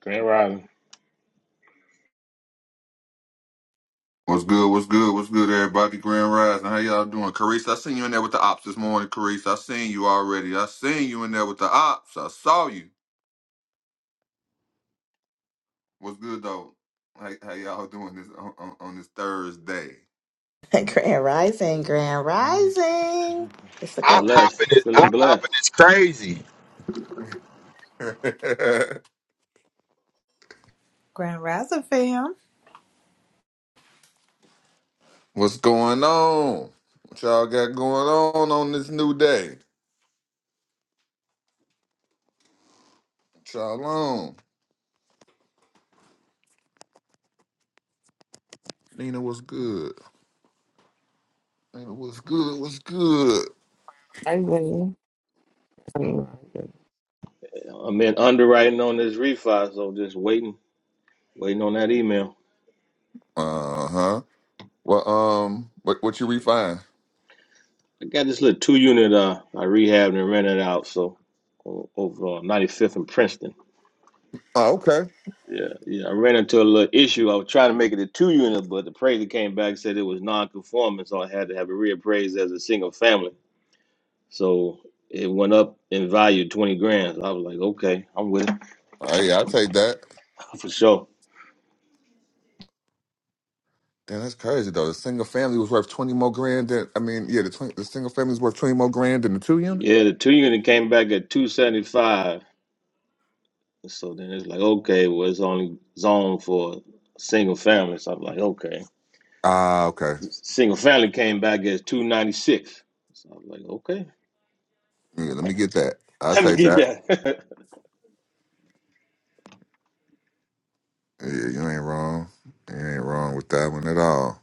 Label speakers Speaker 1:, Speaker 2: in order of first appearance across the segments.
Speaker 1: Grand Rising.
Speaker 2: What's good? What's good? What's good, everybody? Grand Rising. How y'all doing? Carissa, I seen you in there with the ops this morning, Carissa. I seen you already. I seen you in there with the ops. I saw you. What's good, though? How, how y'all doing this on, on, on this Thursday?
Speaker 3: Hey, Grand Rising, Grand Rising.
Speaker 4: Op
Speaker 1: Blessed,
Speaker 4: hopping is
Speaker 1: feeling
Speaker 4: op
Speaker 1: blessed.
Speaker 4: hopping is crazy.
Speaker 5: Grand Rising fam.
Speaker 2: What's going on? What y'all got going on on this new day? What y'all on? Nina, what's good? Nina, what's good? What's good?
Speaker 6: I will. I
Speaker 1: I'm in underwriting on this refi, so just waiting, waiting on that email.
Speaker 2: Uh huh. Well, um, what what you refine?
Speaker 1: I got this little two unit uh I rehabbed and rented out, so o- over on 95th and Princeton.
Speaker 2: Oh, okay.
Speaker 1: Yeah, yeah. I ran into a little issue. I was trying to make it a two unit, but the appraiser came back and said it was non-conforming, so I had to have it reappraised as a single family. So it went up in value 20 grand. I was like, okay, I'm with it
Speaker 2: Oh yeah, I take that.
Speaker 1: for sure.
Speaker 2: Damn, that's crazy though. The single family was worth twenty more grand than I mean, yeah, the 20, the single family was worth twenty more grand than the two unit.
Speaker 1: Yeah, the two unit came back at 275. So then it's like, okay, well, it's only zoned for single family. So I'm like, okay.
Speaker 2: Ah, okay.
Speaker 1: Single family came back as 296. So I'm like, okay,
Speaker 2: Yeah, let me get that. I'll
Speaker 1: let me
Speaker 2: take
Speaker 1: get
Speaker 2: that.
Speaker 1: that.
Speaker 2: Yeah, you ain't wrong. You ain't wrong with that one at all.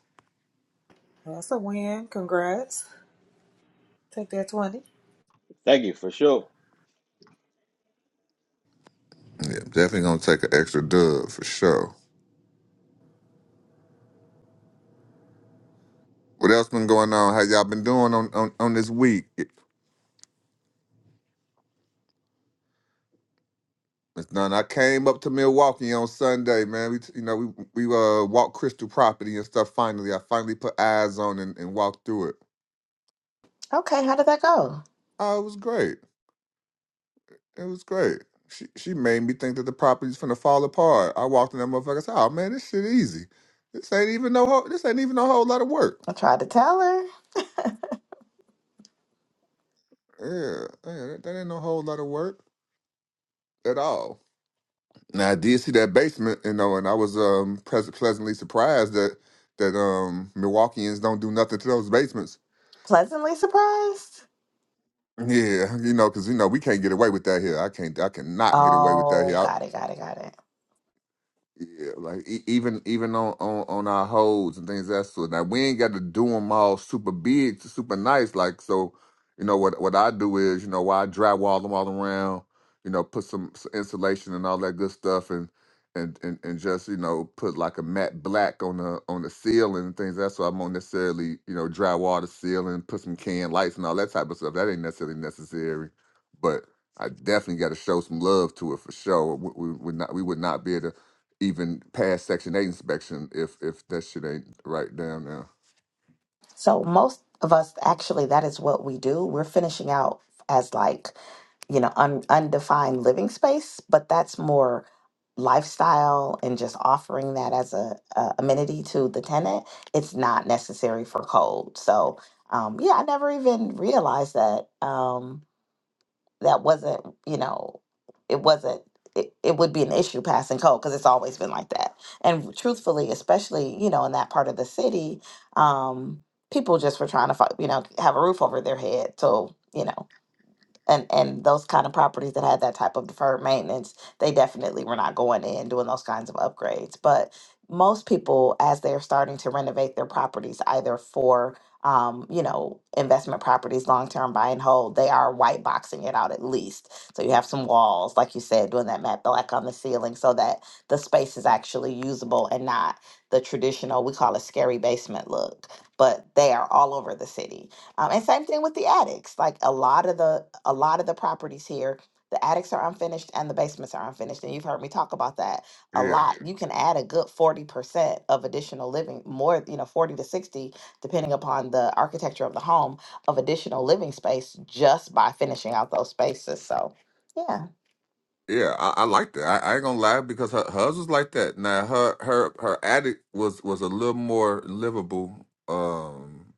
Speaker 5: That's a win. Congrats. Take that 20.
Speaker 1: Thank you for sure.
Speaker 2: Yeah, definitely gonna take an extra dub for sure. What else been going on? How y'all been doing on on, on this week? It's none. I came up to Milwaukee on Sunday, man. We t- you know we we uh walked Crystal Property and stuff. Finally, I finally put eyes on and, and walked through it.
Speaker 3: Okay, how did that go?
Speaker 2: Oh, it was great. It was great. She she made me think that the property's finna fall apart. I walked in that motherfucker. and said, "Oh man, this shit easy. This ain't even no whole, this ain't even a whole lot of work.
Speaker 3: I tried to tell her.
Speaker 2: Yeah, yeah, that, that ain't no whole lot of work at all." Now I did see that basement, you know, and I was um pres- pleasantly surprised that that um Milwaukeeans don't do nothing to those basements.
Speaker 3: Pleasantly surprised.
Speaker 2: Yeah, you know, because you know we can't get away with that here. I can't. I cannot get away with that
Speaker 3: Oh,
Speaker 2: here.
Speaker 3: got it, got it, got it.
Speaker 2: Yeah, like e- even even on, on on our holds and things of that sort. Now we ain't got to do them all super big, super nice. Like so, you know what what I do is you know why I drywall them all around. You know, put some, s insulation and all that good stuff, and and and and just you know put like a matte black on the on the ceiling and things. That's why I won't necessarily you know drywall the ceiling, put some can lights and all that type of stuff. That ain't necessarily necessary, but I definitely got to show some love to it for sure. We, we, we not we would not be able to even pass Section Eight inspection if if that shit ain't right down now.
Speaker 3: So, most of us actually, that is what we do. We're finishing out as like, you know, un- undefined living space, but that's more lifestyle and just offering that as a, a amenity to the tenant. It's not necessary for code. So, um, yeah, I never even realized that. Um, that wasn't, you know, it wasn't, it, it would be an issue passing code because it's always been like that. And truthfully, especially, you know, in that part of the city, um, people just were trying to, fi- you know, have a roof over their head. So, you know, and and those kind of properties that had that type of deferred maintenance they definitely were not going in doing those kinds of upgrades but most people as they're starting to renovate their properties either for um, you know investment properties long term buy and hold they are white boxing it out at least so you have some walls like you said doing that matte black on the ceiling so that the space is actually usable and not the traditional we call it scary basement look but they are all over the city um, and same thing with the attics. Like a lot of the a lot of the properties here, the attics are unfinished and the basements are unfinished. And you've heard me talk about that a
Speaker 2: Yeah,
Speaker 3: lot. You can add a good forty percent of additional living, more you know, forty to sixty, depending upon the architecture of the home, of additional living space just by finishing out those spaces. So, yeah.
Speaker 2: yeah, I, I like that. I, I ain't gonna lie because her hers was like that. Now her her her attic was was a little more livable. Um,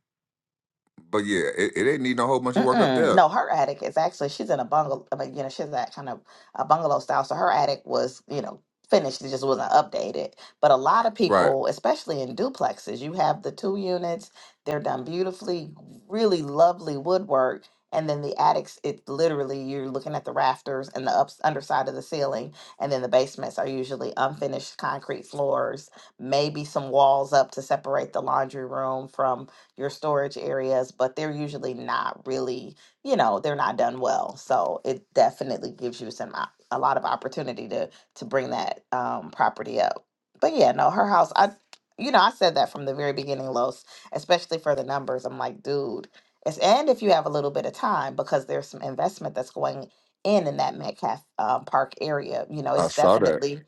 Speaker 2: but yeah, it, it didn't need no whole bunch of work up
Speaker 3: Mm-mm.
Speaker 2: there.
Speaker 3: No, her attic is actually she's in a bungalow. I mean, you know, she's that kind of a bungalow style. So her attic was, you know, finished. It just wasn't updated. But a lot of
Speaker 2: Right,
Speaker 3: people, especially in duplexes, you have the two units. They're done beautifully, really lovely woodwork, and then the attics. It literally you're looking at the rafters and the ups underside of the ceiling, and then the basements are usually unfinished concrete floors, maybe some walls up to separate the laundry room from your storage areas, but they're usually not really, you know, they're not done well. So it definitely gives you some op- a lot of opportunity to to bring that um, property up. But yeah, no, her house. I, you know, I said that from the very beginning, Los, especially for the numbers. I'm like, dude, it's and if you have a little bit of time because there's some investment that's going in in that Metcalf um, Park area. You know,
Speaker 2: I
Speaker 3: it's
Speaker 2: saw that.
Speaker 3: definitely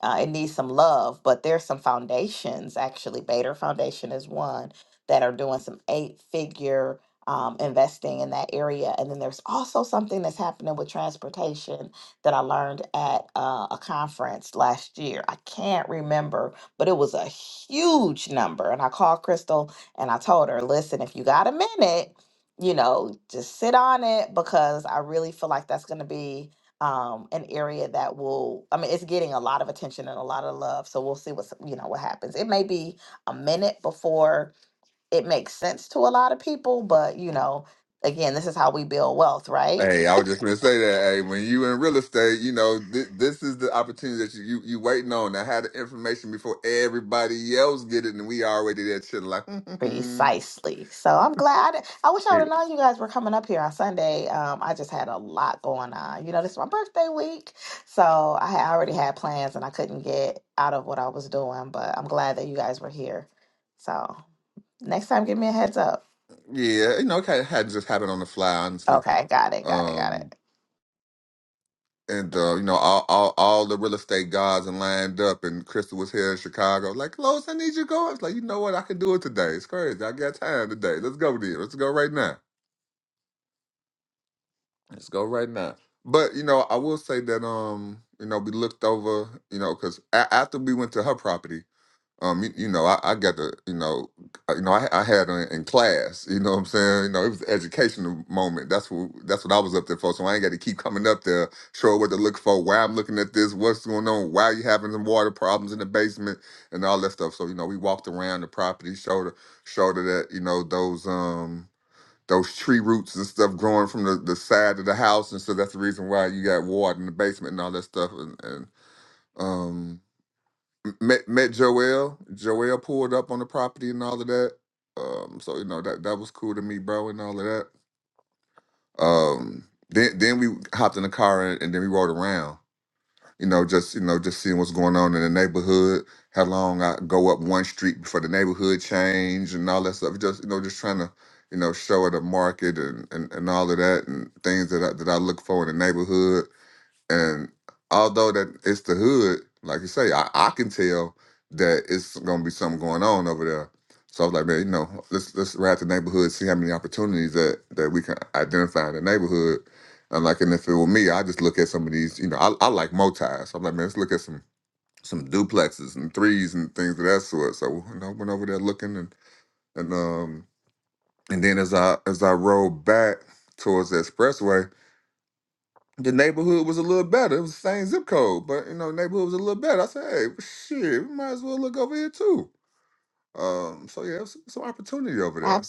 Speaker 3: uh, it needs some love but there's some foundations actually bader foundation is one that are doing some eight figure um, investing in that area and then there's also something that's happening with transportation that i learned at uh, a conference last year i can't remember but it was a huge number and i called crystal and i told her listen if you got a minute you know just sit on it because i really feel like that's going to be um an area that will i mean it's getting a lot of attention and a lot of love so we'll see what's you know what happens it may be a minute before it makes sense to a lot of people but you know again this is how we build wealth right
Speaker 2: Hey, I was just gonna say that. Hey, when you in real estate, you know th- this is the opportunity that you, you you waiting on. I had the information before everybody else get it, and we already that shit like.
Speaker 3: precisely so i'm glad i, I wish i would have known you guys were coming up here on sunday um i just had a lot going on you know this is my birthday week so i had already had plans and i couldn't get out of what i was doing but i'm glad that you guys were here so next time give me a heads up
Speaker 2: Yeah, you know, it had, had to just happened on the fly, honestly.
Speaker 3: Okay, got it, got it, got
Speaker 2: Um,
Speaker 3: it.
Speaker 2: and uh, you know, all, all all the real estate gods and lined up, and Crystal was here in Chicago. Like, Lois, I need you to go. I was like, you know what? I can do it today. It's crazy. I got time today. Let's go there. Let's go right now. Let's go right now. But you know, I will say that um, you know, we looked over, you know, because after we went to her property. Um, you, you know, I, I got to, you know, I- you know, I, I had her in class. You know what I'm saying? You know, it was an educational moment. That's what that's what I was up there for. So I ain't got to keep coming up there, show her what to look for, why I'm looking at this, what's going on, why you having some water problems in the basement, and all that stuff. So you know, we walked around the property, showed her, showed her that you know those um those tree roots and stuff growing from the, the side of the house, and so that's the reason why you got water in the basement and all that stuff, and, and um met met Joel. Joel pulled up on the property and all of that. Um, so you know that that was cool to meet bro and all of that. Um, then then we hopped in the car and, and then we rode around. You know, just you know, just seeing what's going on in the neighborhood. How long I go up one street before the neighborhood change and all that stuff. Just you know, just trying to you know show at the market and, and and all of that and things that I, that I look for in the neighborhood and although that it's the hood, like you say, I, I can tell that it's gonna be something going on over there. So I was like, man, you know, let's let's ride the neighborhood, see how many opportunities that that we can identify in the neighborhood. And like, and if it were me, I just look at some of these, you know, I, I like motis. So I'm like, man, let's look at some some duplexes and threes and things of that sort. So you know, I went over there looking and and um and then as I as I rode back towards the expressway, the neighborhood was a little better. It was the same zip code, but you know, neighborhood was a little better. I said, hey, shit, we might as well look over here too. Um, so yeah, it's some opportunity over there.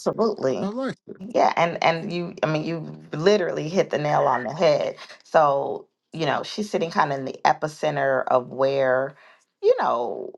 Speaker 2: I I like. it.
Speaker 3: Yeah, and and you I mean you literally hit the nail on the head. So, you know, she's sitting kind of in the epicenter of where, you know,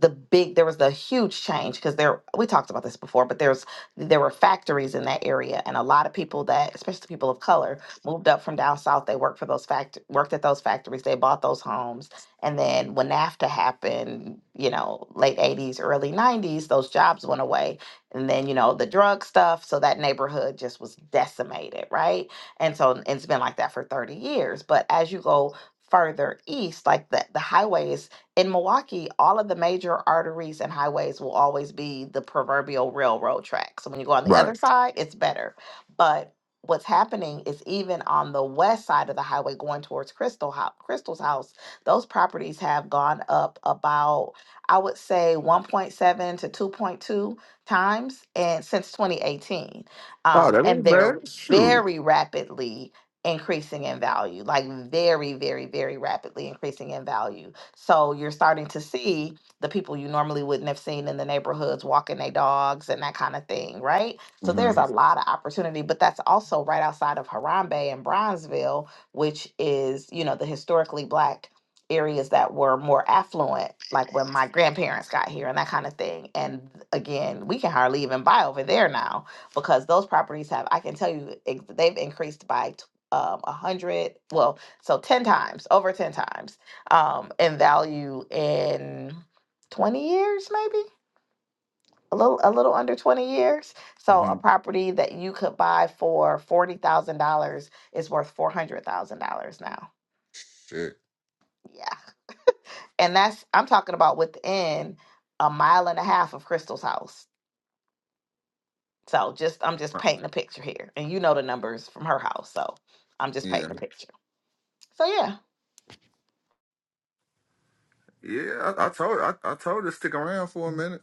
Speaker 3: the big there was the huge change because there we talked about this before but there's there were factories in that area and a lot of people that especially people of color moved up from down south they worked for those fact worked at those factories they bought those homes and then when NAFTA happened you know late 80s early 90s those jobs went away and then you know the drug stuff so that neighborhood just was decimated right and so it's been like that for 30 years but as you go further east like the the highways in Milwaukee, all of the major arteries and highways will always be the proverbial railroad track. So when you go on the
Speaker 2: Right.
Speaker 3: other side, it's better. But what's happening is even on the west side of the highway going towards Crystal house, Crystal's house, those properties have gone up about I would say 1.7 to 2.2 times and since 2018.
Speaker 2: Oh,
Speaker 3: Um,
Speaker 2: that
Speaker 3: and
Speaker 2: ain't bad.
Speaker 3: they're
Speaker 2: Shoot.
Speaker 3: very rapidly increasing in value, like very, very, very rapidly increasing in value so you're starting to see the people you normally wouldn't have seen in the neighborhoods walking their dogs and that kind of thing, right? So
Speaker 2: Mm-hmm.
Speaker 3: there's a lot of opportunity, but that's also right outside of Harambe and Bronzeville, which is, you know, the historically black areas that were more affluent, like when my grandparents got here and that kind of thing. And again, we can hardly even buy over there now because those properties have, I can tell you, ex- they've increased by t- um, a hundred, well, so 10 times, over 10 times um, in value in 20 years, maybe a little a little under 20 years. So a
Speaker 2: Mm-hmm.
Speaker 3: property that you could buy for forty thousand dollars is worth four hundred thousand dollars now.
Speaker 2: Shit.
Speaker 3: Yeah, and that's I'm talking about within a mile and a half of Crystal's house. So just I'm just
Speaker 2: Uh,
Speaker 3: painting a picture here, and you know the numbers from her house, so I'm just
Speaker 2: Yeah.
Speaker 3: painting a picture. So yeah.
Speaker 2: Yeah. I, I told I, I told her to stick around for a minute.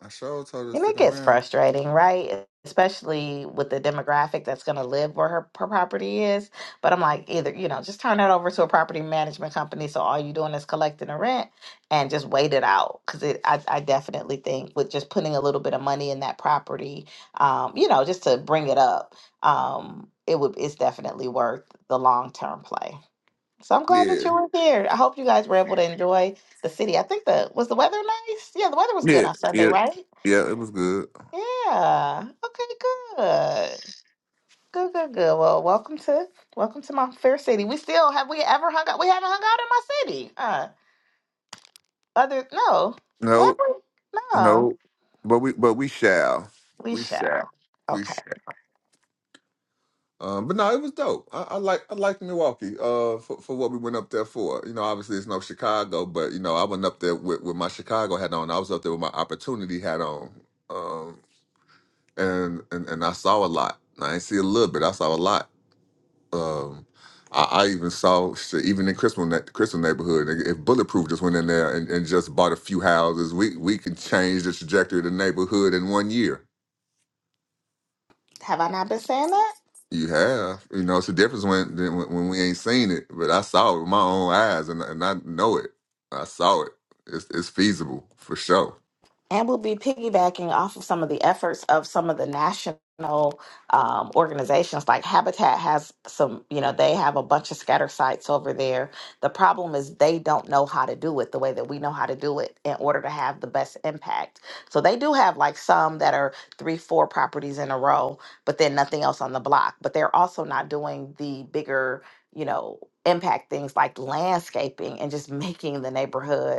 Speaker 2: I sure told her to
Speaker 3: And
Speaker 2: stick
Speaker 3: it gets
Speaker 2: around.
Speaker 3: frustrating, right? Especially with the demographic that's going to live where her, her property is. But I'm like, either, you know, just turn that over to a property management company. So all you're doing is collecting the rent and just wait it out. Cause it, I, I definitely think with just putting a little bit of money in that property, um, you know, just to bring it up, um, it would, it's definitely worth the long term play. So I'm glad
Speaker 2: Yeah.
Speaker 3: that you were here. I hope you guys were able to enjoy the city. I think the, was the weather nice? Yeah, the weather was good
Speaker 2: Yeah.
Speaker 3: on Sunday,
Speaker 2: Yeah.
Speaker 3: right?
Speaker 2: Yeah. It was good.
Speaker 3: Yeah. Okay, good. Good, good, good. Well, welcome to welcome to my fair city. We still have we ever hung out? We haven't hung out in my city. Uh other no. Have
Speaker 2: No.
Speaker 3: we? No.
Speaker 2: No. But we but we shall.
Speaker 3: We
Speaker 2: We shall.
Speaker 3: shall.
Speaker 2: We
Speaker 3: Okay.
Speaker 2: shall. Um, but no, it was dope. I, I like I liked Milwaukee. Uh, for, for what we went up there for. You know, obviously it's no Chicago, but you know I went up there with, with my Chicago hat on. I was up there with my opportunity hat on. Um, and and and I saw a lot. I didn't see a little bit. I saw a lot. Um, I, I even saw shit, even in Crystal ne- Crystal neighborhood. If Bulletproof just went in there and, and just bought a few houses, we we can change the trajectory of the neighborhood in one year.
Speaker 3: Have I not been saying that?
Speaker 2: You have, you know, it's a difference when than when when we ain't seen it, but I saw it with my own eyes, and and I know it. I saw it. It's it's feasible for sure.
Speaker 3: and we'll be piggybacking off of some of the efforts of some of the national um, organizations like habitat has some you know they have a bunch of scatter sites over there the problem is they don't know how to do it the way that we know how to do it in order to have the best impact so they do have like some that are three four properties in a row but then nothing else on the block but they're also not doing the bigger you know impact things like landscaping and just making the neighborhood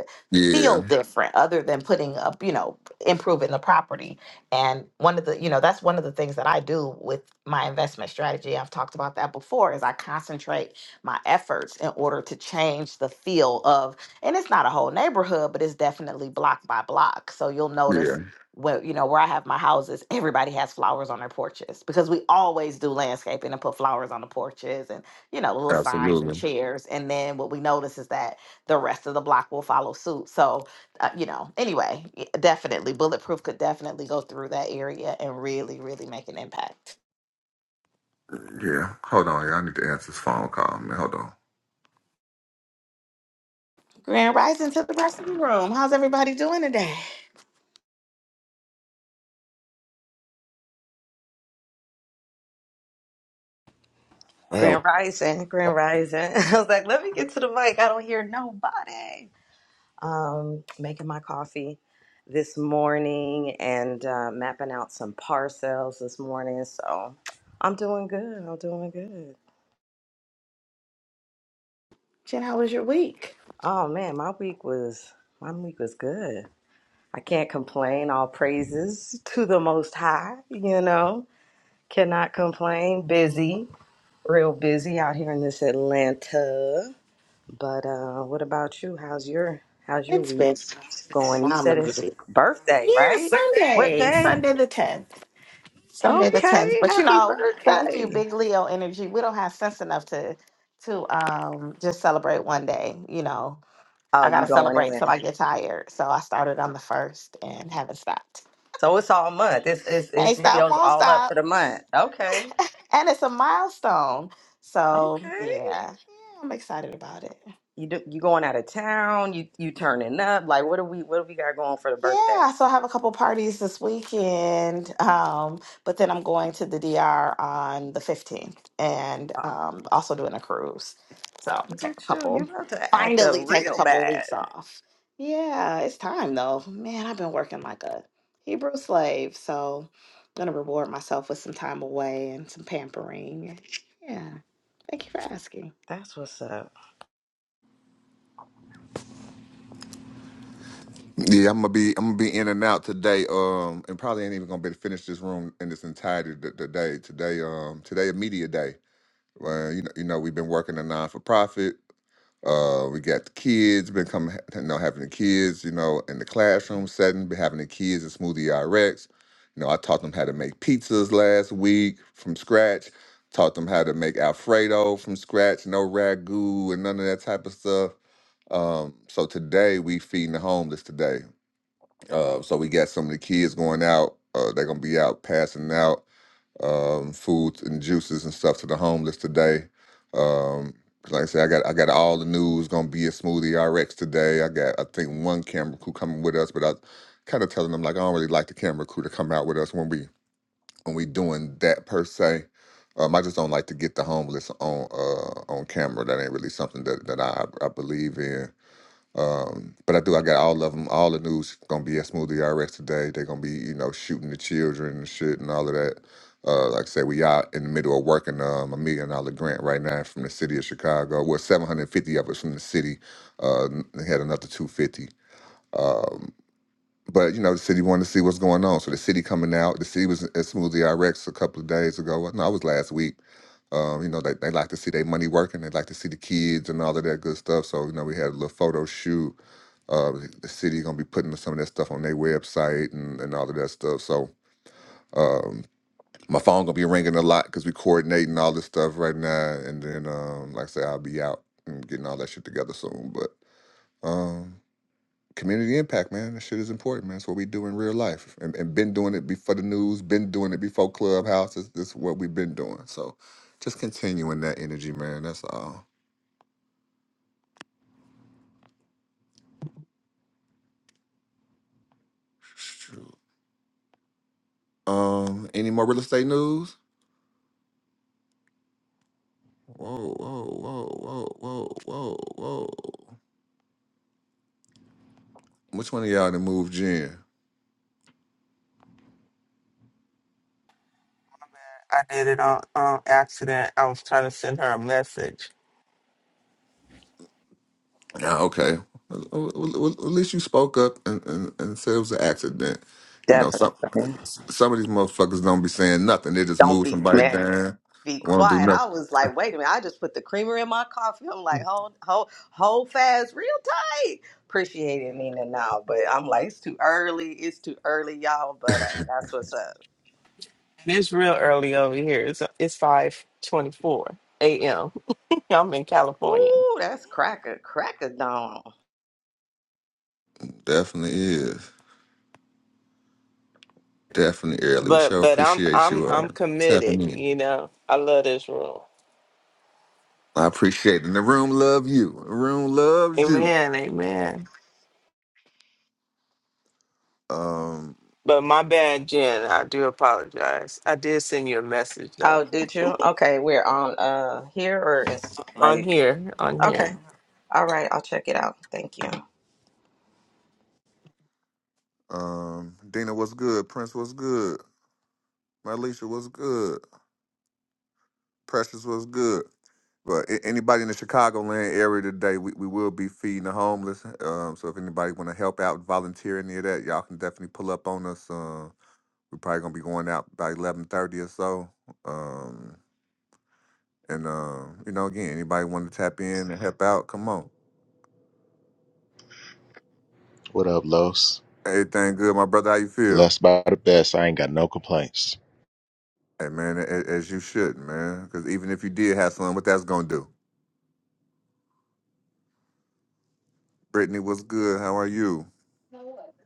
Speaker 3: feel
Speaker 2: Yeah,
Speaker 3: different other than putting up you know improving the property and one of the you know that's one of the things that i do with my investment strategy i've talked about that before is i concentrate my efforts in order to change the feel of and it's not a whole neighborhood but it's definitely block by block so you'll notice
Speaker 2: yeah,
Speaker 3: where you know where i have my houses everybody has flowers on their porches because we always do landscaping and put flowers on the porches and you know little signs and
Speaker 2: absolutely.
Speaker 3: chairs and then what we notice is that the rest of the block will follow suit. So, uh, you know, anyway, y- definitely, Bulletproof could definitely go through that area and really, really make an impact.
Speaker 2: Yeah, hold on, y'all. I need to answer this phone call, man. Hold on.
Speaker 3: Grand Rising to the rest of the room. How's everybody doing today?
Speaker 7: I had
Speaker 8: Grand Rising, Grand Rising. I was like, let me get to the mic. I don't hear nobody. Um, making my coffee this morning and uh, mapping out some parcels this morning. So I'm doing good. I'm doing good.
Speaker 3: Jen, how was your week?
Speaker 8: Oh man, my week was my week was good. I can't complain. All praises to the Most High. You know, cannot complain. Busy, real busy out here in this Atlanta. But uh, what about you? How's your How's your
Speaker 3: It's
Speaker 8: week
Speaker 3: been
Speaker 8: going? You said
Speaker 3: phenomenal.
Speaker 8: it's birthday,
Speaker 3: Yeah,
Speaker 8: right? What
Speaker 3: Sunday,
Speaker 8: day?
Speaker 3: Sunday the 10th. Sunday the 10th.
Speaker 8: Okay,
Speaker 3: But, you
Speaker 8: happy
Speaker 3: know, thank you,
Speaker 8: birthday!
Speaker 3: Big Leo Energy. We don't have sense enough to to um just celebrate one day, you know
Speaker 8: Oh,
Speaker 3: I
Speaker 8: you
Speaker 3: gotta
Speaker 8: going
Speaker 3: celebrate till
Speaker 8: in?
Speaker 3: I get tired. So I started on the first and haven't stopped.
Speaker 8: So it's all month. It's it's it's
Speaker 3: Ain't stop,
Speaker 8: Leo's
Speaker 3: won't
Speaker 8: all up
Speaker 3: stop.
Speaker 8: for the month. Okay,
Speaker 3: And it's a milestone. So
Speaker 8: okay.
Speaker 3: yeah, yeah, I'm excited about it.
Speaker 8: You do, you going out of town? You you turning up? Like what do we what do we got going for the birthday?
Speaker 3: Yeah, so I have a couple parties this weekend, um, but then I'm going to the DR on the 15th and
Speaker 8: Oh,
Speaker 3: um, also doing a cruise. So
Speaker 8: look
Speaker 3: take a
Speaker 8: at you! You
Speaker 3: couple,
Speaker 8: about to act up
Speaker 3: finally take a
Speaker 8: real
Speaker 3: couple
Speaker 8: bad.
Speaker 3: weeks off. Yeah, it's time though. Man, I've been working like a Hebrew slave, so I'm gonna reward myself with some time away and some pampering. Yeah, thank you for asking.
Speaker 8: That's what's up.
Speaker 2: Yeah, I'm gonna be I'm gonna be in and out today. Um, and probably ain't even gonna be able to finish this room in its entirety t- today. Today, um, today a media day. Well, you know, you know, we've been working a non for profit. Uh, we got the kids been coming, you know, having the kids, you know, in the classroom setting, been having the kids at Smoothie RX. You know, I taught them how to make pizzas last week from scratch. Taught them how to make Alfredo from scratch, no ragu and none of that type of stuff. Um, so today we feeding the homeless today. Uh, so we got some of the kids going out. Uh, they're gonna be out passing out um, foods and juices and stuff to the homeless today. Um, 'cause like I said, I got I got all the news gonna be a smoothie RX today. I got I think one camera crew coming with us, but I kind of telling them like I don't really like the camera crew to come out with us when we when we doing that per se. Um, I just don't like to get the homeless on uh, on camera. That ain't really something that that I I believe in. Um, but I do. I got all of them. All the news gonna be at Smoothie RX today. They're gonna be, you know, shooting the children and shit and all of that. Uh, like I said, we out in the middle of working um, a million dollar grant right now from the city of Chicago. Well, seven hundred fifty of us from the city. Uh, they had another two fifty. Um, but you know, the city wanted to see what's going on, so the city coming out. The city was at Smoothie RX a couple of days ago. Well, No, it was last week. Um, you know, they, they like to see their money working. They like to see the kids and all of that good stuff. So, you know, we had a little photo shoot uh, the city gonna be putting some of that stuff on their website and, and all of that stuff. So um, my phone gonna be ringing a lot because we coordinating all this stuff right now. And then, um, like I said, I'll be out and getting all that shit together soon. But um, community impact, man, that shit is important, man. It's what we do in real life, and, and been doing it before the news, been doing it before clubhouses. This this is what we've been doing. So just continuing that energy, man. That's all. Um, any more real estate news? Whoa, whoa, whoa, whoa, whoa, whoa, whoa. Which one of y'all that moved Jen?
Speaker 6: did it on um, accident. I was trying to send her a message.
Speaker 2: Ah, okay. Well, well, well, at least you spoke up and, and, and said it was an accident. You know, some
Speaker 8: Definitely.
Speaker 2: some of these motherfuckers don't be saying nothing. They just
Speaker 8: Don't
Speaker 2: move
Speaker 8: be
Speaker 2: somebody
Speaker 8: mad.
Speaker 2: down,
Speaker 8: Be
Speaker 2: won't do
Speaker 8: quiet.
Speaker 2: nothing.
Speaker 8: I was like, wait a minute. I just put the creamer in my coffee. I'm like, hold, hold, hold fast, real tight. Appreciate it, Nina. Now, but I'm like, it's too early. It's too early, y'all. But uh, that's what's up.
Speaker 6: And it's real early over here. It's it's five twenty four a.m. I'm in California,
Speaker 8: Ooh, that's cracker, cracker dawn.
Speaker 2: Definitely is. Definitely early. We
Speaker 6: but
Speaker 2: sure
Speaker 6: but I'm
Speaker 2: appreciate
Speaker 6: I'm
Speaker 2: you uh,
Speaker 6: I'm committed.
Speaker 2: tapping in.
Speaker 6: You know, I love this room.
Speaker 2: I appreciate it. And the room love you. The room loves you.
Speaker 6: Amen, amen.
Speaker 2: Um,
Speaker 6: But my bad, Jen. I do apologize. I did send you a message
Speaker 8: Oh,
Speaker 6: though
Speaker 8: did you? Okay, we're on uh here or it's
Speaker 6: on
Speaker 8: like
Speaker 6: here on
Speaker 8: okay.
Speaker 6: here.
Speaker 8: All right, I'll check it out. Thank you.
Speaker 2: um, Dina, what's good? Prince, what's good? Alicia was good. Precious was good. But a- anybody in the Chicagoland area today, we, we will be feeding the homeless. Um, so if anybody want to help out, volunteer any of that, y'all can definitely pull up on us. Uh, we're probably gonna be going out by eleven thirty or so. Um, and um, you know, again, anybody want to tap in and help out, come on.
Speaker 9: What up, Los?
Speaker 2: Everything good, my brother? How you feel?
Speaker 9: Blessed by the best. I ain't got no complaints.
Speaker 2: Hey man, a- a- as you should, man. Because even if you did have some, what that's gonna do? Brittany, what's good? How are you?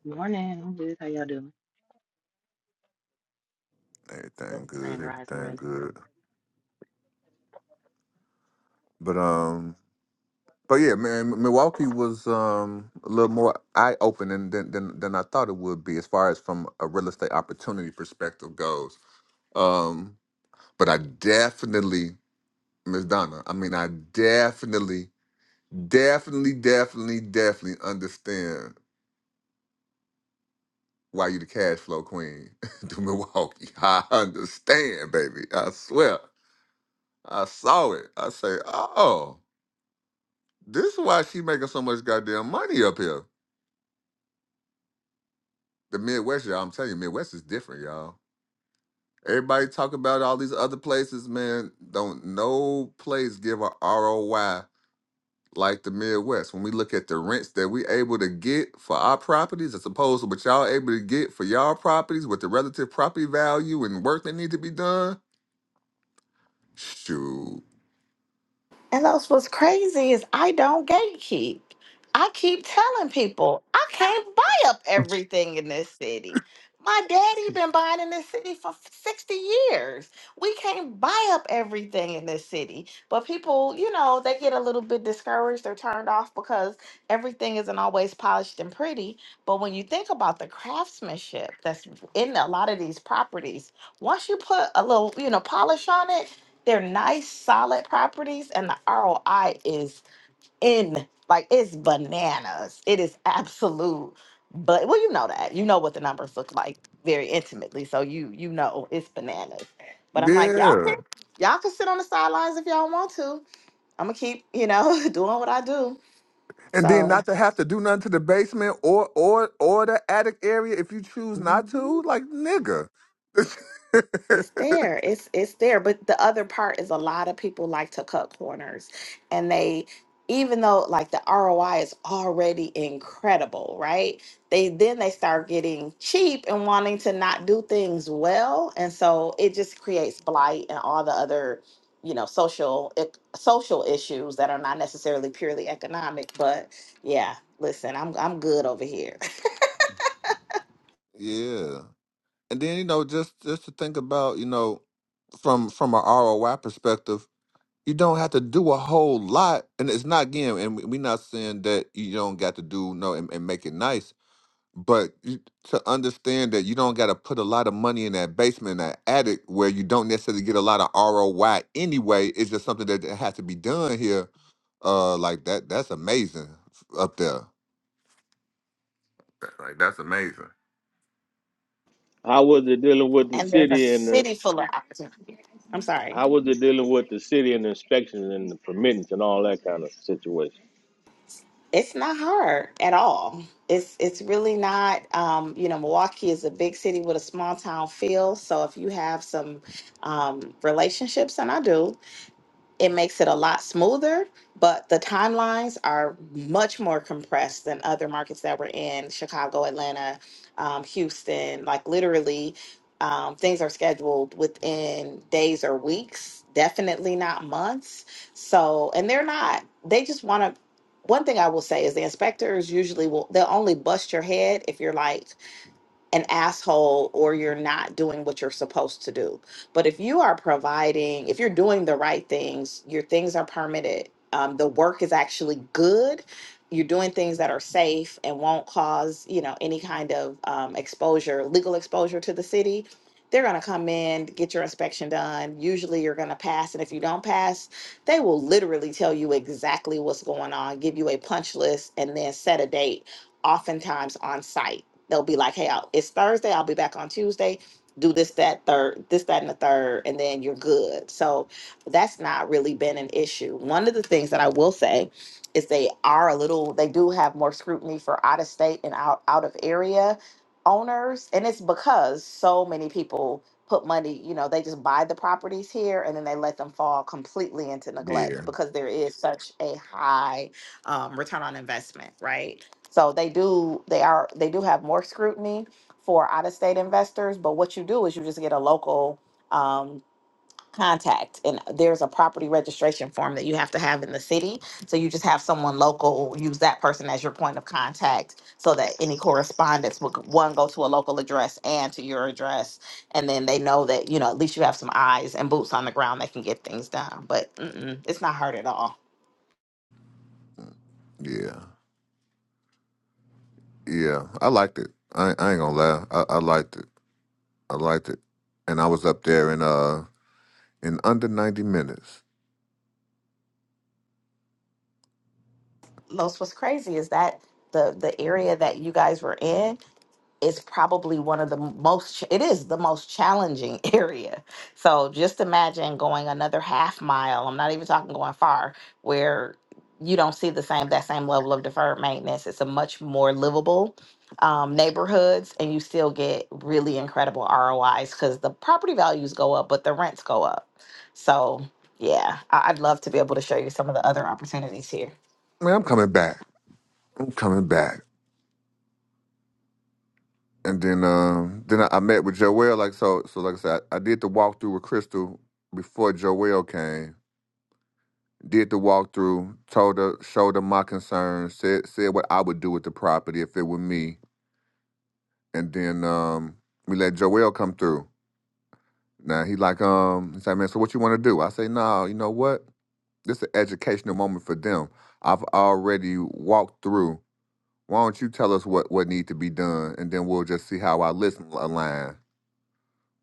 Speaker 10: Morning. I'm good. How y'all doing?
Speaker 2: Everything
Speaker 10: Well,
Speaker 2: good.
Speaker 10: Grand Rising,
Speaker 2: Everything
Speaker 10: rather.
Speaker 2: good. But um, but yeah, man, Milwaukee was um a little more eye opening than than than I thought it would be as far as from a real estate opportunity perspective goes. Um, but I definitely, Miss Donna, I mean, I definitely, definitely, definitely, definitely understand why you the cash flow queen to Milwaukee. I understand, baby. I swear. I saw it. I say, oh, this is why she making so much goddamn money up here. the Midwest, y'all. I'm telling you, Midwest is different, y'all. Everybody talk about all these other places, man. Don't no place give a ROI like the Midwest. When we look at the rents that we able to get for our properties, as opposed to what y'all able to get for y'all properties with the relative property value and work that need to be done. Shoot.
Speaker 3: And that's what's crazy is I don't gatekeep. I keep telling people I can't buy up everything in this city. My daddy been buying in this city for f- 60 years. We can't buy up everything in this city. But people, you know, they get a little bit discouraged or turned off because everything isn't always polished and pretty. But when you think about the craftsmanship that's in a lot of these properties, once you put a little, you know, polish on it, they're nice, solid properties, and the ROI is in like it's bananas. It is absolute. But well, you know that. You know what the numbers look like very intimately. So you you know it's bananas. But I'm like, y'all
Speaker 2: Yeah.
Speaker 3: can y'all can sit on the sidelines if y'all want to. I'm gonna keep, you know, doing what I do.
Speaker 2: And then
Speaker 3: So
Speaker 2: not to have to do nothing to the basement or or or the attic area if you choose not
Speaker 3: mm-hmm.
Speaker 2: to. Like nigga.
Speaker 3: It's there. It's it's there. But the other part is a lot of people like to cut corners and they even though like the ROI is already incredible, right? They then they start getting cheap and wanting to not do things well. And so it just creates blight and all the other, you know, social ec- social issues that are not necessarily purely economic, but yeah, listen, I'm I'm good over here.
Speaker 2: yeah. And then you know, just just to think about, you know, from from a ROI perspective, you don't have to do a whole lot, and it's not again, and we're not saying that you don't got to do no and, and make it nice, but you, to understand that you don't got to put a lot of money in that basement, in that attic, where you don't necessarily get a lot of ROI anyway. It's just something that has to be done here. Uh, like that, that's amazing up there. Like that's amazing.
Speaker 1: How was it dealing with the
Speaker 3: And there's a
Speaker 1: city and the
Speaker 3: city full of opportunity. I'm sorry.
Speaker 1: how was it dealing with the city and the inspections and the permits and all that kind of situation?
Speaker 3: It's not hard at all. It's it's really not. Um, you know, Milwaukee is a big city with a small town feel. So if you have some um, relationships, and I do, it makes it a lot smoother, but the timelines are much more compressed than other markets that we're in Chicago, Atlanta, um, Houston. Like, literally, um, things are scheduled within days or weeks, definitely not months. So, and they're not, they just want to. One thing I will say is the inspectors usually will, they'll only bust your head if you're like, an asshole or you're not doing what you're supposed to do. But if you are providing, if you're doing the right things, your things are permitted, um, the work is actually good, you're doing things that are safe and won't cause, you know, any kind of um, exposure, legal exposure to the city. They're going to come in, get your inspection done. Usually you're going to pass. And if you don't pass, they will literally tell you exactly what's going on, give you a punch list, and then set a date, oftentimes on site they'll be like, "Hey, I'll, it's Thursday. I'll be back on Tuesday. Do this, that, third, this, that, and the third, and then you're good." So that's not really been an issue. One of the things that I will say is they are a little. They do have more scrutiny for out of state and out out of area owners, and it's because so many people put money. You know, they just buy the properties here and then they let them fall completely into neglect
Speaker 2: Yeah,
Speaker 3: because there is such a high um, return on investment, right? So they do they are they do have more scrutiny for out of state investors, but what you do is you just get a local um, contact and there's a property registration form that you have to have in the city. So you just have someone local use that person as your point of contact so that any correspondence will one go to a local address and to your address and then they know that you know at least you have some eyes and boots on the ground that can get things done. But mm-mm, it's not hard at all.
Speaker 2: yeah. Yeah, I liked it. I, I ain't gonna lie. I, I liked it. I liked it. And I was up there in uh in under ninety minutes.
Speaker 3: Los, what's crazy is that the the area that you guys were in it's probably one of the most it is the most challenging area so just imagine going another half mile i'm not even talking going far where you don't see the same that same level of deferred maintenance it's a much more livable um, neighborhoods and you still get really incredible rois because the property values go up but the rents go up so yeah I- i'd love to be able to show you some of the other opportunities here
Speaker 2: Man, I'm coming back. I'm coming back. And then um then I, I met with Joelle. Like so so like I said, I, I did the walkthrough with Crystal before Joelle came. Did the walkthrough, told her, showed her my concerns, said said what I would do with the property if it were me. And then um we let Joelle come through. Now he like um he's like man, so what you want to do? I say no, you know what? This is an educational moment for them. I've already walked through. Why don't you tell us what what need to be done, and then we'll just see how our listen align.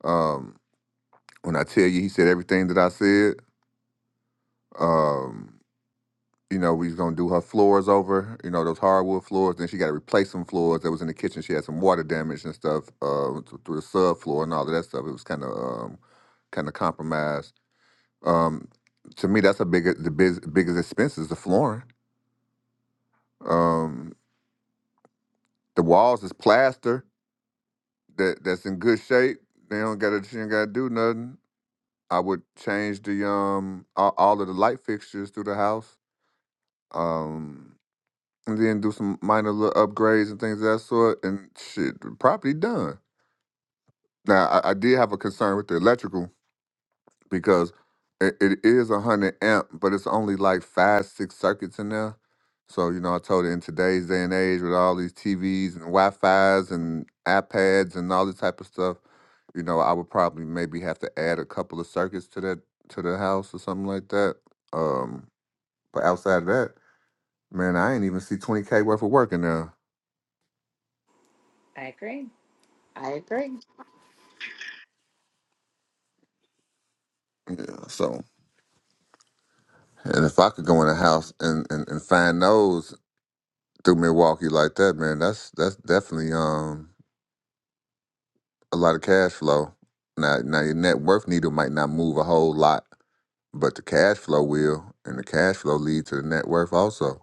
Speaker 2: Um, when I tell you, he said everything that I said. Um, you know, we was gonna do her floors over. You know, those hardwood floors. Then she got to replace some floors that was in the kitchen. She had some water damage and stuff uh, th- through the subfloor and all of that stuff. It was kind of um, kind of compromised. Um, to me, that's a big the biz, biggest expense is the flooring. Um, The walls is plaster that that's in good shape. They don't gotta she ain't gotta do nothing. I would change the um all, all of the light fixtures through the house. Um and then do some minor little upgrades and things of that sort and shit the property done. Now I, I did have a concern with the electrical because it, it is a hundred amp, but it's only like five, six circuits in there. So, you know, I told her in today's day and age with all these TVs and Wi-Fi's and iPads and all this type of stuff You know, I would probably maybe have to add a couple of circuits to that to the house or something like that. Um, but outside of that, man, I ain't even see twenty k worth of work in there.
Speaker 3: I agree. i agree
Speaker 2: Yeah, so and if I could go in a house and, and, and find those through Milwaukee like that, man, that's that's definitely um a lot of cash flow. Now now your net worth needle might not move a whole lot, but the cash flow will, and the cash flow lead to the net worth also.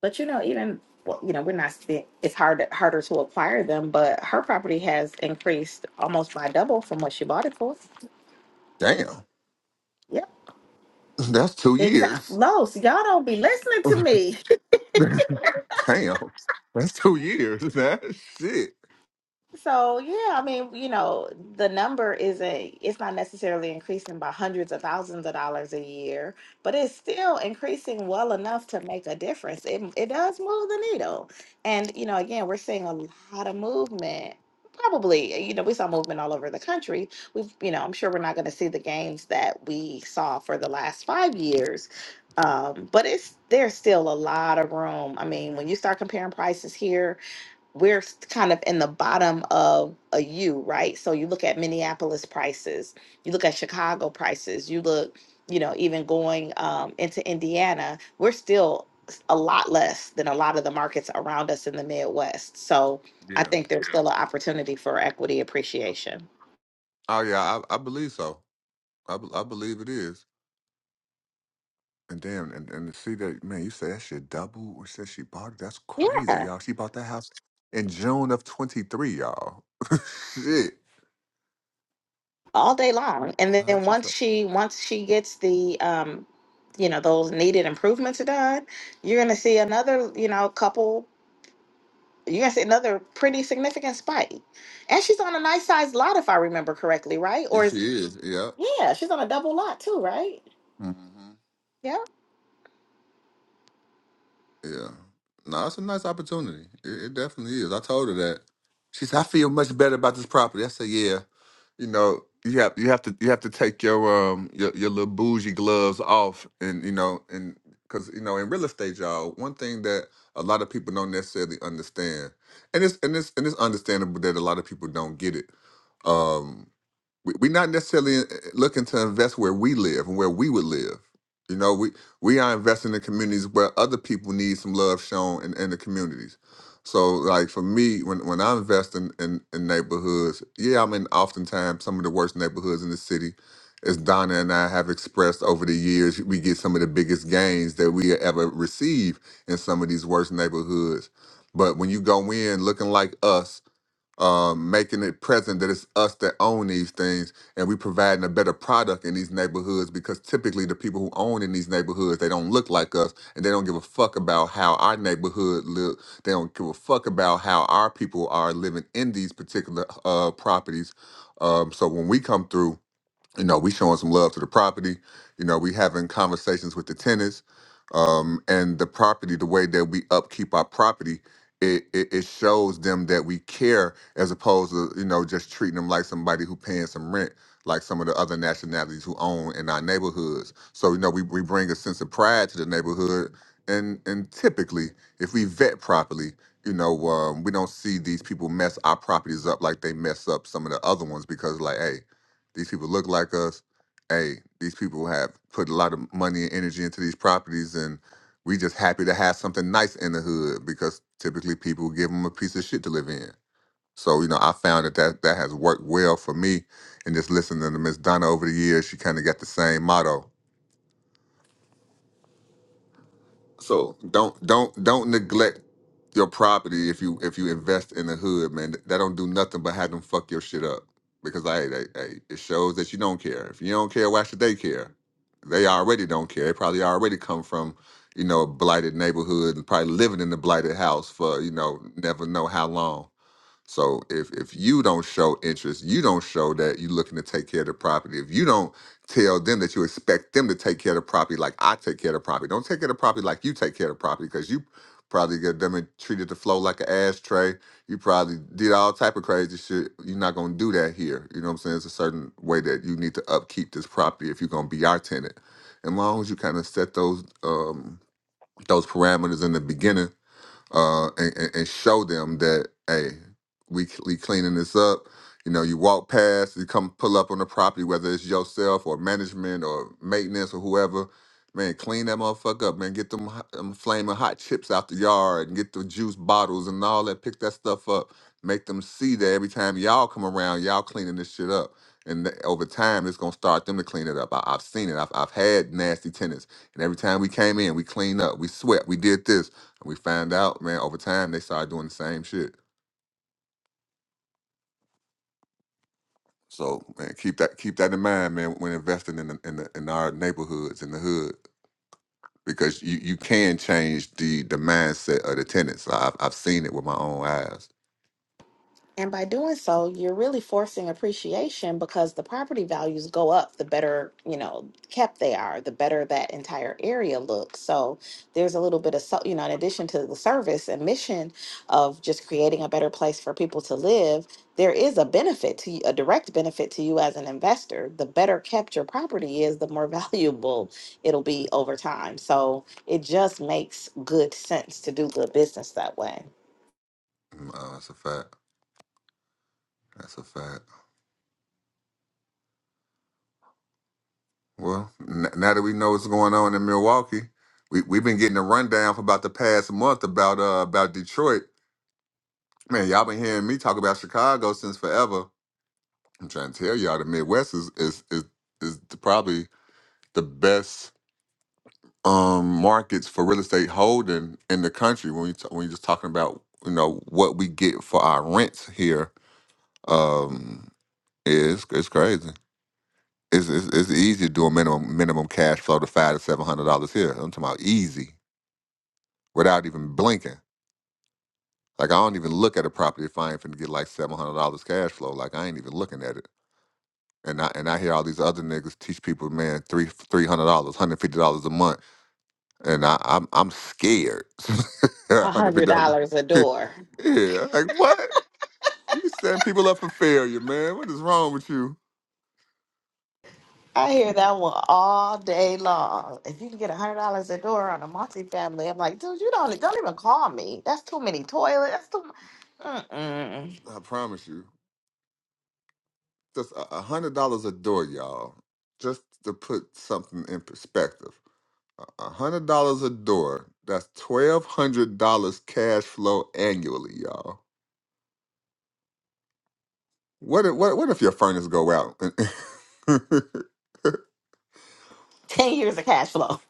Speaker 3: But you know, even well, you know, we're not. seeing- It's hard harder to acquire them, but her property has increased almost by double from what she bought it for.
Speaker 2: Damn,
Speaker 3: Yep,
Speaker 2: that's two
Speaker 3: exactly.
Speaker 2: years.
Speaker 3: Los, y'all don't be listening to me.
Speaker 2: Damn, that's two years, man. Shit.
Speaker 3: So yeah, I mean, you know, the number is not it's not necessarily increasing by hundreds of thousands of dollars a year, but it's still increasing well enough to make a difference. It it does move the needle. And you know, again, we're seeing a lot of movement. Probably, you know, we saw movement all over the country. We've, you know, I'm sure we're not going to see the gains that we saw for the last five years. Um, but it's there's still a lot of room. I mean, when you start comparing prices here we're kind of in the bottom of a U, right? So you look at Minneapolis prices, you look at Chicago prices, you look, you know, even going um, into Indiana, we're still s- a lot less than a lot of the markets around us in the Midwest. So I
Speaker 2: Yeah.
Speaker 3: think there's still an opportunity for equity appreciation.
Speaker 2: Oh yeah, I, I believe so. I, be- I believe it is. And damn, and, and to see that man, you said that shit double or said she bought it. That's crazy,
Speaker 3: Yeah,
Speaker 2: y'all. She bought that house in June of twenty three, y'all. shit.
Speaker 3: all day long. And
Speaker 2: Nah,
Speaker 3: then
Speaker 2: that's what's
Speaker 3: once
Speaker 2: up.
Speaker 3: she once she gets the um, you know, those needed improvements done, you're gonna see another, you know, couple Yes, another pretty significant spike. And she's on a nice sized lot, if I remember correctly, right?
Speaker 2: Yeah,
Speaker 3: Or
Speaker 2: she
Speaker 3: is,
Speaker 2: is. Yeah.
Speaker 3: yeah, she's on a double lot too, right?
Speaker 2: hmm Yeah. No, it's a nice opportunity. It, it definitely is. I told her that. She said, I feel much better about this property. I said, Yeah. You know, you have you have to you have to take your um your, your little bougie gloves off and you know and because you know in real estate y'all one thing that a lot of people don't necessarily understand and it's and it's and it's understandable that a lot of people don't get it um, we- we're not necessarily uh, looking to invest where we live and where we would live. You know, we we are investing in communities where other people need some love shown in, in the communities. So, like for me, when when I invest in, in in neighborhoods, yeah, I'm in oftentimes some of the worst neighborhoods in the city. As Donna and I have expressed over the years, we get some of the biggest gains that we ever receive in some of these worst neighborhoods. But when you go in looking like us um, making it present that it's us that own these things and we providing a better product in these neighborhoods because typically the people who own in these neighborhoods they don't look like us and they don't give a fuck about how our neighborhood look they don't give a fuck about how our people are living in these particular uh, properties um, so when we come through you know, we showing some love to the property. You know, we having conversations with the tenants, um, and the property. The way that we upkeep our property, it, it it shows them that we care, as opposed to you know just treating them like somebody who paying some rent, like some of the other nationalities who own in our neighborhoods. So you know, we we bring a sense of pride to the neighborhood, and and typically, if we vet properly. You know, um, we don't see these people mess our properties up like they mess up some of the other ones because, like, hey, these people look like us. Hey, these people have put a lot of money and energy into these properties, and we just happy to have something nice in the hood because typically people give them a piece of shit to live in. So you know, I found that that, that has worked well for me. And just listening to Miss Donna over the years, she kind of got the same motto. So don't don't don't neglect your property if you if you invest in the hood, man. That don't do nothing but have them fuck your shit up. Because I, I, I it shows that you don't care. If you don't care, why should they care? They already don't care. They probably already come from, you know, a blighted neighborhood and probably living in the blighted house for, you know, never know how long. So if if you don't show interest, you don't show that you're looking to take care of the property. If you don't tell them that you expect them to take care of the property like I take care of the property, don't take care of the property like you take care of the property because you probably get them and treated the flow like an ashtray. You probably did all type of crazy shit. You're not gonna do that here. You know what I'm saying? It's a certain way that you need to upkeep this property if you're gonna be our tenant. And long as you kind of set those um, those parameters in the beginning uh, and, and, and show them that hey, we we cleaning this up. You know, you walk past, you come pull up on the property, whether it's yourself or management or maintenance or whoever. Man, clean that motherfucker up, man. Get them, hot- them flaming hot chips out the yard and get the juice bottles and all that. Pick that stuff up. Make them see that every time y'all come around, y'all cleaning this shit up. And th- over time, it's gonna start them to clean it up. I- I've seen it. I've, I've had nasty tenants, and every time we came in, we cleaned up, we swept, we did this. And we found out, man, over time they started doing the same shit. So man, keep that keep that in mind, man, when investing in the, in, the, in our neighborhoods in the hood, because you, you can change the the mindset of the tenants. I've I've seen it with my own eyes.
Speaker 3: And by doing so, you're really forcing appreciation because the property values go up the better, you know, kept they are, the better that entire area looks. So there's a little bit of, so, you know, in addition to the service and mission of just creating a better place for people to live, there is a benefit to you, a direct benefit to you as an investor. The better kept your property is, the more valuable it'll be over time. So it just makes good sense to do good business that way.
Speaker 2: Mm, Uh, that's a fact. That's a fact. Well, n- now that we know what's going on in Milwaukee, we we've been getting a rundown for about the past month about uh about Detroit. Man, y'all been hearing me talk about Chicago since forever. I'm trying to tell y'all the Midwest is is is, is the- probably the best um markets for real estate holding in the country. When you t- when you're just talking about you know what we get for our rents here, um, is it's crazy. It's, it's, it's easy to do a minimum minimum cash flow to five to seven hundred dollars here. I'm talking about easy without even blinking. Like I don't even look at a property if I ain't finna get like seven hundred dollars cash flow. Like I ain't even looking at it. And I and I hear all these other niggas teach people, man, three three hundred dollars, hundred fifty dollars a month, and I, I'm I'm scared.
Speaker 3: A
Speaker 2: Hundred
Speaker 3: hundred
Speaker 2: fifty dollars.
Speaker 3: dollars a door.
Speaker 2: yeah, like what? You setting people up for failure, man. What is wrong with you?
Speaker 3: I hear that one all day long. If you can get a hundred dollars a door on a multifamily, I'm like, dude, you don't don't even call me. That's too many toilets. That's too. Mm-mm.
Speaker 2: I promise you, just a a hundred dollars a door, y'all. Just to put something in perspective. A hundred dollars a door. That's twelve hundred dollars cash flow annually, y'all. What if what what if your furnace go out?
Speaker 3: Ten years of cash flow,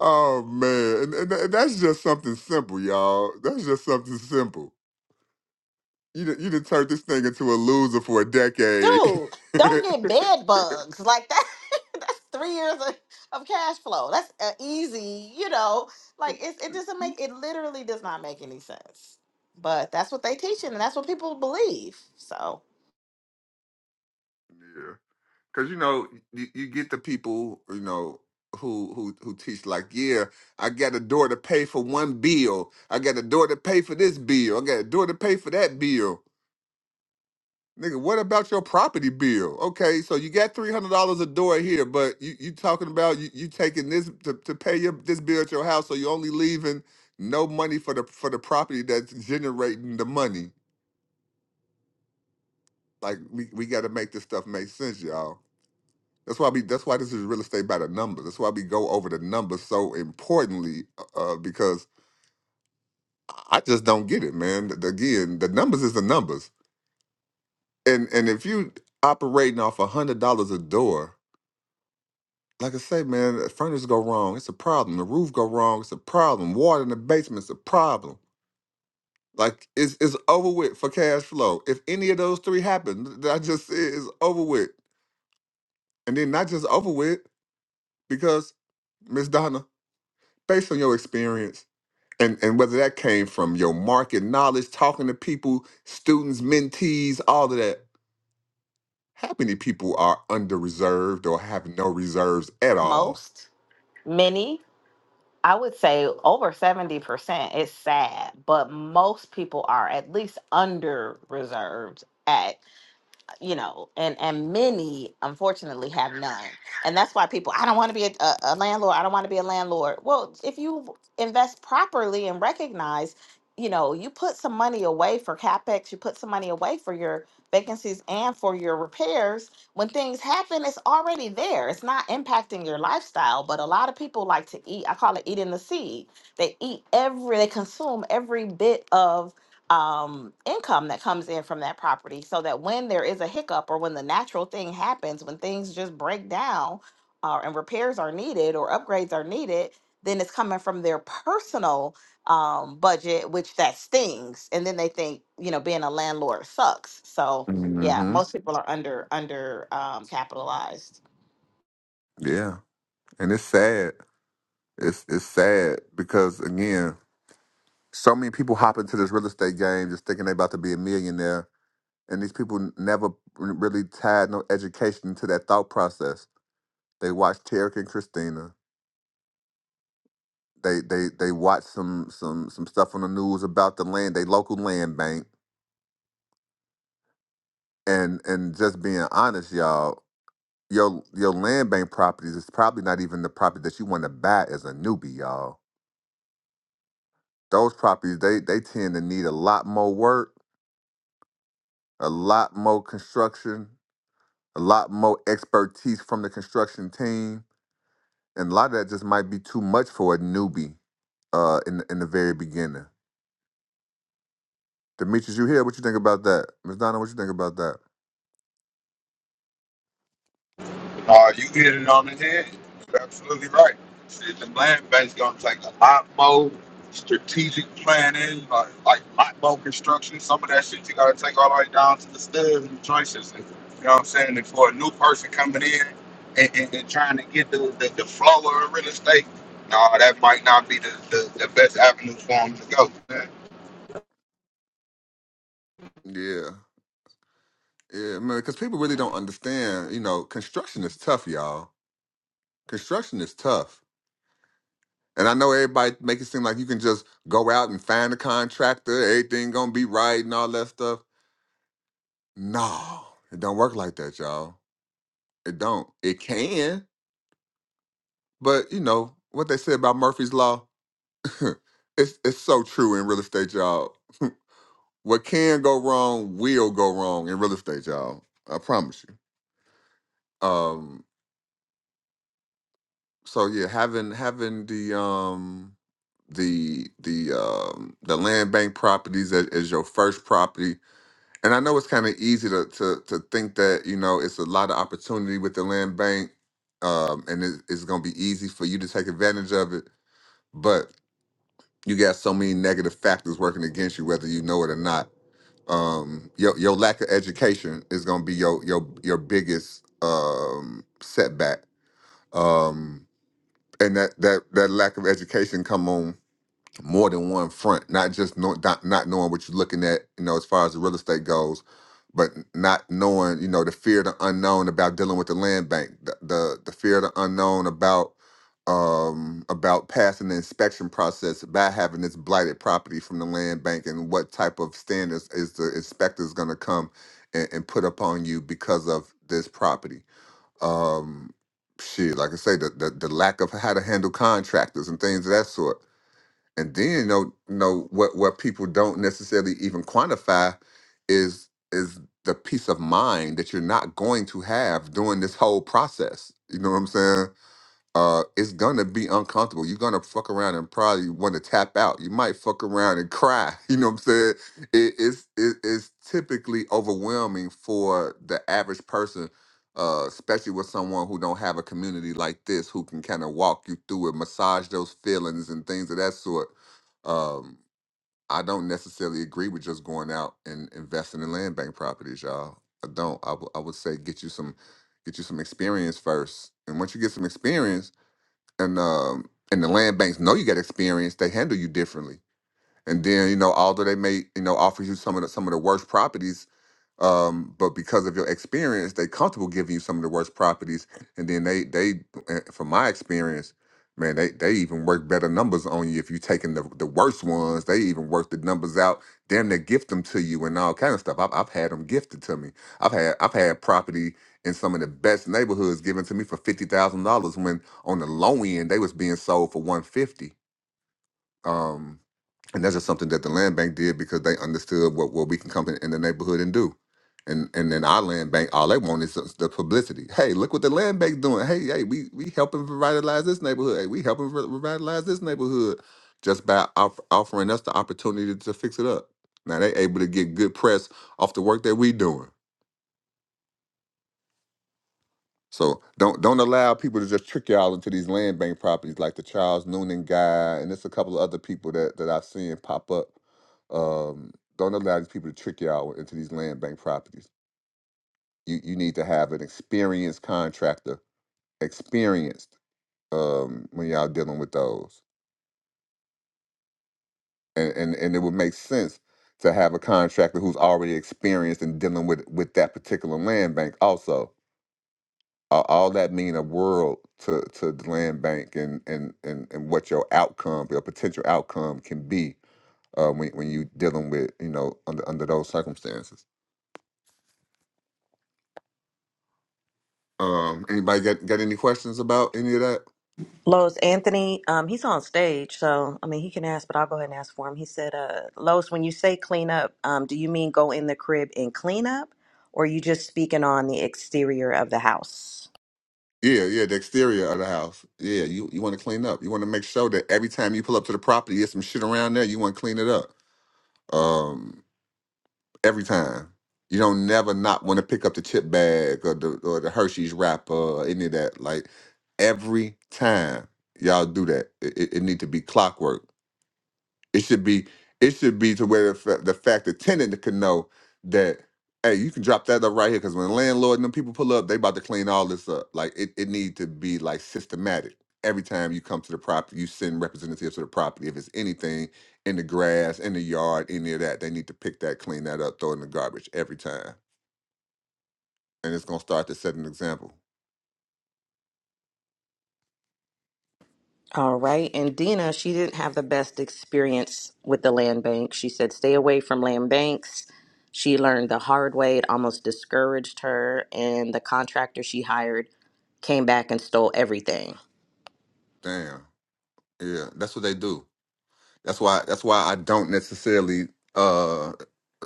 Speaker 2: oh man, and, and tha- that's just something simple, y'all. That's just something simple. You done- you done turned this thing into a loser for a decade.
Speaker 3: dude. Don't get
Speaker 2: yeah.
Speaker 3: bed bugs like that. That's three years of, of cash flow. That's uh, easy, you know. Like it, it doesn't make it. Literally does not make any sense. But that's what they teach, and that's what people believe. So
Speaker 2: because you know you, you get the people you know who who who teach like yeah i got a door to pay for one bill i got a door to pay for this bill i got a door to pay for that bill nigga what about your property bill okay so you got $300 a door here but you, you talking about you, you taking this to, to pay your this bill at your house so you only leaving no money for the for the property that's generating the money like we, we got to make this stuff make sense y'all That's why we. That's why this is real estate by the numbers. That's why we go over the numbers so importantly, uh, uh, because I just don't get it, man. The- Again, the numbers is the numbers, and and if you operating off a hundred dollars a door, like I say, man, the furnace go wrong, it's a problem. The roof go wrong, it's a problem. Water in the basement's a problem. Like it's it's over with for cash flow. If any of those three happen, that I just said is over with, and then not just over with because Miss Donna, based on your experience and and whether that came from your market knowledge, talking to people, students, mentees, all of that. How many people are under reserved or have no reserves at all?
Speaker 3: most, many. I would say over 70% is sad, but most people are at least under reserved at you know, and and many unfortunately have none, and that's why people. I don't want to be a, a, a landlord. I don't want to be a landlord. Well, if you invest properly and recognize, you know, you put some money away for capex, you put some money away for your vacancies and for your repairs. When things happen, it's already there. It's not impacting your lifestyle. But a lot of people like to eat. I call it eating the seed. They eat every. They consume every bit of um, income that comes in from that property so that when there is a hiccup or when the natural thing happens, when things just break down uh, and repairs are needed or upgrades are needed, then it's coming from their personal um, budget, which that stings. And then they think, you know, being a landlord sucks. So yeah,
Speaker 2: hmm
Speaker 3: most people are under under um, capitalized.
Speaker 2: Yeah, and it's sad. It's it's sad because again, so many people hop into this real estate game just thinking they about to be a millionaire, and these people n- never r- really tied no education to that thought process. They watch Tarek and Christina. They they they watch some some some stuff on the news about the land, they local land bank, and and just being honest, y'all, your your land bank properties is probably not even the property that you want to buy as a newbie, y'all. Those properties they they tend to need a lot more work, a lot more construction, a lot more expertise from the construction team, and a lot of that just might be too much for a newbie uh in the, in the very beginning. Demetrius, you here? What you think about that? Miss Donna, what you think about that?
Speaker 4: Uh, you hit it on the head. You're absolutely right. Shit, the land bank's gonna take a lot more strategic planning, like, like lot more construction. Some of that shit you gotta take all the way down to the studs and the choices. And, you know what I'm saying? And for a new person coming in and, and, and trying to get the, the, the flow of real estate, no, that might not be the, the, the best avenue for them to go. Man.
Speaker 2: Yeah. Yeah, man, because people really don't understand. You know, construction is tough, y'all. Construction is tough, and I know everybody make it seem like you can just go out and find a contractor, everything gonna be right and all that stuff. No, it don't work like that, y'all. It don't. It can, but you know what they say about Murphy's law. it's it's so true in real estate, y'all. what can go wrong will go wrong in real estate, y'all. I promise you. Um, so yeah, having having the um the the um the land bank properties as, as your first property, and I know it's kind of easy to, to to think that you know it's a lot of opportunity with the land bank, um, and it, it's gonna be easy for you to take advantage of it, but you got so many negative factors working against you, whether you know it or not. Um, your your lack of education is gonna be your your your biggest um setback. Um, and that that that lack of education come on more than one front not just know, not, not knowing what you're looking at you know as far as the real estate goes but not knowing you know the fear of the unknown about dealing with the land bank the the, the fear of the unknown about um about passing the inspection process by having this blighted property from the land bank and what type of standards is the inspectors going to come and, and put upon you because of this property um shit like i say the, the the lack of how to handle contractors and things of that sort and then you know you know what what people don't necessarily even quantify is is the peace of mind that you're not going to have during this whole process you know what i'm saying uh, it's gonna be uncomfortable. You're gonna fuck around and probably want to tap out. You might fuck around and cry. You know what I'm saying? It, it's it, it's typically overwhelming for the average person, uh, especially with someone who don't have a community like this who can kind of walk you through it, massage those feelings and things of that sort. Um, I don't necessarily agree with just going out and investing in land bank properties, y'all. I don't. I w- I would say get you some get you some experience first, and once you get some experience and um and the land banks know you got experience, they handle you differently. And then you know, although they may you know offer you some of the some of the worst properties, um, but because of your experience, they comfortable giving you some of the worst properties, and then they they, uh, from my experience, man, they they even work better numbers on you if you taking the the worst ones. They even work the numbers out, damn near gift them to you and all kind of stuff. I've I've had them gifted to me. I've had I've had property in some of the best neighborhoods given to me for fifty thousand dollars when on the low end they was being sold for one fifty. Um, and that's just something that the land bank did because they understood what, what we can come in, in the neighborhood and do and and then our land bank all they want is the the publicity hey look what the land bank doing hey hey we we helping revitalize this neighborhood hey we helping re- revitalize this neighborhood just by off- offering us the opportunity to fix it up now they able to get good press off the work that we doing So don't don't allow people to just trick y'all into these land bank properties like the Charles Noonan guy and there's a couple of other people that, that I've seen pop up. Um, don't allow these people to trick y'all into these land bank properties. You you need to have an experienced contractor, experienced um, when y'all dealing with those. And, and and it would make sense to have a contractor who's already experienced in dealing with with that particular land bank also all, all that mean a world to, to the land bank and, and, and, and what your outcome, your potential outcome can be uh, when, when you dealing with, you know, under, under those circumstances. Um, anybody got, got any questions about any of that?
Speaker 8: Lois Anthony, um, he's on stage, so I mean he can ask, but I'll go ahead and ask for him. He said, uh, Lois, when you say clean up, um, do you mean go in the crib and clean up, or you just speaking on the exterior of the house?
Speaker 2: Yeah, yeah, the exterior of the house. Yeah, you, you want to clean up. You want to make sure that every time you pull up to the property, there's some shit around there, you want to clean it up. Um, every time. You don't never not want to pick up the chip bag or the or the Hershey's wrapper or any of that. Like every time y'all do that, it, it it need to be clockwork. It should be it should be to where the, fa- the fact the tenant can know that hey, you can drop that up right here because when the landlord and them people pull up, they about to clean all this up. Like it it need to be like systematic. Every time you come to the property, you send representatives to the property. If it's anything in the grass, in the yard, any of that, they need to pick that, clean that up, throw it in the garbage every time. And it's gonna start to set an example.
Speaker 8: All right. And Dina, she didn't have the best experience with the land bank. She said, stay away from land banks. She learned the hard way. It almost discouraged her. And the contractor she hired came back and stole everything.
Speaker 2: Damn. Yeah, that's what they do. That's why that's why I don't necessarily uh,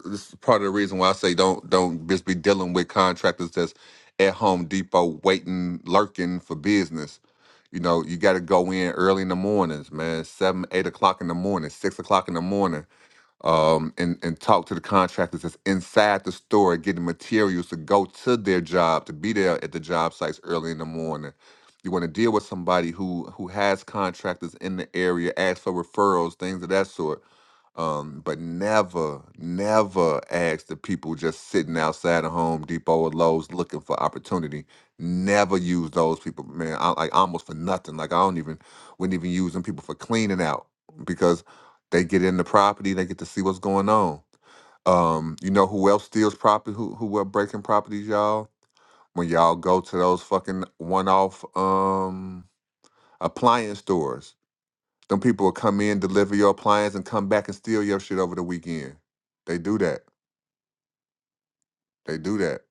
Speaker 2: this is part of the reason why I say don't don't just be dealing with contractors that's at Home Depot waiting, lurking for business. You know, you got to go in early in the mornings, man, seven, eight o'clock in the morning, six o'clock in the morning, um, and and talk to the contractors that's inside the store, getting materials to go to their job, to be there at the job sites early in the morning. You want to deal with somebody who who has contractors in the area, ask for referrals, things of that sort um, but never, never ask the people just sitting outside of Home Depot or Lowe's looking for opportunity. Never use those people, man. I like almost for nothing. Like I don't even wouldn't even use them people for cleaning out because they get in the property, they get to see what's going on. Um, you know who else steals property? Who who are breaking properties, y'all? When y'all go to those fucking one-off um appliance stores them people will come in, deliver your appliance, and come back and steal your shit over the weekend. They do that. They do that.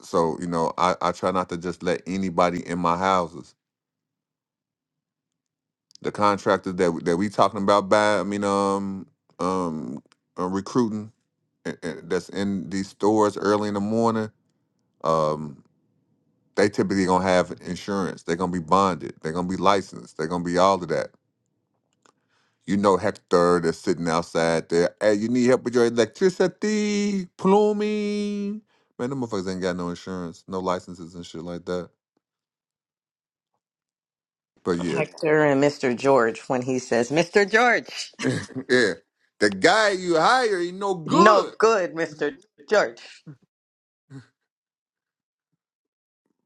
Speaker 2: So you know, I, I try not to just let anybody in my houses. The contractors that that we talking about by I mean um um uh, recruiting uh, uh, that's in these stores early in the morning. Um, they typically gonna have insurance. They're gonna be bonded. They're gonna be licensed. They're gonna be all of that. You know Hector that's sitting outside there. Hey, you need help with your electricity, plumbing. Man, them motherfuckers ain't got no insurance, no licenses and shit like that. But yeah.
Speaker 8: Hector and Mr. George, when he says, Mr. George.
Speaker 2: yeah. The guy you hire ain't no
Speaker 8: No
Speaker 2: good.
Speaker 8: good, Mr. George.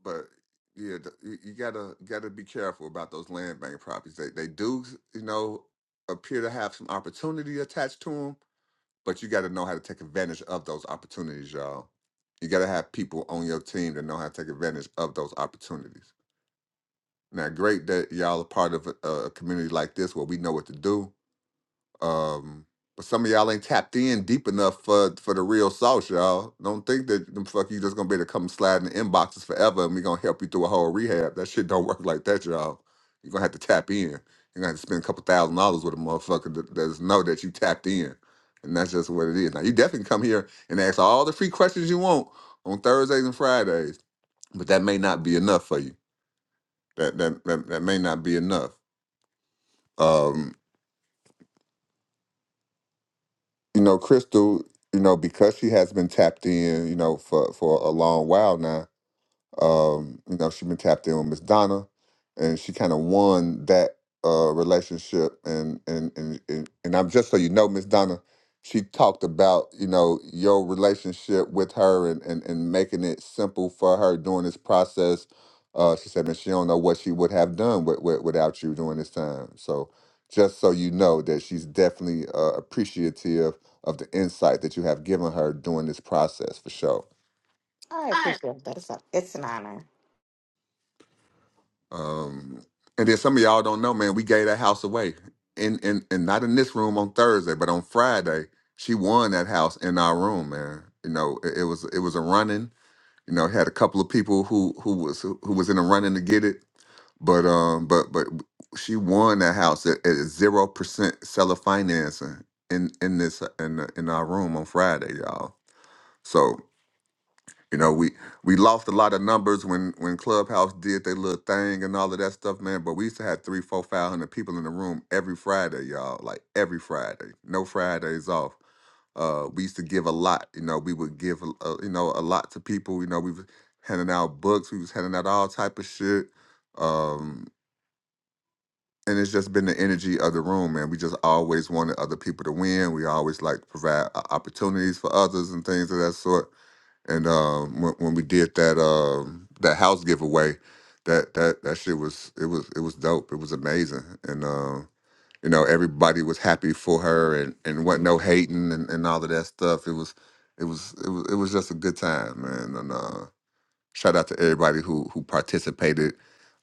Speaker 2: But yeah, the, you, you gotta gotta be careful about those land bank properties. They they do, you know, appear to have some opportunity attached to them, but you got to know how to take advantage of those opportunities, y'all. You got to have people on your team that know how to take advantage of those opportunities. Now, great that y'all are part of a, a community like this where we know what to do um, but some of y'all ain't tapped in deep enough for for the real sauce, y'all. Don't think that them fuck you just gonna be able to come slide in the inboxes forever and we gonna help you through a whole rehab. That shit don't work like that, y'all. You're gonna have to tap in. You're gonna have to spend a couple thousand dollars with a motherfucker that does know that you tapped in. And that's just what it is. Now you definitely come here and ask all the free questions you want on Thursdays and Fridays, but that may not be enough for you. That that that, that may not be enough. Um, you know, Crystal, you know, because she has been tapped in, you know, for for a long while now, um, you know, she's been tapped in with Miss Donna, and she kind of won that uh, relationship. And and and and, and I'm just so you know, Miss Donna, she talked about you know your relationship with her and and and making it simple for her during this process. Uh, she said, man, she don't know what she would have done with, with, without you during this time. So just so you know that she's definitely uh, appreciative of the insight that you have given her during this process for sure.
Speaker 3: I appreciate that. It's, a, it's an honor.
Speaker 2: Um, and then some of y'all don't know, man. We gave that house away, in in and not in this room on Thursday, but on Friday, she won that house in our room, man. You know, it, it was it was a running. You know, had a couple of people who who was who was in a running to get it, but um, but but she won that house at zero percent seller financing in in this in the- in our room on Friday, y'all. So you know, we we lost a lot of numbers when when Clubhouse did their little thing and all of that stuff, man. But we used to have three, four, five hundred people in the room every Friday, y'all. Like every Friday, no Fridays off. Uh, we used to give a lot. You know, we would give a, a- you know a lot to people. You know, we was handing out books. We was handing out all type of shit. Um, and it's just been the energy of the room, man. We just always wanted other people to win. We always like provide uh, opportunities for others and things of that sort and um, when, when we did that um, that house giveaway, that that that shit was it was it was dope. It was amazing, and uh, you know everybody was happy for her, and and wasn't no hating and, and all of that stuff. It was it was it was it was just a good time, man. And uh, Shout out to everybody who who participated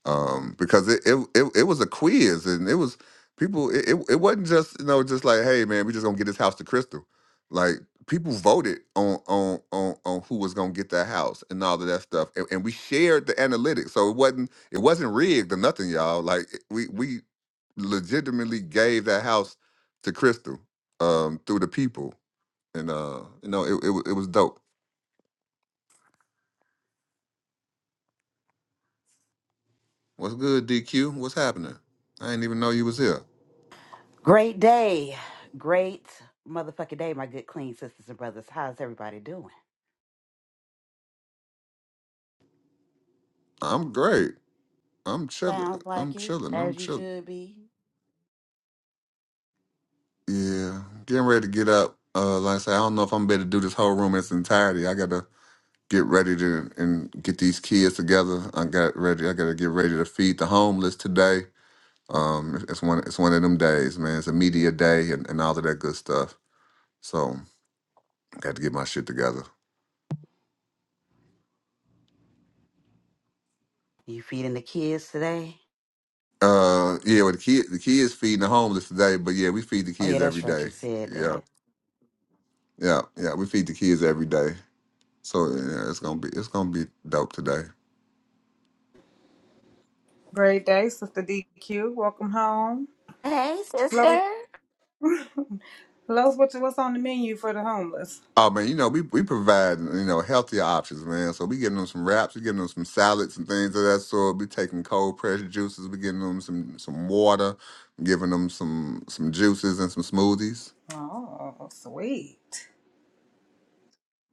Speaker 2: um, because it, it it it was a quiz and it was people. It, it it wasn't just you know just like hey man we just gonna get this house to Crystal. Like people voted on on on on who was gonna get that house and all of that stuff, and, and we shared the analytics. So it wasn't it wasn't rigged or nothing, y'all. Like it- we we legitimately gave that house to Crystal um, through the people, and uh, you know it, it wa- it was dope. What's good, DQ? What's happening? I didn't even know you was here.
Speaker 11: Great day. Great motherfucking day, my good clean sisters and brothers. How's everybody doing?
Speaker 2: I'm great. I'm chilling.
Speaker 11: Sounds like
Speaker 2: I'm
Speaker 11: it,
Speaker 2: chilling. I'm
Speaker 11: as you
Speaker 2: chilling.
Speaker 11: should be.
Speaker 2: Yeah, getting ready to get up. Uh, like I said, I don't know if I'm better to do this whole room in its entirety. I gotta get ready to and get these kids together. I got ready. I gotta get ready to feed the homeless today. Um, it's one. It's one of them days, man. It's a media day and, and all of that good stuff. So I got to get my shit together.
Speaker 11: You feeding the kids today?
Speaker 2: Uh, yeah. Well, the kid, the kids feeding the homeless today, but yeah, we feed the
Speaker 11: Oh yeah,
Speaker 2: kids every
Speaker 11: that's right.
Speaker 2: day.
Speaker 11: You said
Speaker 2: Yeah.
Speaker 11: that.
Speaker 2: Yeah, yeah, we feed the kids every day, so yeah, it's gonna be it's gonna be dope today.
Speaker 5: Great day, Sister DQ. Welcome home.
Speaker 11: Hey,
Speaker 5: Los,
Speaker 11: sister.
Speaker 5: Los what what's on the menu for the homeless?
Speaker 2: Oh man, you know we we provide you know healthier options, man. So we getting them some wraps, we getting them some salads and things of that sort. We taking cold pressure juices, we getting them some some water, giving them some some juices and some smoothies.
Speaker 5: Oh, sweet.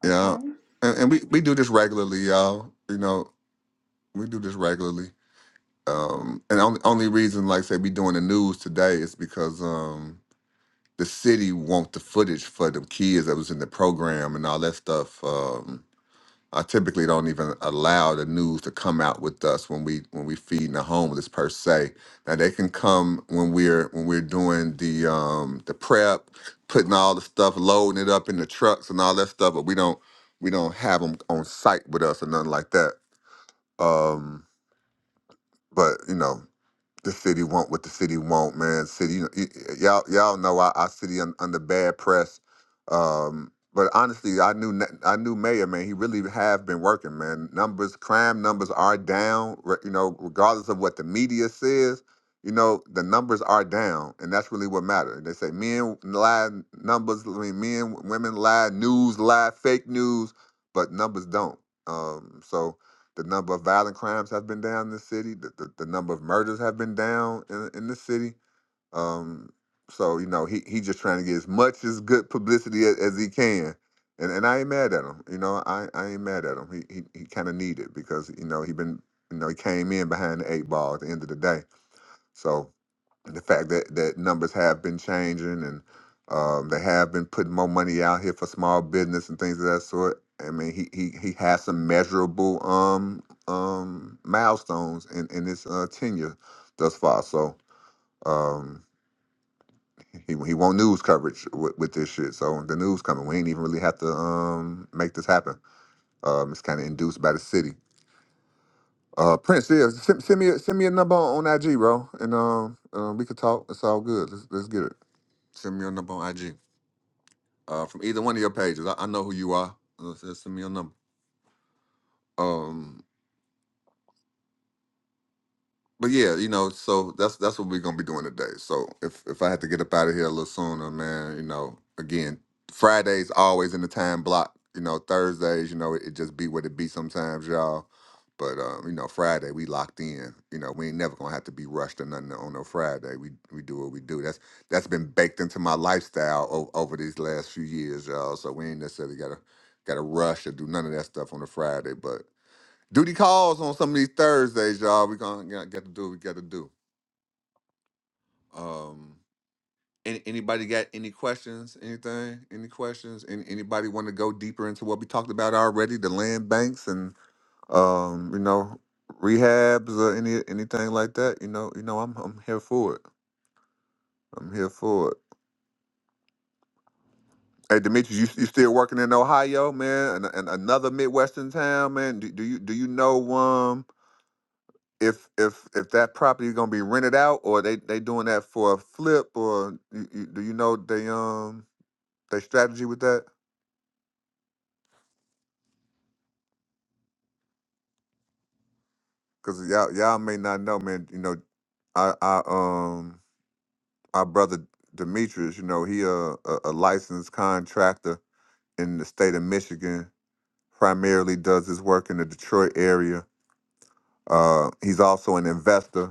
Speaker 2: Yeah,
Speaker 5: Okay.
Speaker 2: and, and we we do this regularly, y'all. You know we do this regularly. Um, and only only reason, like I said, we doing the news today is because um the city want the footage for the kids that was in the program and all that stuff. Um, I typically don't even allow the news to come out with us when we when we feed the homeless per se. Now they can come when we're when we're doing the um, the prep, putting all the stuff, loading it up in the trucks and all that stuff, but we don't we don't have them on site with us or nothing like that. Um, but you know the city want what the city want, man. City, you know, y- y- y'all, y'all know our, our city un, under bad press. Um, but honestly, I knew ne- I knew Mayor, man. He really have been working, man. Numbers, crime numbers are down. re- You know, regardless of what the media says, you know, the numbers are down, and that's really what matters. They say men lie, numbers. I mean, men, women lie, news lie, fake news, but numbers don't. Um, so the number of violent crimes has been down in the city. The, the, the number of murders have been down in, in the city. Um, so you know he he just trying to get as much as good publicity as, as he can, and and I ain't mad at him. You know I, I ain't mad at him. He he, he kind of needed because you know he been you know he came in behind the eight ball at the end of the day. So the fact that that numbers have been changing and um, they have been putting more money out here for small business and things of that sort. I mean, he he he has some measurable um um milestones in in his uh, tenure thus far. So um he he won't news coverage with, with this shit. So the news coming, we ain't even really have to um make this happen. Um, it's kind of induced by the city. Uh, Prince, yeah, send, send me a, send me a number on, on IG, bro, and um, uh, we could talk. It's all good. Let's let's get it. Send me your number on IG. Uh, from either one of your pages. I, I know who you are. Uh, send me your number. Um. but yeah, you know, so that's that's what we're gonna be doing today. So if if I had to get up out of here a little sooner, man, you know, again, Fridays always in the time block. You know, Thursdays, you know, it, it just be what it be sometimes, y'all. But um, you know, Friday we locked in. You know, we ain't never gonna have to be rushed or nothing on no Friday. We we do what we do. That's that's been baked into my lifestyle o- over these last few years, y'all. So we ain't necessarily gotta gotta rush or do none of that stuff on a Friday. But Duty calls on some of these Thursdays, y'all. We gonna got, got to do what we got to do. Um, any, anybody got any questions? Anything? Any questions? Any, anybody want to go deeper into what we talked about already? The land banks and um, you know, rehabs or any anything like that. You know, you know, I'm I'm here for it. I'm here for it. Hey, Demetrius, you, you still working in Ohio, man? And, and another Midwestern town, man. Do, do you do you know um? if if if that property is gonna be rented out or they they doing that for a flip or you, you, do you know they um they strategy with that? Cause y'all y'all may not know, man. You know, I I um our brother Demetrius, you know, he uh, a a licensed contractor in the state of Michigan. Primarily does his work in the Detroit area. Uh, he's also an investor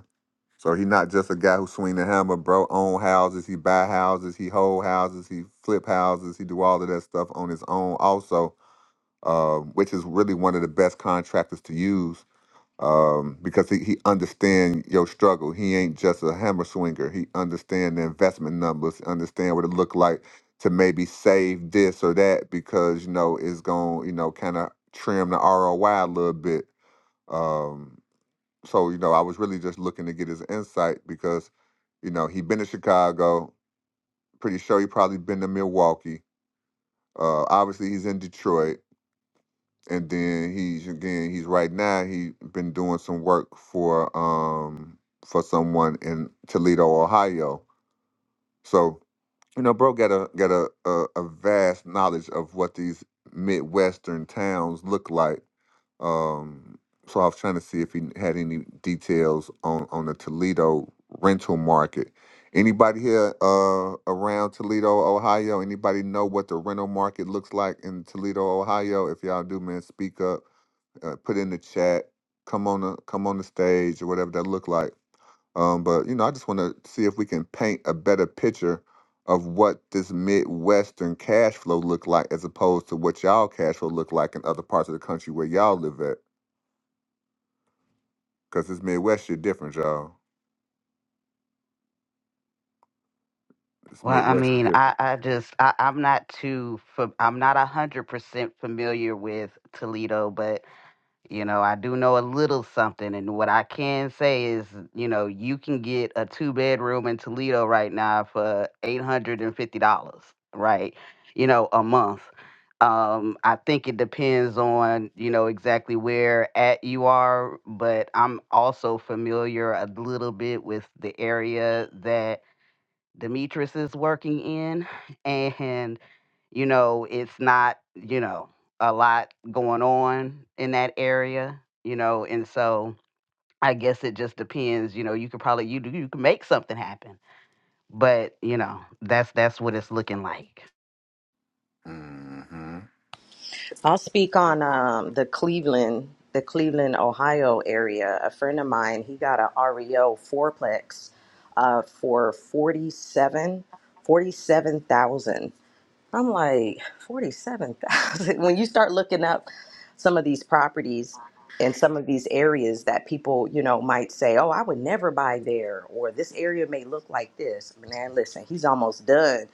Speaker 2: So he not just a guy who swing the hammer, bro. Own houses, he buy houses, he hold houses, he flip houses, he do all of that stuff on his own. Also, um, which is really one of the best contractors to use um, because he, he understand your struggle. He ain't just a hammer swinger. He understand the investment numbers, understand what it look like to maybe save this or that because you know it's going to you know kind of trim the ROI a little bit. Um, so you know, I was really just looking to get his insight because you know he been to Chicago. Pretty sure he probably been to Milwaukee. Uh, obviously he's in Detroit, and then he's again he's right now he been doing some work for um for someone in Toledo, Ohio. So you know, bro, got a got a a, a vast knowledge of what these midwestern towns look like Um, so I was trying to see if he had any details on on the Toledo rental market. Anybody here uh, around Toledo, Ohio? Anybody know what the rental market looks like in Toledo, Ohio? If y'all do, man, speak up. Uh, put in the chat. Come on, the, come on the stage or whatever that look like. Um, but you know, I just want to see if we can paint a better picture of what this Midwestern cash flow look like as opposed to what y'all cash flow look like in other parts of the country where y'all live at. Cause it's Midwest shit different, y'all. It's
Speaker 11: Well, I
Speaker 2: Midwest is
Speaker 11: mean,
Speaker 2: different.
Speaker 11: I, I just I, I'm not too fa- I'm not a hundred percent familiar with Toledo, but You know, I do know a little something, and what I can say is, you know, you can get a two bedroom in Toledo right now for eight hundred and fifty dollars, right? You know, a month. Um, I think it depends on you know exactly where at you are, but I'm also familiar a little bit with the area that Demetrius is working in, and you know, it's not, you know, a lot going on in that area, you know, and so I guess it just depends, you know, you could probably you you can make something happen. But, you know, that's that's what it's looking like.
Speaker 2: Mm-hmm.
Speaker 8: I'll speak on um, the Cleveland, the Cleveland, Ohio area. A friend of mine, he got a REO fourplex uh, for forty-seven, forty-seven thousand. I'm like, 47,000. When you start looking up some of these properties in some of these areas that people, you know, might say, "Oh, I would never buy there," or "This area may look like this." Man, listen, he's almost done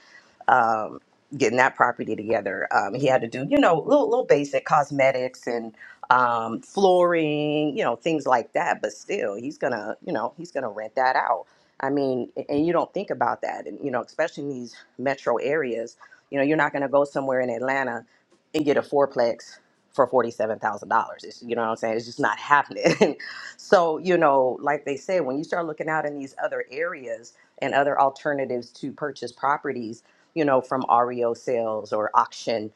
Speaker 8: um, getting that property together. Um, he had to do, you know, little, little basic cosmetics and um, flooring, you know, things like that. But still, he's gonna, you know, he's gonna rent that out. I mean, a- and you don't think about that, and you know, especially in these metro areas, you know, you're not gonna go somewhere in Atlanta and get a fourplex for forty-seven thousand dollars. You know what I'm saying? It's just not happening. so, you know, like they said, when you start looking out in these other areas and other alternatives to purchase properties, you know, from REO sales or auction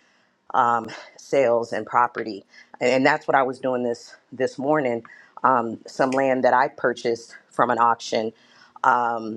Speaker 8: um, sales and property. And, that's what I was doing this this morning. Um, some land that I purchased from an auction. Um,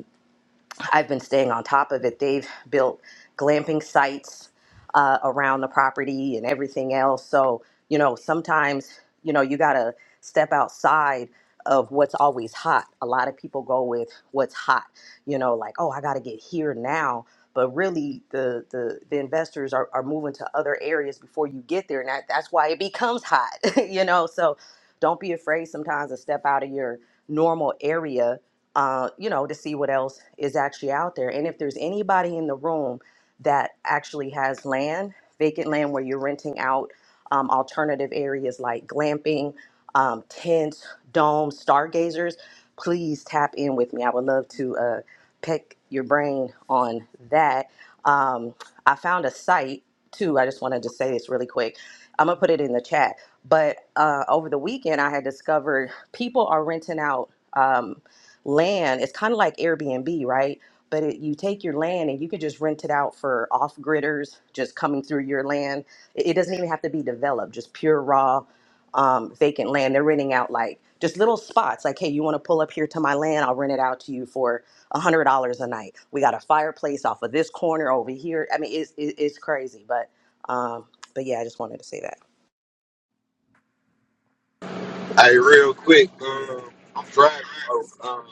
Speaker 8: I've been staying on top of it. They've built glamping sites uh, around the property and everything else. So, you know, sometimes, you know, you got to step outside of what's always hot. A lot of people go with what's hot, you know, like, oh, I got to get here now. But really, the, the, the investors are, are moving to other areas before you get there. And that, that's why it becomes hot, you know. So don't be afraid sometimes to step out of your normal area uh, you know, to see what else is actually out there. And if there's anybody in the room that actually has land, vacant land where you're renting out um, alternative areas like glamping, um, tents, domes, stargazers, please tap in with me. I would love to uh, pick your brain on that. Um, I found a site too. I just wanted to say this really quick. I'm gonna put it in the chat. But uh, over the weekend, I had discovered people are renting out. Um, land. It's kind of like Airbnb, right? But it, you take your land and you could just rent it out for off gridders just coming through your land. It, it doesn't even have to be developed, just pure raw um, vacant land. They're renting out like just little spots like, hey, you want to pull up here to my land? I'll rent it out to you for $100 a night. We got a fireplace off of this corner over here. I mean, it's, it, it's crazy. But, um, but yeah, I just wanted to say that.
Speaker 4: Hey, real quick, um, I'm driving, so um,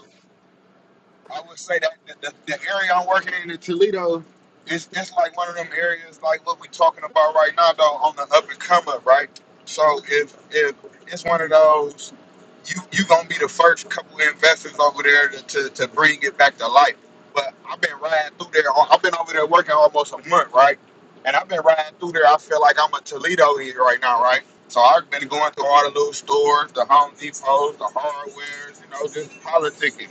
Speaker 4: I would say that the, the, the area I'm working in in Toledo is it's like one of them areas like what we're talking about right now though on the up and come up, right? So if if it's one of those you you gonna be the first couple of investors over there to, to, to bring it back to life. But I've been riding through there. uh, I've been over there working almost a month, right? And I've been riding through there. I feel like I'm a Toledo here right now, right? So I've been going through all the little stores, the Home Depots, the hardwares, you know, just politicking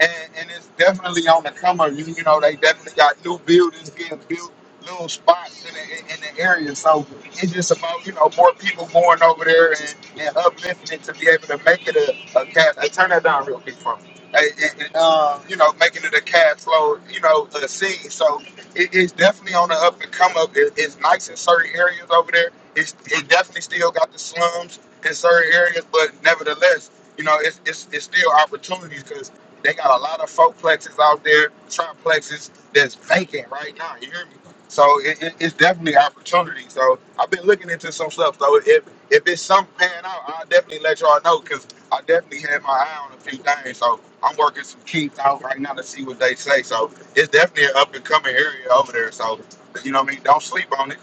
Speaker 4: and, and it's definitely on the come up. You, you know, they definitely got new buildings getting built, little spots in the, in the area. So it's just about you know more people going over there and, and uplifting it to be able to make it a, a cash. I turn that down real quick for me. Hey, And, and, um, you know, making it a cash flow, you know, a scene. So it, it's definitely on the up and come up. It, it's nice in certain areas over there. It's it definitely still got the slums in certain areas, but nevertheless, you know, it's it's, it's still opportunities 'Cause they got a lot of folk plexes out there, triplexes that's vacant right now. You hear me? So it, it, it's definitely opportunity. So I've been looking into some stuff. So if if it's something pan out, I'll definitely let y'all know because I definitely had my eye on a few things. So I'm working some keys out right now to see what they say. So it's definitely an up and coming area over there. So you know what I mean? Don't sleep on it.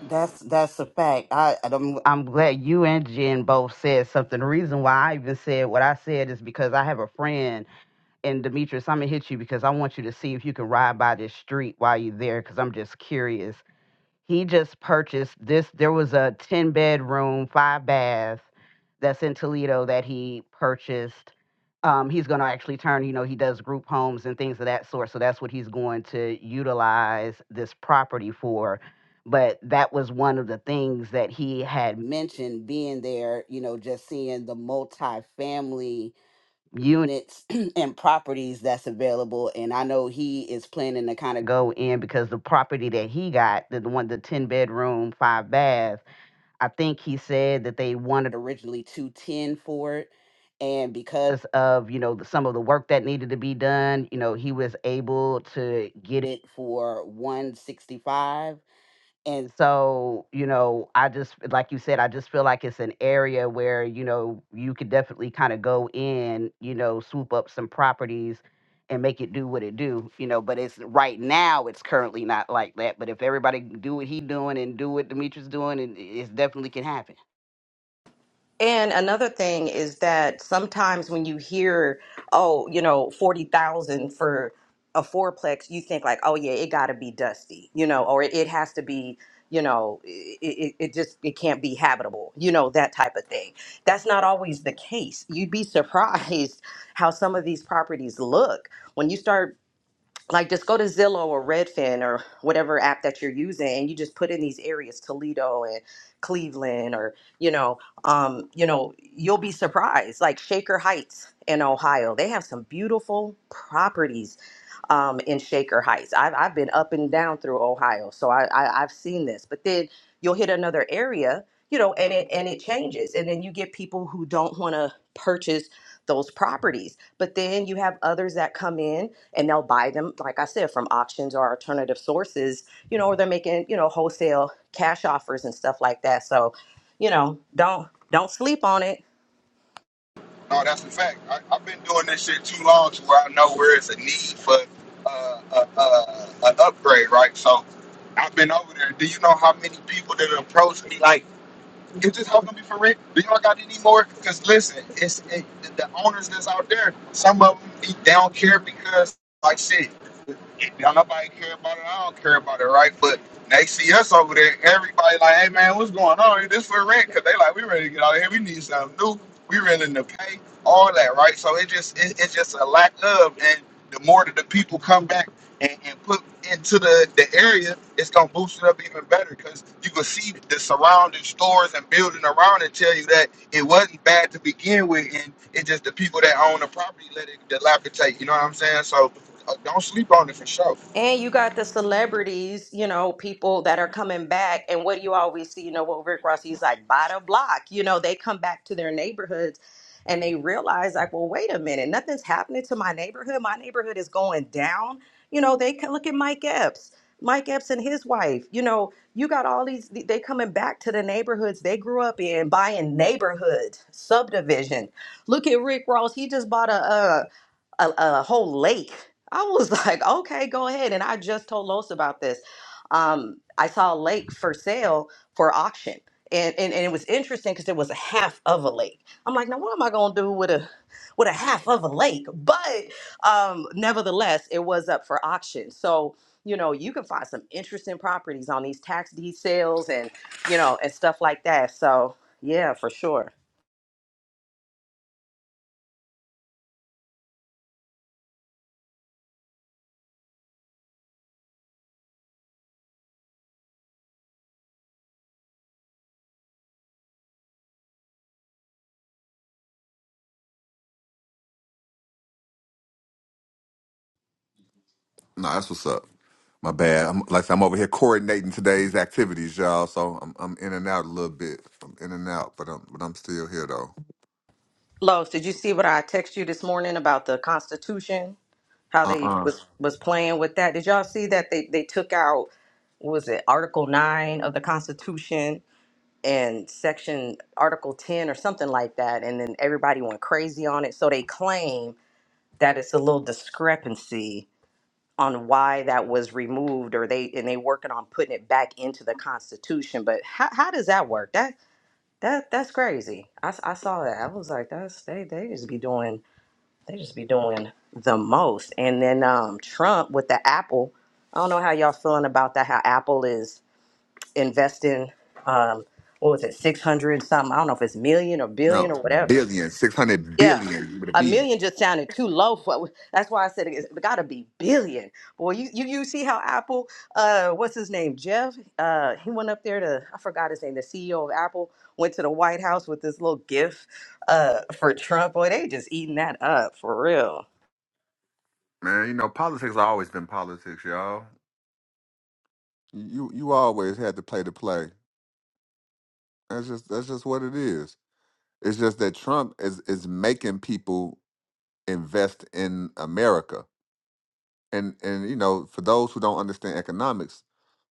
Speaker 11: That's that's a fact. I, I don't. I'm glad you and Jen both said something. The reason why I even said what I said is because I have a friend. and Demetrius, I'm gonna hit you because I want you to see if you can ride by this street while you're there, because I'm just curious. He just purchased this. There was a 10 bedroom, five bath that's in Toledo that he purchased. Um, he's gonna actually turn, you know, he does group homes and things of that sort. So that's what he's going to utilize this property for. But that was one of the things that he had mentioned being there, you know, just seeing the multifamily units and properties that's available and i know he is planning to kind of go in because the property that he got the the one the 10 bedroom 5 bath i think he said that they wanted originally 210 for it and because of you know the, some of the work that needed to be done you know he was able to get it for 165 and so you know i just like you said i just feel like it's an area where you know you could definitely kind of go in you know swoop up some properties and make it do what it do you know but it's right now it's currently not like that but if everybody do what he doing and do what demetrius doing and it it's definitely can happen
Speaker 8: And another thing is that sometimes when you hear, oh, you know, 40,000 for a fourplex, you think like, oh yeah, it got to be dusty, you know, or it it has to be, you know, it, it, it just it can't be habitable, you know, that type of thing. That's not always the case. You'd be surprised how some of these properties look when you start like just go to Zillow or Redfin or whatever app that you're using and you just put in these areas Toledo and Cleveland or you know um you know you'll be surprised like Shaker Heights in Ohio they have some beautiful properties um, in Shaker Heights. I've, I've been up and down through Ohio, so I, I, I've seen this. But then you'll hit another area, you know, and it and it changes, and then you get people who don't want to purchase those properties. But then you have others that come in and they'll buy them, like I said, from auctions or alternative sources, you know, or they're making you know wholesale cash offers and stuff like that. So, you know, don't don't sleep on it
Speaker 4: No, that's a fact. I, I've been doing this shit too long to where I know where it's a need for uh, a, a, an upgrade, right? So I've been over there. Do you know how many people that approached me like? Is this helping me for rent? Do y'all got any more? Because listen, it's it, the owners that's out there. Some of them be, they don't care because like shit, now nobody care about it. I don't care about it, right? But they see us over there. Everybody like, hey man, what's going on? This for rent? Because they like, we ready to get out of here. We need something new. We willing to pay all that, right? So it just it, it's just a lack of, and the more that the people come back and, and put into the, the area, it's gonna boost it up even better because you can see the surrounding stores and building around it tell you that it wasn't bad to begin with, and it's just the people that own the property let it dilapidate. You know what I'm saying? So uh, don't sleep on it for sure.
Speaker 8: And you got the celebrities, you know, people that are coming back. And what do you always see? You know, what Rick Ross, he's like, by the block. You know, they come back to their neighborhoods and they realize, like, well, wait a minute, nothing's happening to my neighborhood. My neighborhood is going down. You know, they can look at Mike Epps, Mike Epps and his wife. You know, you got all these, they coming back to the neighborhoods they grew up in, buying neighborhood subdivision. Look at Rick Ross. He just bought a, uh, a, a whole lake. I was like, okay, go ahead. And I just told Los about this. Um, I saw a lake for sale for auction. And, and, and it was interesting because it was a half of a lake. I'm like, now what am I gonna do with a with a half of a lake? But um, nevertheless, it was up for auction. So you know, you can find some interesting properties on these tax deed sales and you know and stuff like that. So yeah, for sure.
Speaker 2: Nah, that's what's up. My bad. I'm, like I said, I'm over here coordinating today's activities, y'all. So I'm I'm in and out a little bit. I'm in and out, but I'm but I'm still here though.
Speaker 8: Los, did you see what I text you this morning about the Constitution? how
Speaker 2: Uh
Speaker 8: they
Speaker 2: uh
Speaker 8: was was playing with that. Did y'all see that they they took out what was it Article Nine of the Constitution and Section Article Ten or something like that, and then everybody went crazy on it. So they claim that it's a little discrepancy on why that was removed, or they and they working on putting it back into the Constitution. But how how does that work? That that that's crazy. I, s- I saw that. I was like, that's they they just be doing they just be doing the most. And then um, Trump with the Apple. I don't know how y'all feeling about that. How Apple is investing, um, what was it, six hundred something? I don't know if it's million or
Speaker 2: No.
Speaker 8: billion or whatever.
Speaker 2: Billion, six hundred
Speaker 8: Yeah,
Speaker 2: billion with a
Speaker 8: a
Speaker 2: B.
Speaker 8: million just sounded too low for. That's why I said it's got to be billion. Boy, you, you you see how Apple, uh, what's his name, Jeff? Uh, he went up there to I forgot his name. The CEO of Apple went to the White House with this little gift uh, for Trump. Boy, they just eating that up for real.
Speaker 2: Man, you know, politics has always been politics, y'all. You you always had to play the play. That's just that's just what it is. It's just that Trump is is making people invest in America and and you know for those who don't understand economics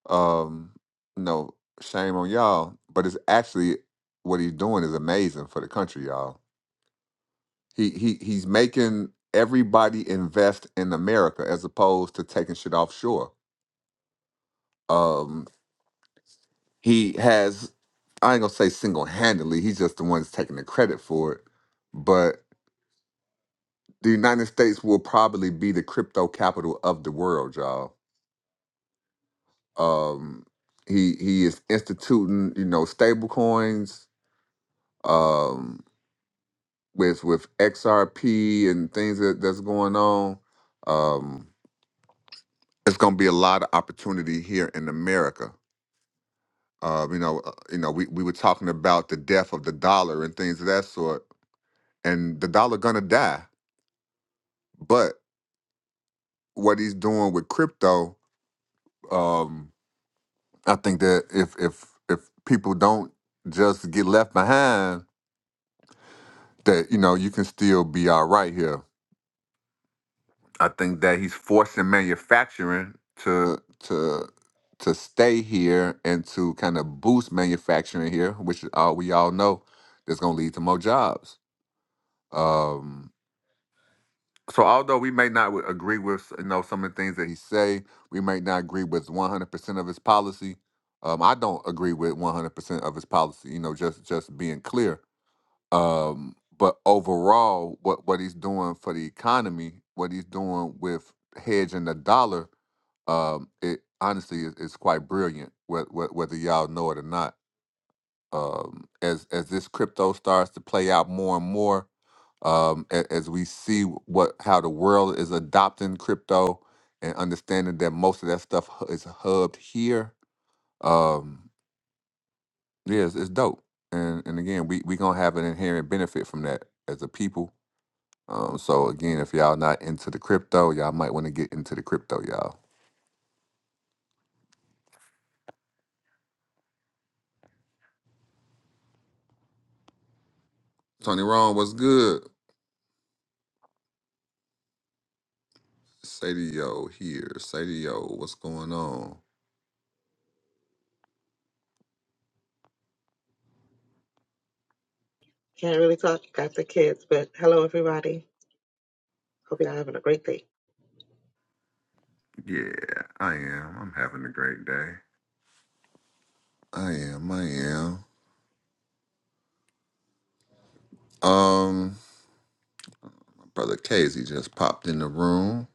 Speaker 2: um you know shame on y'all but it's actually what he's doing is amazing for the country y'all he he he's making everybody invest in america as opposed to taking shit offshore um he has i ain't gonna say single-handedly he's just the one that's taking the credit for it but the united states will probably be the crypto capital of the world y'all Um, he he is instituting, you know, stable coins um, with with XRP and things that, that's going on. Um, it's going to be a lot of opportunity here in America. Uh, you know, uh, you know, we, we were talking about the death of the dollar and things of that sort, and the dollar gonna die. But what he's doing with crypto, um, I think that if if if people don't just get left behind that you know you can still be all right here. I think that he's forcing manufacturing to to to stay here and to kind of boost manufacturing here, which uh, we all know that's going to lead to more jobs. Um, so although we may not w- agree with you know some of the things that he say, we may not agree with 100% of his policy. Um, I don't agree with 100% of his policy, you know, just just being clear Um, but overall, what what he's doing for the economy, what he's doing with hedging the dollar, um, it honestly is, is quite brilliant. whe- whe- Whether y'all know it or not, um, as as this crypto starts to play out more and more, um, a- as we see what how the world is adopting crypto and understanding that most of that stuff hu- is hubbed here, um, yeah, it's, it's dope. And and again, we we gonna have an inherent benefit from that as a people Um, so again, if y'all not into the crypto, y'all might want to get into the crypto, y'all. Tony Ron, what's good? Sadio here. Sadio, what's going on?
Speaker 12: Can't really talk. you Got the kids, but hello, everybody. Hope you're having a great day.
Speaker 2: Yeah, I am. I'm having a great day. I am, I am. Um, brother Casey just popped in the room,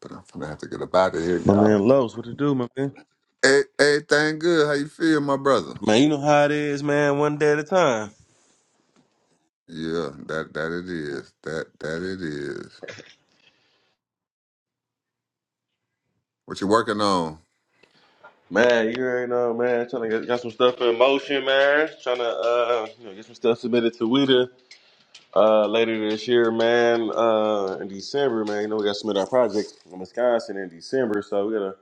Speaker 2: but I'm gonna have to get up out of here,
Speaker 13: My
Speaker 2: y'all.
Speaker 13: man Los, what to do, my man?
Speaker 2: Hey, everything good? How you feel, my brother?
Speaker 13: Man, you know how it is, man, one day at a time.
Speaker 2: Yeah, that that it is. That that it is. What you working on?
Speaker 13: Man, you already know, man, trying to get got some stuff in motion, man. Trying to uh you know get some stuff submitted to WIDA uh later this year, man. Uh in December, man. You know we gotta submit our project in Wisconsin in December, so we got a,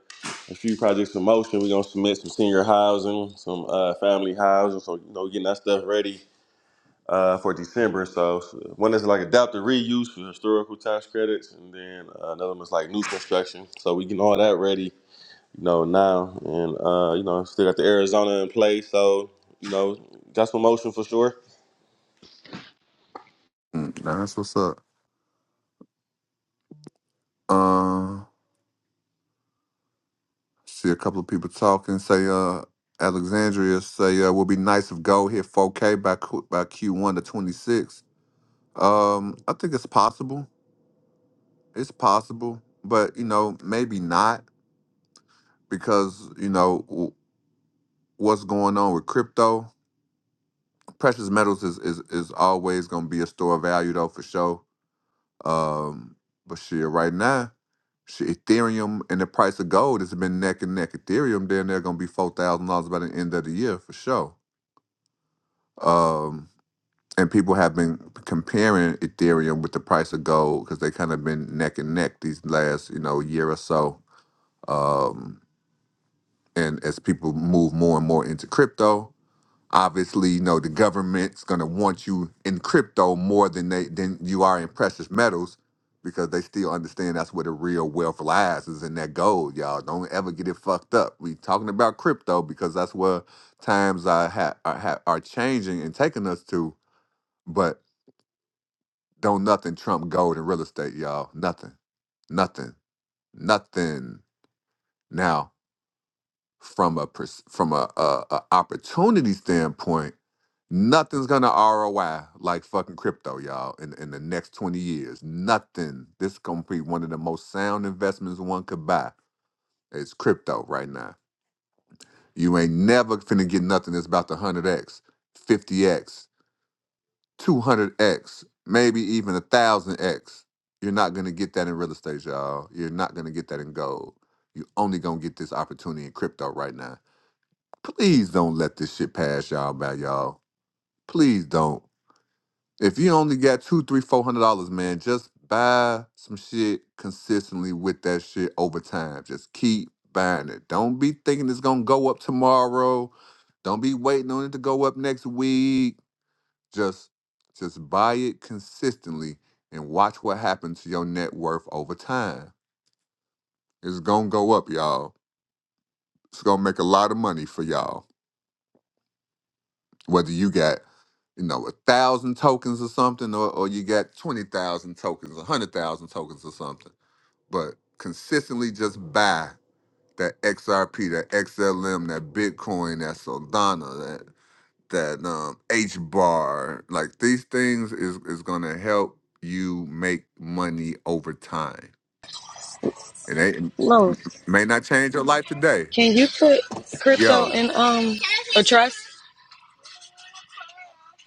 Speaker 13: a few projects in motion. We're gonna submit some senior housing, some uh family housing, so you know, getting that stuff ready uh, for December. So one is like adaptive reuse for historical tax credits, and then uh, another one is like new construction. So we getting all that ready, you know, now, and uh, you know, still got the Arizona in place. So you know, got some motion for sure.
Speaker 2: Mm, nah, that's what's up. Uh, See a couple of people talking. Say, uh, Alexandria. Say, uh, will be nice if gold hit 4K by Q- by Q1 to 26. Um, I think it's possible. It's possible, but you know, maybe not because you know w- what's going on with crypto. Precious metals is is, is always going to be a store of value though for sure. Um, but shit, right now, shit, Ethereum and the price of gold has been neck and neck. Ethereum, then they're going to be four thousand dollars by the end of the year for sure. um, and people have been comparing Ethereum with the price of gold because they kind of been neck and neck these last you know year or so. Um, and as people move more and more into crypto, obviously you know the government's gonna want you in crypto more than they than you are in precious metals because they still understand that's where the real wealth lies is in that gold, y'all. Don't ever get it fucked up. We talking about crypto because that's where times are ha- are, ha- are changing and taking us to. But Don't nothing trump gold and real estate, y'all. Nothing, nothing, nothing. Now, from a pers- from a, a, a opportunity standpoint, nothing's gonna ROI like fucking crypto, y'all. In in the next twenty years, nothing. This gonna be one of the most sound investments one could buy. It's crypto right now. You ain't never finna get nothing that's about the hundred x, fifty x, 200x, maybe even a 1000x. You're not going to get that in real estate, y'all. You're not going to get that in gold. You're only going to get this opportunity in crypto right now. Please don't let this shit pass y'all by, y'all. Please don't. If you only got two, three, four hundred dollars, man, just buy some shit consistently with that shit over time. Just keep buying it. Don't be thinking it's gonna go up tomorrow. Don't be waiting on it to go up next week. Just just buy it consistently and watch what happens to your net worth over time. It's gonna go up, y'all. It's gonna make a lot of money for y'all. Whether you got, you know, a thousand tokens or something, or, or you got twenty thousand tokens, a hundred thousand tokens or something. But consistently just buy that XRP, that XLM, that Bitcoin, that Solana, that. that um H bar, like these things is is gonna help you make money over time. It ain't m- m-
Speaker 14: No,
Speaker 2: may not change your life today.
Speaker 14: can you put crypto
Speaker 2: Yo,
Speaker 14: in um a trust?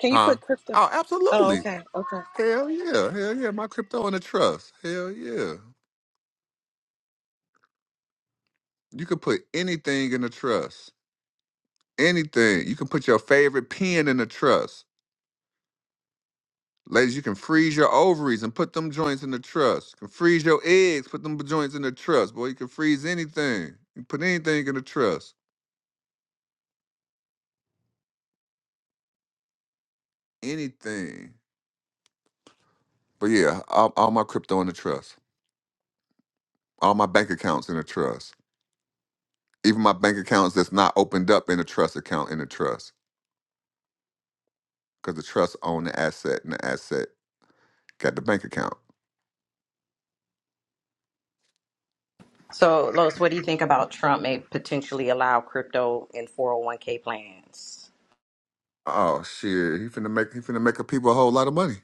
Speaker 14: Can you
Speaker 2: huh?
Speaker 14: put crypto?
Speaker 2: Oh,
Speaker 14: Oh,
Speaker 2: absolutely.
Speaker 14: okay, okay.
Speaker 2: Hell yeah, hell yeah. My crypto in a trust. Hell yeah. You can put anything in a trust. Anything. You can put your favorite pen in a trust Ladies, you can freeze your ovaries and put them joints in the truss. You can freeze your eggs, put them joints in the truss. Boy, you can freeze anything. You can put anything in the truss. Anything. But yeah, all, all my crypto in the trust. All my bank accounts in the trust. Even my bank accounts that's not opened up in a trust account in the trust. Because the trust own the asset and the asset got the bank account.
Speaker 8: So, Lois, what do you think about Trump may potentially allow crypto in 401k plans?
Speaker 2: Oh shit. He finna make he finna make a people a whole lot of money.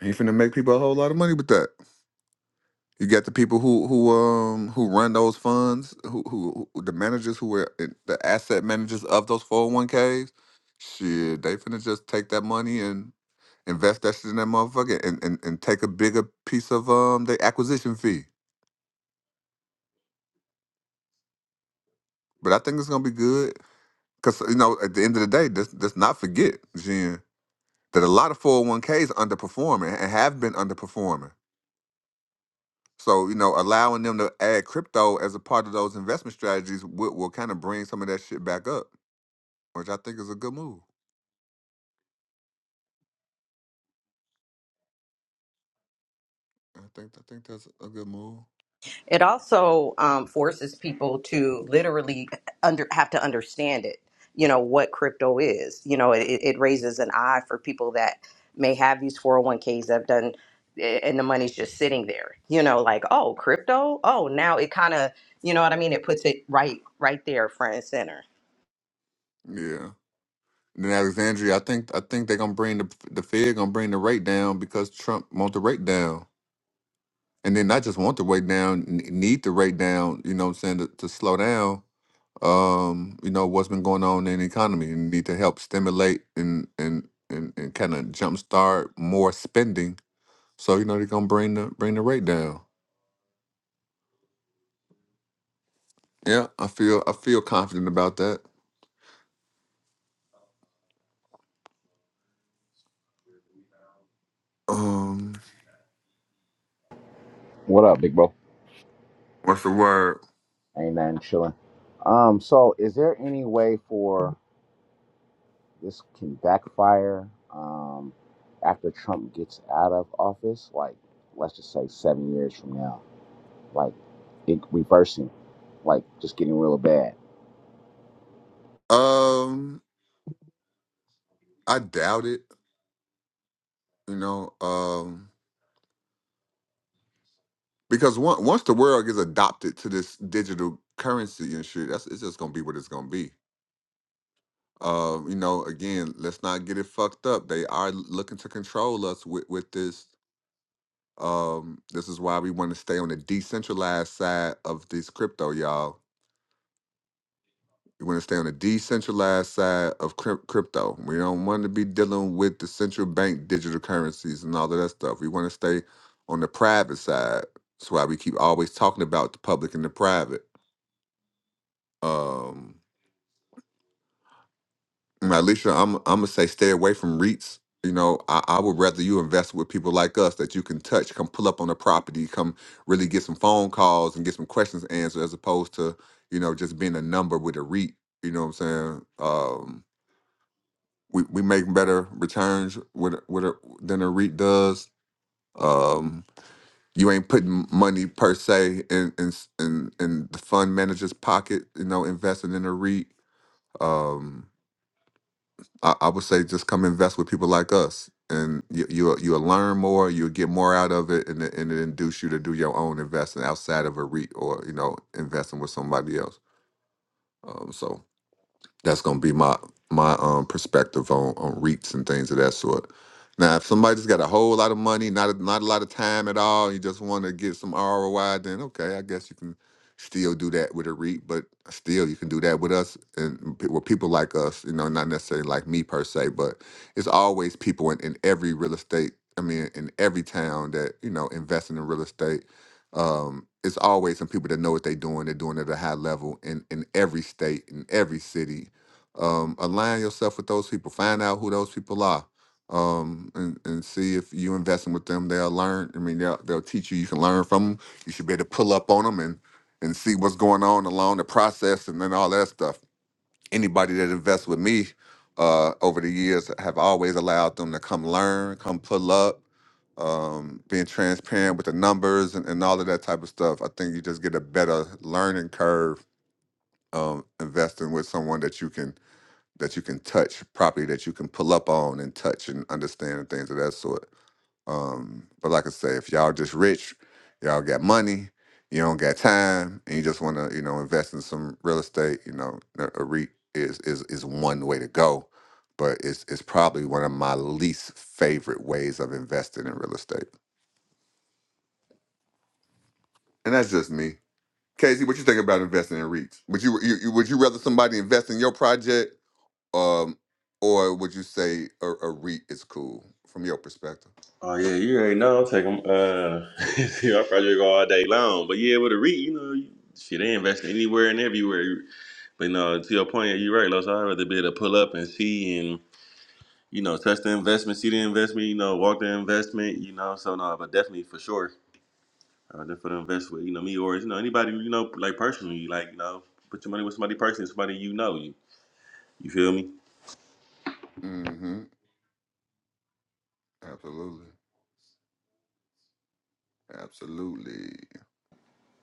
Speaker 2: He finna make people a whole lot of money with that. You got the people who who um who run those funds, who who, who the managers who are in- the asset managers of those 401ks. Shit, they finna just take that money and invest that shit in that motherfucker and, and, and take a bigger piece of um the acquisition fee. But I think it's gonna be good. Cause you know, at the end of the day, let's, let's not forget, Jen, that a lot of 401ks underperforming and have been underperforming. So, you know, allowing them to add crypto as a part of those investment strategies will, will kind of bring some of that shit back up. which I think is a good move. I think I think that's a good move.
Speaker 8: It also um, forces people to literally under have to understand it. You know what crypto is. You know it, it raises an eye for people that may have these 401ks that have done, eh, and the money's just sitting there. You know, like oh, crypto. Oh, now it kind of you know what I mean. It puts it right right there front and center.
Speaker 2: Yeah. Then Alexandria, I think I think they're gonna bring the the Fed gonna bring the rate down because Trump want the rate down, and then not just want the rate down, n- need the rate down. You know, what I'm saying to, to slow down. Um, you know what's been going on in the economy, and need to help stimulate and and and, and kind of jumpstart more spending. So you know they're gonna bring the bring the rate down. Yeah, I feel I feel confident about that. Um,
Speaker 15: What up, big bro?
Speaker 2: what's the word?
Speaker 15: Ain't nothing chilling. Um, so is there any way for this can backfire um after Trump gets out of office? Like, let's just say seven years from now, like it reversing, like just getting real bad.
Speaker 2: Um, I doubt it. You know, um, because one, once the world gets adopted to this digital currency and shit, that's it's just gonna be what it's gonna be. Um, you know, again, let's not get it fucked up. They are looking to control us with with this. Um, this is why we want to stay on the decentralized side of this crypto, y'all We want to stay on the decentralized side of cryp- crypto. We don't want to be dealing with the central bank digital currencies and all of that stuff. We want to stay on the private side. That's why we keep always talking about the public and the private. Um, Alicia, I'm I'm gonna say stay away from REITs. You know, I, I would rather you invest with people like us that you can touch, come pull up on a property, come really get some phone calls and get some questions answered, as opposed to you know just being a number with a REIT. You know what I'm saying? Um, we, we make better returns with with a, than a REIT does. Um, you ain't putting money per se in in s- in, in the fund manager's pocket. You know, investing in a REIT. Um, I, I would say just come invest with people like us, and you you you'll learn more, you'll get more out of it, and it- and it induce you to do your own investing outside of a REIT or you know investing with somebody else. Um, so That's gonna be my my um perspective on on REITs and things of that sort. Now, if somebody's got a whole lot of money, not a, not a lot of time at all, you just want to get some ROI, then okay, I guess you can still do that with a REIT, but still you can do that with us and pe- with people like us, you know, not necessarily like me per se, but it's always people in, in every real estate. I mean, in every town that you know investing in real estate, um, it's always some people that know what they're doing. They're doing it at a high level in in every state, in every city, um, align yourself with those people. Find out who those people are, um, and and see if you investing with them. They'll learn. I mean, they'll they'll teach you. You can learn from them. You should be able to pull up on them and and see what's going on along the process, and then all that stuff. Anybody that invests with me uh, over the years I have always allowed them to come learn, come pull up. Um, being transparent with the numbers and, and all of that type of stuff, I think you just get a better learning curve um, investing with someone that you can that you can touch property that you can pull up on and touch and understand and things of that sort. Um, but like I say, if y'all just rich, y'all got money, you don't got time, and you just want to, you know, invest in some real estate, you know, a a REIT is is is one way to go. But it's it's probably one of my least favorite ways of investing in real estate, and that's just me. Casey, what you think about investing in REITs? Would you, you you- would you rather somebody invest in your project um, or would you say a, a REIT is cool from your perspective?
Speaker 13: Oh yeah, you already know. I'll take Uh, I probably go all day long, but yeah, with a REIT, you know, you- shit, they invest anywhere and everywhere. But no, to your point, you're right, Los. I'd rather be able to pull up and see and you know, touch the investment, see the investment, you know, walk the investment, you know. So no, but definitely for sure, uh, then for the invest with you know me or you know anybody you know like personally, like you know, put your money with somebody personally, somebody you know. You you feel me?
Speaker 2: Mm-hmm. Absolutely. Absolutely.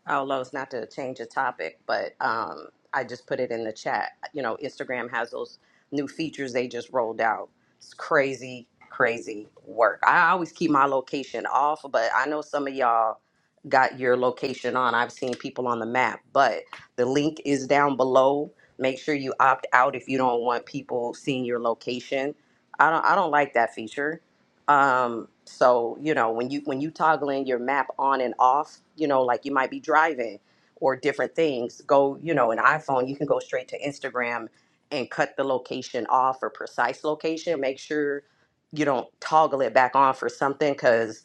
Speaker 8: Oh, Lois, not to change the topic, but um, I just put it in the chat. You know, Instagram has those new features they just rolled out. It's crazy, crazy work. I always keep my location off, but I know some of y'all got your location on. I've seen people on the map, but the link is down below. Make sure you opt out if you don't want people seeing your location. I don't I don't like that feature. Um, so you know, when you when you toggling your map on and off, you know, like you might be driving or different things, go, you know, an iPhone, you can go straight to Instagram and cut the location off or precise location. Make sure you don't toggle it back on for something because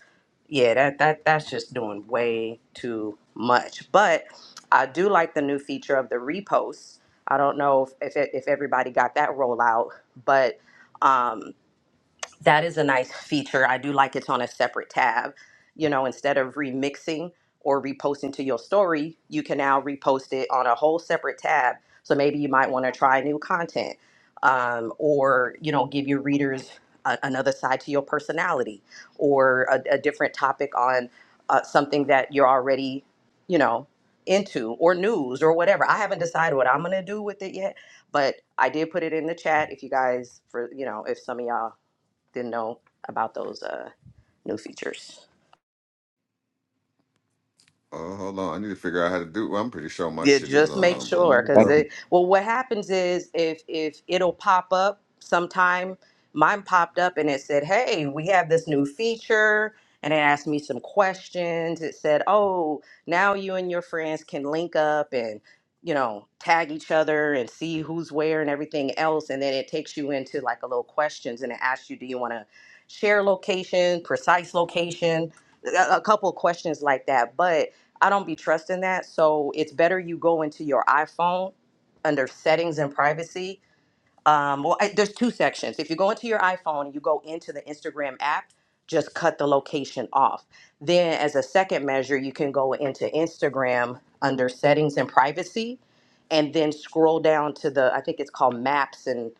Speaker 8: yeah, that that that's just doing way too much. But I do like the new feature of the reposts. I don't know if if, if everybody got that rollout, but um that is a nice feature. I do like it's on a separate tab. You know, instead of remixing or reposting to your story, you can now repost it on a whole separate tab. So maybe you might want to try new content um, or, you know, give your readers a, another side to your personality or a, a different topic on uh, something that you're already, you know, into or news or whatever. I haven't decided what I'm going to do with it yet, but I did put it in the chat if you guys, for, you know, if some of y'all didn't know about those uh, new features.
Speaker 2: Oh, hold on. I need to figure out how to do. Well, I'm pretty sure my
Speaker 8: Yeah,
Speaker 2: shit is
Speaker 8: just make
Speaker 2: on. But let
Speaker 8: sure
Speaker 2: me-
Speaker 8: because
Speaker 15: Thank you.
Speaker 8: they well what happens is if if it'll pop up sometime mine popped up and it said, Hey, we have this new feature and it asked me some questions. It said, Oh, now you and your friends can link up and you know, tag each other and see who's where and everything else. And then it takes you into like a little questions and it asks you, do you want to share location, precise location, a a couple of questions like that. But I don't be trusting that. So it's better you go into your iPhone under settings and privacy um, well, I, there's two sections. If you go into your iPhone and you go into the Instagram app, just cut the location off. Then, as a second measure, you can go into Instagram under settings and privacy, and then scroll down to the I think it's called Maps and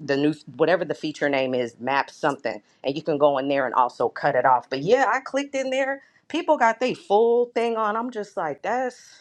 Speaker 8: the new whatever the feature name is, Maps something, and you can go in there and also cut it off. But yeah, I clicked in there. People got their full thing on. I'm just like, that's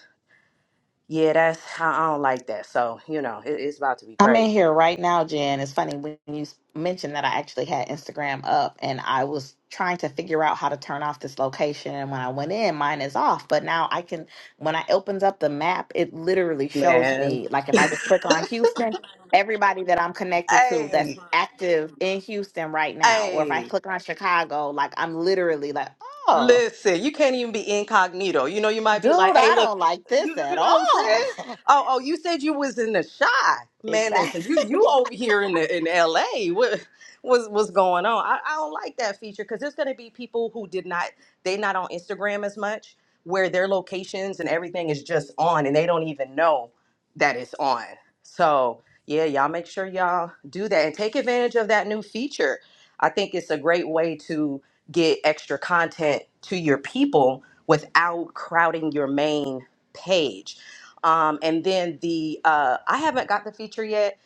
Speaker 8: yeah, that's I I don't like that. So you know, it, it's about to be
Speaker 3: I'm in
Speaker 8: crazy,
Speaker 3: here right now, Jen. It's funny when you s- mentioned that I actually had Instagram up and I was trying to figure out how to turn off this location. And when I went in, mine is off. But now I can, when I opens up the map, it literally shows
Speaker 8: man.
Speaker 3: me, like if I just click on Houston, everybody that I'm connected to that's
Speaker 8: Hey,
Speaker 3: active in Houston right now. Or if I
Speaker 8: hey,
Speaker 3: click on Chicago, like I'm literally like, oh,
Speaker 8: Listen, you can't even be incognito. You know, you might
Speaker 3: dude,
Speaker 8: be like,
Speaker 3: I
Speaker 8: hey, look,
Speaker 3: don't like
Speaker 8: you,
Speaker 3: this at
Speaker 8: you know what I'm saying?
Speaker 3: all.
Speaker 8: Oh, oh, you said you was in the shy. Man, listen, you
Speaker 3: exactly.
Speaker 8: you over here in the in LA. What was what's going on? I, I don't like that feature because there's gonna be people who did not they not on Instagram as much, where their locations and everything is just on and they don't even know that it's on. So yeah, y'all make sure y'all do that and take advantage of that new feature. I think it's a great way to get extra content to your people without crowding your main page. Um, and then the uh, I haven't got the feature yet,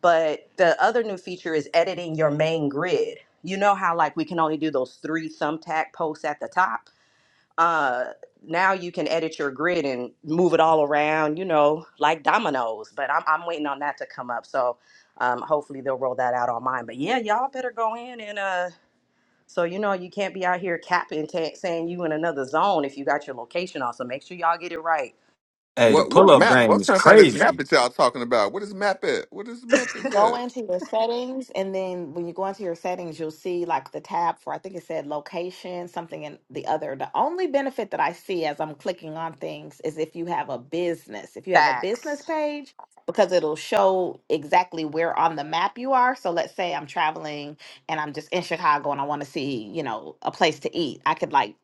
Speaker 8: but the other new feature is editing your main grid. You know how like we can only do those three thumbtack posts at the top. Uh, now you can edit your grid and move it all around, you know, like dominoes. But I'm, I'm waiting on that to come up. So um, hopefully they'll roll that out on mine. But yeah, y'all better go in and uh, so you know you can't be out here capping, ta saying you in another zone if you got your location on. So make sure y'all get it right.
Speaker 16: Hey, the
Speaker 2: what
Speaker 16: pull
Speaker 2: what
Speaker 16: up
Speaker 2: map?
Speaker 16: game
Speaker 2: I'm
Speaker 16: is
Speaker 2: trying to find this map
Speaker 16: crazy.
Speaker 2: that y'all talking about. What is map at? What is map is
Speaker 3: go
Speaker 2: at?
Speaker 3: into your settings and then when you go into your settings you'll see like the tab for i think it said location something and the other the only benefit that i see as i'm clicking on things is if you have a business if you have a business
Speaker 8: Facts.
Speaker 3: page because it'll show exactly where on the map you are so let's say i'm traveling and i'm just in chicago and i want to see you know a place to eat i could like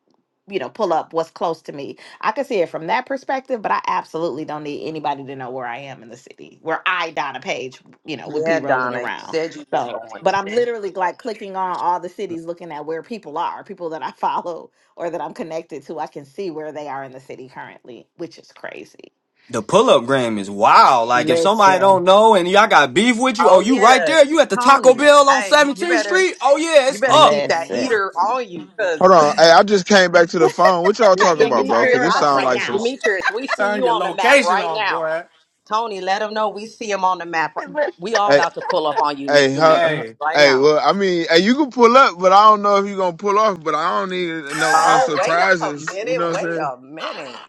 Speaker 3: you know pull up what's close to me I can see it from that perspective, but I absolutely don't need anybody to know where I am in the city, where I, Donna Page, you know, would be
Speaker 8: Yeah,
Speaker 3: rolling
Speaker 8: Donna, you
Speaker 3: around.
Speaker 8: said you was
Speaker 3: So,
Speaker 8: going
Speaker 3: but I'm
Speaker 8: there.
Speaker 3: literally like clicking on all the cities, looking at where people are, people that I follow or that I'm connected to. I can see where they are in the city currently, which is crazy.
Speaker 16: The pull up game is wild. Like if somebody don't know and y'all got beef with you, oh
Speaker 8: Oh
Speaker 16: you right
Speaker 8: yeah,
Speaker 16: there, you at the Taco
Speaker 8: Tony.
Speaker 16: Bell on
Speaker 8: Hey, you
Speaker 16: 17th
Speaker 8: better
Speaker 16: Street. Oh yeah,
Speaker 8: you
Speaker 16: it's
Speaker 8: better
Speaker 16: up.
Speaker 8: keep that
Speaker 3: Listen,
Speaker 8: heater on you, cause
Speaker 4: Hold on. Hey, I just came back to the phone. What y'all talking
Speaker 3: yeah, you
Speaker 4: about, bro?
Speaker 3: turn
Speaker 8: Demetrius,
Speaker 4: Cause it
Speaker 3: yours
Speaker 8: I
Speaker 3: off
Speaker 4: sound
Speaker 8: see
Speaker 3: right
Speaker 4: like some.
Speaker 3: now,
Speaker 4: s-
Speaker 8: Demetrius. We see
Speaker 16: Turn
Speaker 8: you
Speaker 16: your
Speaker 8: on the map
Speaker 16: location
Speaker 8: right
Speaker 16: off,
Speaker 8: now.
Speaker 16: boy.
Speaker 8: Tony, let him know we see him on the map. right-
Speaker 3: but
Speaker 8: We all
Speaker 4: Hey,
Speaker 8: about to pull up on you,
Speaker 4: hey,
Speaker 8: Demetrius,
Speaker 4: huh,
Speaker 16: Hey,
Speaker 8: right
Speaker 4: hey.
Speaker 8: now.
Speaker 4: Well, I mean, hey, you can pull up, but I don't know if you gonna pull off. But I don't need no uh,
Speaker 8: Oh, wait a
Speaker 4: surprises. You know
Speaker 8: minute.
Speaker 4: what I'm saying?
Speaker 8: Wait a minute.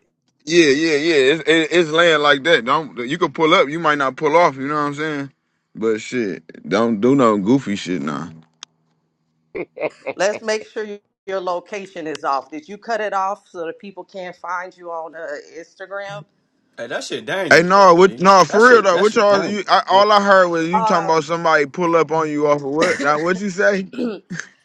Speaker 4: Yeah, yeah, yeah. It's, it, it's land like that. Don't you can pull up. You might not pull off. You know what I'm saying? But shit, don't do no goofy shit now.
Speaker 8: Let's make sure you- your location is off. Did you cut it off so that people can't find you on uh, Instagram?
Speaker 16: hey, that shit
Speaker 4: Hey,
Speaker 16: dangerous
Speaker 4: no,
Speaker 16: though,
Speaker 4: what?
Speaker 16: G.
Speaker 4: No,
Speaker 16: That
Speaker 4: for real
Speaker 16: shit,
Speaker 4: though.
Speaker 16: that
Speaker 4: What
Speaker 16: shit
Speaker 4: y'all?
Speaker 16: dangerous.
Speaker 4: You, I,
Speaker 15: Yeah,
Speaker 4: all I heard was you talking about
Speaker 8: Um,
Speaker 4: somebody pull up on you off of what? Now what you say?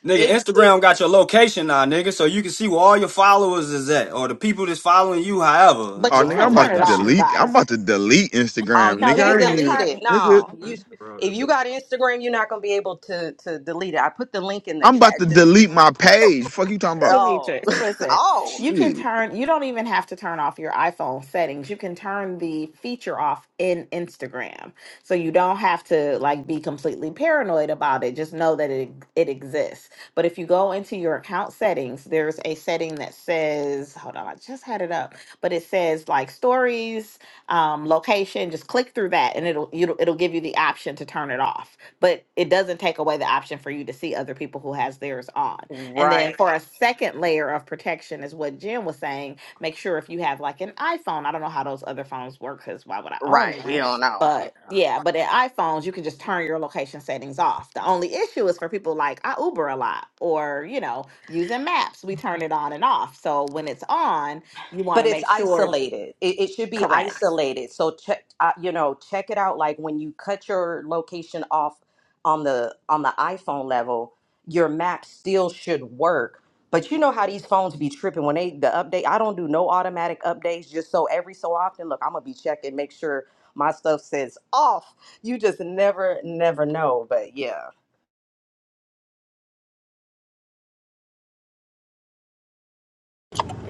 Speaker 16: Nigga,
Speaker 8: it's
Speaker 16: Instagram
Speaker 8: it's
Speaker 16: got your location now, nigga, so you can see where all your followers is at or the people that's following you. However, I don't,
Speaker 4: Oh,
Speaker 3: you
Speaker 16: I
Speaker 4: nigga,
Speaker 3: can
Speaker 4: I'm
Speaker 16: don't
Speaker 4: about
Speaker 3: turn
Speaker 16: like
Speaker 4: to
Speaker 3: it
Speaker 16: that shit.
Speaker 3: off,
Speaker 4: delete. I'm
Speaker 3: guys.
Speaker 4: about to delete
Speaker 8: oh,
Speaker 4: Instagram,
Speaker 8: you
Speaker 3: No,
Speaker 4: nigga.
Speaker 8: can't
Speaker 3: you
Speaker 4: I ain't
Speaker 3: can
Speaker 4: even.
Speaker 8: delete
Speaker 3: turn.
Speaker 8: it. No, you if
Speaker 4: Nigga,
Speaker 8: you got Instagram, you're not gonna be able to to delete it. I put the link in the
Speaker 4: I'm about
Speaker 8: chat.
Speaker 4: to
Speaker 8: Just
Speaker 4: delete my page. Fuck you talking about?
Speaker 8: oh
Speaker 3: Demetrius, listen,
Speaker 8: oh
Speaker 3: you can
Speaker 4: Shit.
Speaker 3: turn, you don't even have to turn off your iPhone settings. You can turn the feature off in Instagram. So you don't have to like be completely paranoid about it. Just know that it, it exists. But if you go into your account settings, there's a setting that says, hold on, I just had it up, but it says like stories, um, location, just click through that and it'll, it'll, it'll give you the option to turn it off. But it doesn't take away the option for you to see other people who has theirs on. And then
Speaker 8: right
Speaker 3: for a second layer of protection is what Jim was saying. Make sure if you have like an iPhone, I don't know how those other phones work because why would I own
Speaker 8: right. We
Speaker 3: one?
Speaker 8: don't know.
Speaker 3: But yeah, but in iPhones, you can just turn your location settings off. The only issue is for people like I Uber a lot or, you know, using maps, we turn it on and off. So when it's on, you want
Speaker 8: but
Speaker 3: to
Speaker 8: it's
Speaker 3: make sure
Speaker 8: isolated it, it should be
Speaker 3: correct.
Speaker 8: isolated so check uh, you know check it out like when you cut your location off on the on the iphone level your map still should work but you know how these phones be tripping when they the update i don't do no automatic updates just so every so often look i'm gonna be checking make sure my stuff says off you just never never know but yeah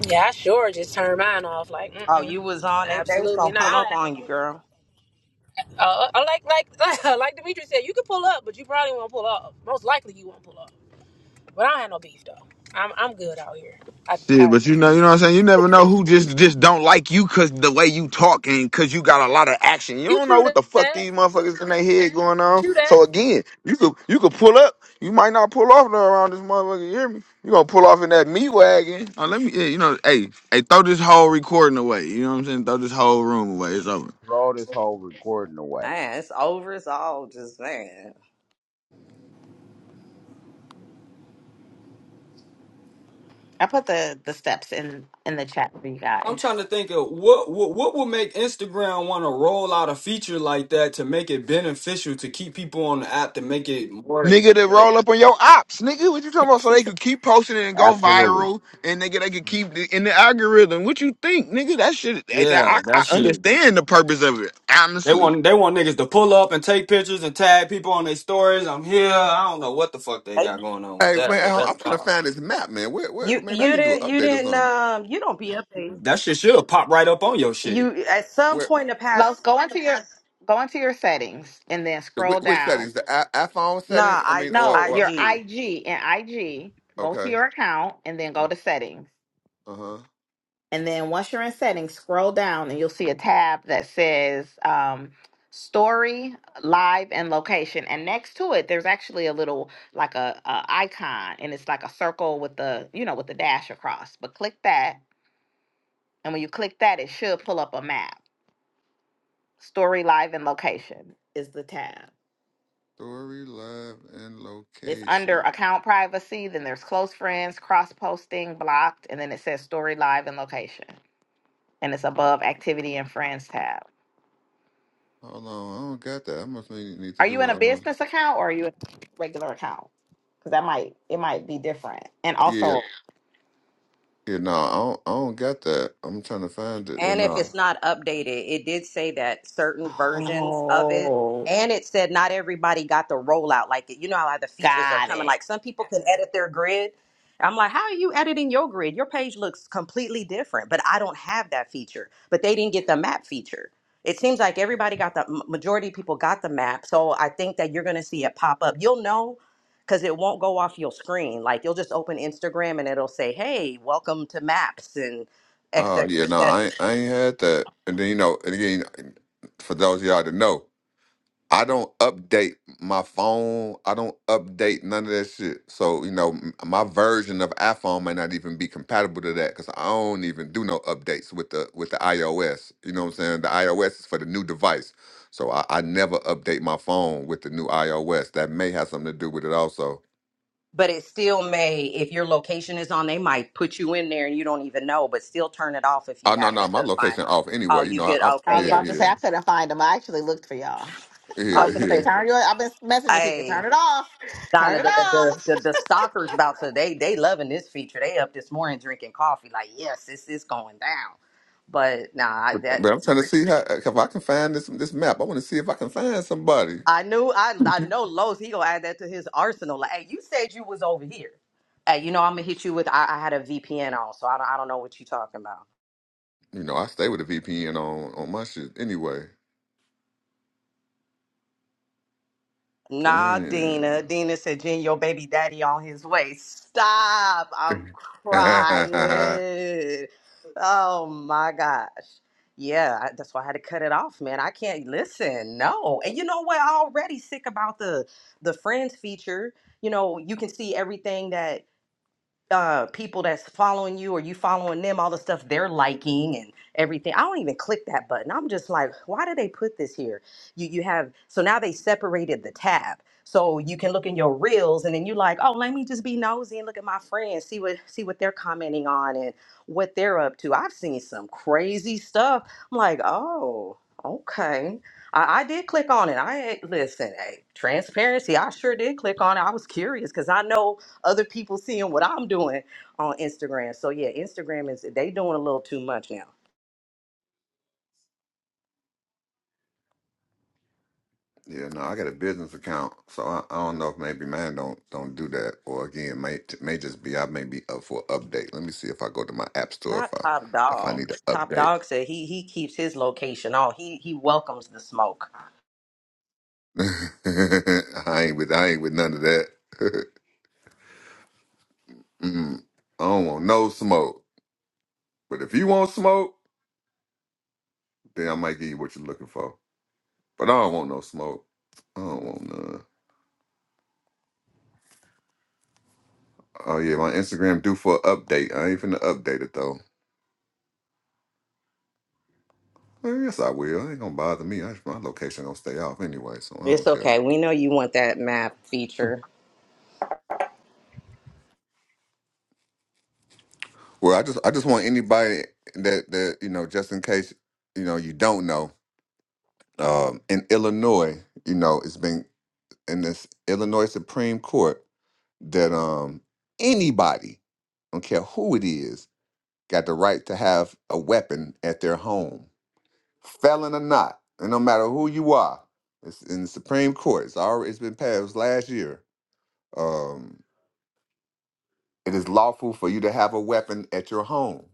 Speaker 17: Yeah, I sure just turned mine off. Like,
Speaker 8: oh
Speaker 17: mm-mm,
Speaker 8: you was on they, they was
Speaker 17: absolutely
Speaker 8: gonna
Speaker 17: not.
Speaker 8: pull up on you girl
Speaker 17: Uh, I like, like, like Demetrius said, you can pull up, but you probably won't pull up. Most likely, you won't pull up. But I don't have no beef though. I'm, I'm good out here. I,
Speaker 4: Shit,
Speaker 17: I,
Speaker 4: but you know, you know what I'm saying. You never know who just just don't like you because the way you talk and because you got a lot of action. You
Speaker 17: you
Speaker 4: don't know
Speaker 17: true
Speaker 4: what the fuck
Speaker 17: that?
Speaker 4: these motherfuckers in their head going on.
Speaker 17: True that?
Speaker 4: So again, you could you could pull up. You might not pull off no around this motherfucker. You hear me? You gonna pull off in that meat wagon? Oh, let me. Yeah, you know, hey, hey, throw this whole recording away. You know what I'm saying? Throw this whole room away. It's over.
Speaker 15: Throw this whole recording away.
Speaker 8: Man, it's over it's all just man
Speaker 3: I put the the steps in in the chat for you
Speaker 16: I'm
Speaker 3: guys.
Speaker 16: trying to think of what what what would make Instagram want to roll out a feature like that to make it beneficial to keep people on the app to make it more
Speaker 4: Nigga to
Speaker 16: like
Speaker 4: roll up on your ops, nigga. What you talking about? So they could keep posting it and go
Speaker 15: Absolutely.
Speaker 4: viral, and nigga they could keep the, in the algorithm. What you think, nigga? That shit. That,
Speaker 16: yeah
Speaker 4: that- I,
Speaker 16: that
Speaker 4: I
Speaker 16: shit.
Speaker 4: understand the purpose of it,
Speaker 16: They
Speaker 4: honestly.
Speaker 16: want they want niggas to pull up and take pictures and tag people on their stories. I'm here. I don't know what the fuck they got going on with
Speaker 2: Hey
Speaker 16: that, but
Speaker 2: man, I'm I'm
Speaker 16: that's
Speaker 2: trying to
Speaker 16: wild.
Speaker 2: find this map, man. Where, where
Speaker 8: You
Speaker 2: maybe I
Speaker 8: you
Speaker 2: need to do
Speaker 8: didn't
Speaker 2: an
Speaker 8: you
Speaker 2: update or
Speaker 8: didn't
Speaker 2: something.
Speaker 8: um you don't be updated.
Speaker 16: That shit should pop right up on your shit.
Speaker 8: You at some
Speaker 2: Where
Speaker 8: point in the
Speaker 3: Los,
Speaker 8: past
Speaker 3: go into your go into your settings and then
Speaker 2: the which,
Speaker 3: scroll
Speaker 2: which
Speaker 3: down.
Speaker 2: settings? The i- iPhone setting?
Speaker 8: nah
Speaker 2: I
Speaker 8: I
Speaker 2: mean, or
Speaker 3: No,
Speaker 8: I
Speaker 2: or
Speaker 3: your
Speaker 8: G.
Speaker 3: IG and IG. Go to
Speaker 2: okay.
Speaker 3: your account and then go
Speaker 2: Uh
Speaker 3: to settings.
Speaker 2: huh.
Speaker 3: And then once you're in settings, scroll down and you'll see a tab that says um, story, live, and location. And next to it, there's actually a little like a, a icon, and it's like a circle with the you know with the dash across. But click that, and when you click that, it should pull up a map. Story, live, and location is the tab.
Speaker 2: Story, live, and
Speaker 3: It's under
Speaker 2: location.
Speaker 3: account privacy, then there's close friends, cross posting, blocked, and then it says story live and location. And it's above activity and friends tab.
Speaker 2: Hold on, I don't got that. I must need, need to
Speaker 3: Are you
Speaker 2: do
Speaker 3: in a
Speaker 2: a. Um,
Speaker 3: business account or are you in a regular account? Because that might it might be different. And
Speaker 2: yeah,
Speaker 3: also
Speaker 2: yeah, no, I don't, I don't got that. I'm trying to find it, but
Speaker 8: And if
Speaker 2: no.
Speaker 8: it's not updated, it did say that certain versions of it,
Speaker 3: Oh
Speaker 8: and it said not everybody got the rollout. Like, you know how the features are
Speaker 3: got
Speaker 8: coming.
Speaker 3: it.
Speaker 8: Like, some people can edit their grid. I'm like, how are you editing your grid? Your page looks completely different, but I don't have that feature. But they didn't get the map feature. It seems like everybody got the m- majority of people got the map. So I think that you're going to see it pop up. You'll know because it won't go off your screen. Like, you'll just open Instagram and it'll say, hey, welcome to maps and et
Speaker 2: Oh, yeah,
Speaker 8: cetera, et
Speaker 2: no, I
Speaker 8: cetera.
Speaker 2: ain't- I ain't had that. And then you know, and again, for those of y'all to know. I don't update my phone. I don't update none of that shit. So you know, m- my version of iPhone may not even be compatible to that because I don't even do no updates with the with the iOS. You know what I'm saying? The iOS is for the new device, so I, I never update my phone with the new iOS. That may have something to do with it also.
Speaker 8: but it still may if your location is on they might put you in there and you don't even know but still turn it off if
Speaker 2: Oh
Speaker 8: you
Speaker 2: no, no,
Speaker 8: happen
Speaker 2: my
Speaker 8: to find
Speaker 2: location
Speaker 8: it
Speaker 2: off
Speaker 8: oh
Speaker 2: anyway. You
Speaker 8: you
Speaker 2: know, I,
Speaker 8: get
Speaker 2: I
Speaker 3: I
Speaker 8: okay
Speaker 3: was
Speaker 2: yeah,
Speaker 8: yeah
Speaker 3: about to
Speaker 2: yeah,
Speaker 3: say I couldn't find them. I actually looked for y'all. So I
Speaker 8: oh
Speaker 2: yeah,
Speaker 3: was
Speaker 8: you
Speaker 3: gonna say
Speaker 2: yeah.
Speaker 8: could
Speaker 3: turn your I've been messaging people, turn
Speaker 8: hey
Speaker 3: it off. Turn
Speaker 8: donna
Speaker 3: it
Speaker 8: the the, the,
Speaker 3: off.
Speaker 8: the, the stalkers about to they they loving this feature they up this morning drinking coffee like yes this is going down but nah I,
Speaker 2: But,
Speaker 8: that
Speaker 2: but I'm trying to see how if I can find this this map. I want to see if I can find somebody.
Speaker 8: i knew i i know Lowe's, he gonna add that to his arsenal like hey you said you was over here hey you know i'm gonna hit you with i, I had a vpn on so I don't, I don't know what you talking about
Speaker 2: You know, I stay with a VPN on on my shit anyway.
Speaker 8: Nah, Dina.
Speaker 2: Damn.
Speaker 8: Dina said, Jen, your baby daddy on his way. Stop. I'm
Speaker 2: yeah,
Speaker 8: crying. Oh my gosh. Yeah, I- that's why I had to cut it off, man. I can't listen. No. And you know what? I already sick about the the friends feature. You know, you can see everything that uh people that's following you or you following them all the stuff they're liking and everything i don't even click that button i'm just like why did they put this here you you have so now they separated the tab so you can look in your reels and then you like oh let me just be nosy and look at my friends see what see what they're commenting on and what they're up to i've seen some crazy stuff i'm like oh okay I, I did click on it. I ain't- listen, hey, transparency. I sure did click on it. I was curious because I know other people seeing what I'm doing on Instagram. So yeah, Instagram is they doing a little too much now.
Speaker 2: no, I got a business account, so I, I don't know if maybe mine don't don't do that, or again, may may just be I may be up for an update. Let me see if I go to my app store
Speaker 8: Not
Speaker 2: if
Speaker 8: Top
Speaker 2: I if I
Speaker 8: Dog.
Speaker 2: need to
Speaker 8: Top
Speaker 2: update.
Speaker 8: Dog said he he keeps his location on. He he welcomes the smoke.
Speaker 2: I ain't with I ain't with none of that. Mm, I don't want no smoke. But if you want smoke, then I might give you what you're looking for. But I don't want no smoke. I don't want none. Oh yeah, my Instagram due for an update. I ain't finna update it though. Well, yes, I will. It ain't gonna bother me. I, my location gonna stay off anyway, so I
Speaker 8: It's
Speaker 2: don't care.
Speaker 8: okay. We know you want that map feature.
Speaker 2: Well, I just I just want anybody that that you know, just in case you know you don't know, um, in Illinois, you know, it's been in this Illinois Supreme Court that um anybody, don't care who it is, got the right to have a weapon at their home. felon or not, and no matter who you are, it's in the Supreme Court. It's already it's been passed last year. Um, it is lawful for you to have a weapon at your home.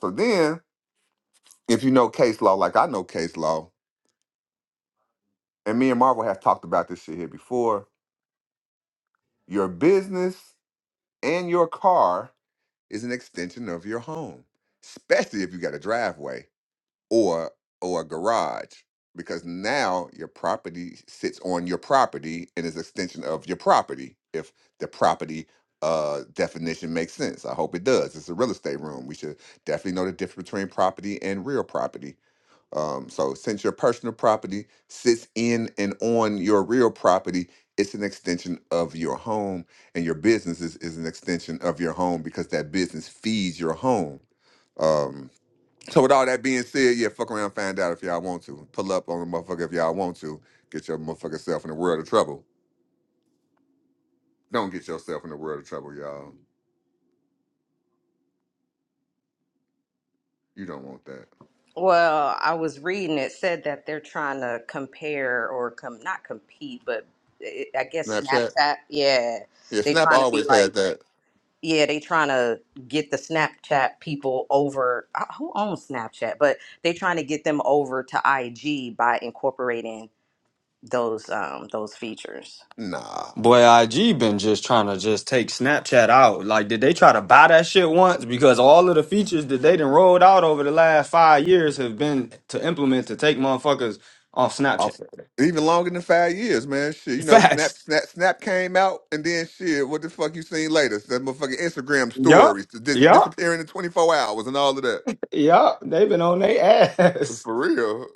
Speaker 2: So then, if you know case law, like I know case law, and me and Marvel have talked about this shit here before, your business and your car is an extension of your home, especially if you got a driveway. or or a garage because now your property sits on your property and is an extension of your property if the property uh definition makes sense i hope it does it's a real estate room we should definitely know the difference between property and real property um so since your personal property sits in and on your real property it's an extension of your home and your business is, is an extension of your home because that business feeds your home Um. So with all that being said, yeah, fuck around, find out if y'all want to. Pull up on the motherfucker if y'all want to. Get your motherfucking self in the world of trouble. Don't get yourself in the world of trouble, y'all. You don't want that.
Speaker 8: Well, I was reading it said that they're trying to compare or com not compete, but it, I guess
Speaker 2: Snapchat?
Speaker 8: Snapchat. Yeah,
Speaker 2: Yeah,
Speaker 8: they
Speaker 2: Snap
Speaker 8: trying to be
Speaker 2: always
Speaker 8: like.
Speaker 2: had that.
Speaker 8: yeah, they trying to get the Snapchat people over. uh, Who owns Snapchat? But they trying to get them over to IG by incorporating those um those features.
Speaker 2: Nah.
Speaker 16: Boy, IG been just trying to just take Snapchat out. Like, did they try to buy that shit once? Because all of the features that they done rolled out over the last five years have been to implement to take motherfuckers off Snapchat.
Speaker 2: Often. Even longer than five years, man. Shit, you know, Snap,
Speaker 16: Facts.
Speaker 2: Snap, Snap came out, and then shit. What the fuck you seen later? That motherfucking Instagram
Speaker 16: Yup.
Speaker 2: stories dis-
Speaker 16: Yup.
Speaker 2: disappearing in twenty four hours and all of that.
Speaker 16: Yup. They've been on their ass.
Speaker 2: For real?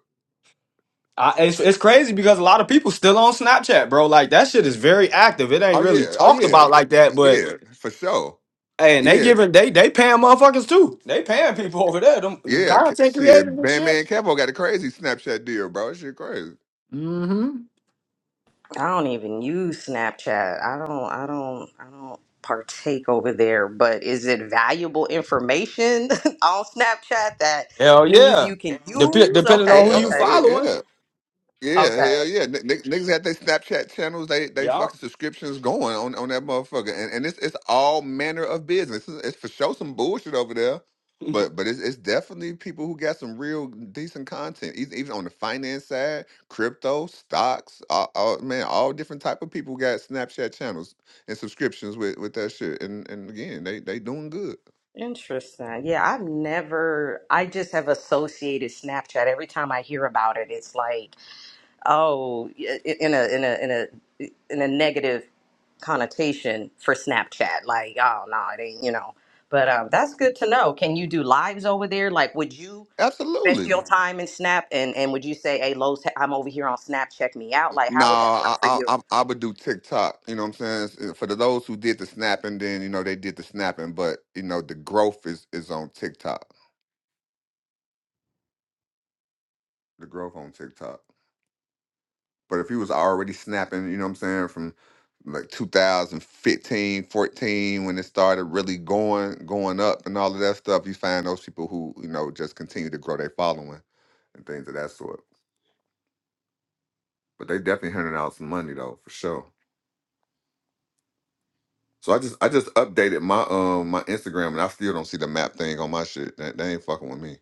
Speaker 16: I, it's, it's crazy because a lot of people still on Snapchat, bro. Like that shit is very active. It
Speaker 2: Oh
Speaker 16: ain't really
Speaker 2: yeah. Oh
Speaker 16: talked
Speaker 2: yeah.
Speaker 16: about like that,
Speaker 2: Yeah,
Speaker 16: but
Speaker 2: for sure.
Speaker 16: hey, and they
Speaker 2: Yeah.
Speaker 16: giving they they paying motherfuckers too. They paying people over there. Them, them
Speaker 2: Yeah, K-
Speaker 16: content creators
Speaker 2: shit,
Speaker 16: and
Speaker 2: man,
Speaker 16: shit.
Speaker 2: man, Capo got a crazy Snapchat deal, bro. That Shit, crazy.
Speaker 16: Mm-hmm.
Speaker 8: I don't even use Snapchat. I don't. I don't. I don't partake over there. But is it valuable information on Snapchat that
Speaker 16: Hell
Speaker 8: news
Speaker 16: yeah.
Speaker 8: you can
Speaker 16: Dep-
Speaker 8: use?
Speaker 16: depending on
Speaker 8: Okay.
Speaker 16: who you
Speaker 2: Yeah,
Speaker 8: Okay.
Speaker 2: yeah,
Speaker 16: following.
Speaker 2: yeah, yeah,
Speaker 8: Okay.
Speaker 2: hell yeah. N- n- niggas had their Snapchat channels, they they
Speaker 16: Yeah.
Speaker 2: fucking subscriptions going on on that motherfucker, and and it's it's all manner of business. It's, it's for sure some bullshit over there, but but it's it's definitely people who got some real decent content, even even on the finance side, crypto, stocks, all, all, man, all different type of people got Snapchat channels and subscriptions with with that shit, and and again, they they doing good.
Speaker 8: Interesting. Yeah, I've never. I just have associated Snapchat. Every time I hear about it, it's like oh in a in a in a in a negative connotation for Snapchat. Like, oh no, it ain't you know. But um, that's good to know. Can you do lives over there? Like, would you invest
Speaker 2: Absolutely.
Speaker 8: your time in Snap? And and would you say, hey, Lowe's, I'm over here on Snap. Check me out. Like,
Speaker 2: No,
Speaker 8: how would that work
Speaker 2: I,
Speaker 8: for
Speaker 2: I
Speaker 8: you?
Speaker 2: I I would do TikTok. You know what I'm saying? For the, those who did the snapping, then you know they did the snapping, but you know the growth is is on TikTok. The growth on TikTok. But if you was already snapping, you know what I'm saying, from like 2015, 14, when it started really going going up and all of that stuff, you find those people who you know just continue to grow their following and things of that sort. But they definitely handing out some money though, for sure. So I just I just updated my um my Instagram and I still don't see the map thing on my shit. That they ain't fucking with me.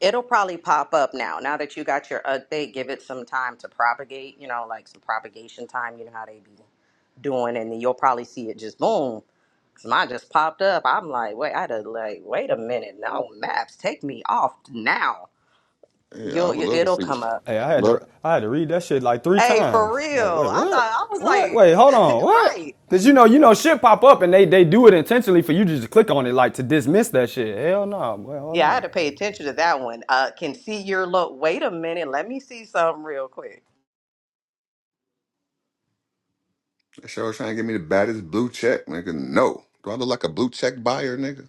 Speaker 8: It'll probably pop up now. Now that you got your update, give it some time to propagate. You know, like some propagation time. You know how they be doing, and then you'll probably see it just boom So Mine just popped up. I'm like, wait, I had to like, wait a minute. No maps, take me off now.
Speaker 2: Yeah, I
Speaker 8: You'll,
Speaker 2: would
Speaker 8: you,
Speaker 2: love to
Speaker 8: it'll
Speaker 2: see.
Speaker 8: come up.
Speaker 16: Hey, I had
Speaker 2: Look,
Speaker 16: to I had to read that shit like three
Speaker 8: Hey, for
Speaker 16: times. Like, wait,
Speaker 8: real. I thought
Speaker 16: what?
Speaker 8: I was
Speaker 16: What? Wait, hold on,
Speaker 8: like,
Speaker 16: what?
Speaker 8: right.
Speaker 16: Cause you know, you know, shit pop up and they they do it intentionally for you just to just click on it like to dismiss that shit. Hell no, boy, hold
Speaker 8: Yeah, I
Speaker 16: on.
Speaker 8: had to pay attention to that one. Uh, can see your look. Wait a minute. Let me see something real quick.
Speaker 2: that show trying to give me the baddest blue check, nigga. No, do I look like a blue check buyer, nigga?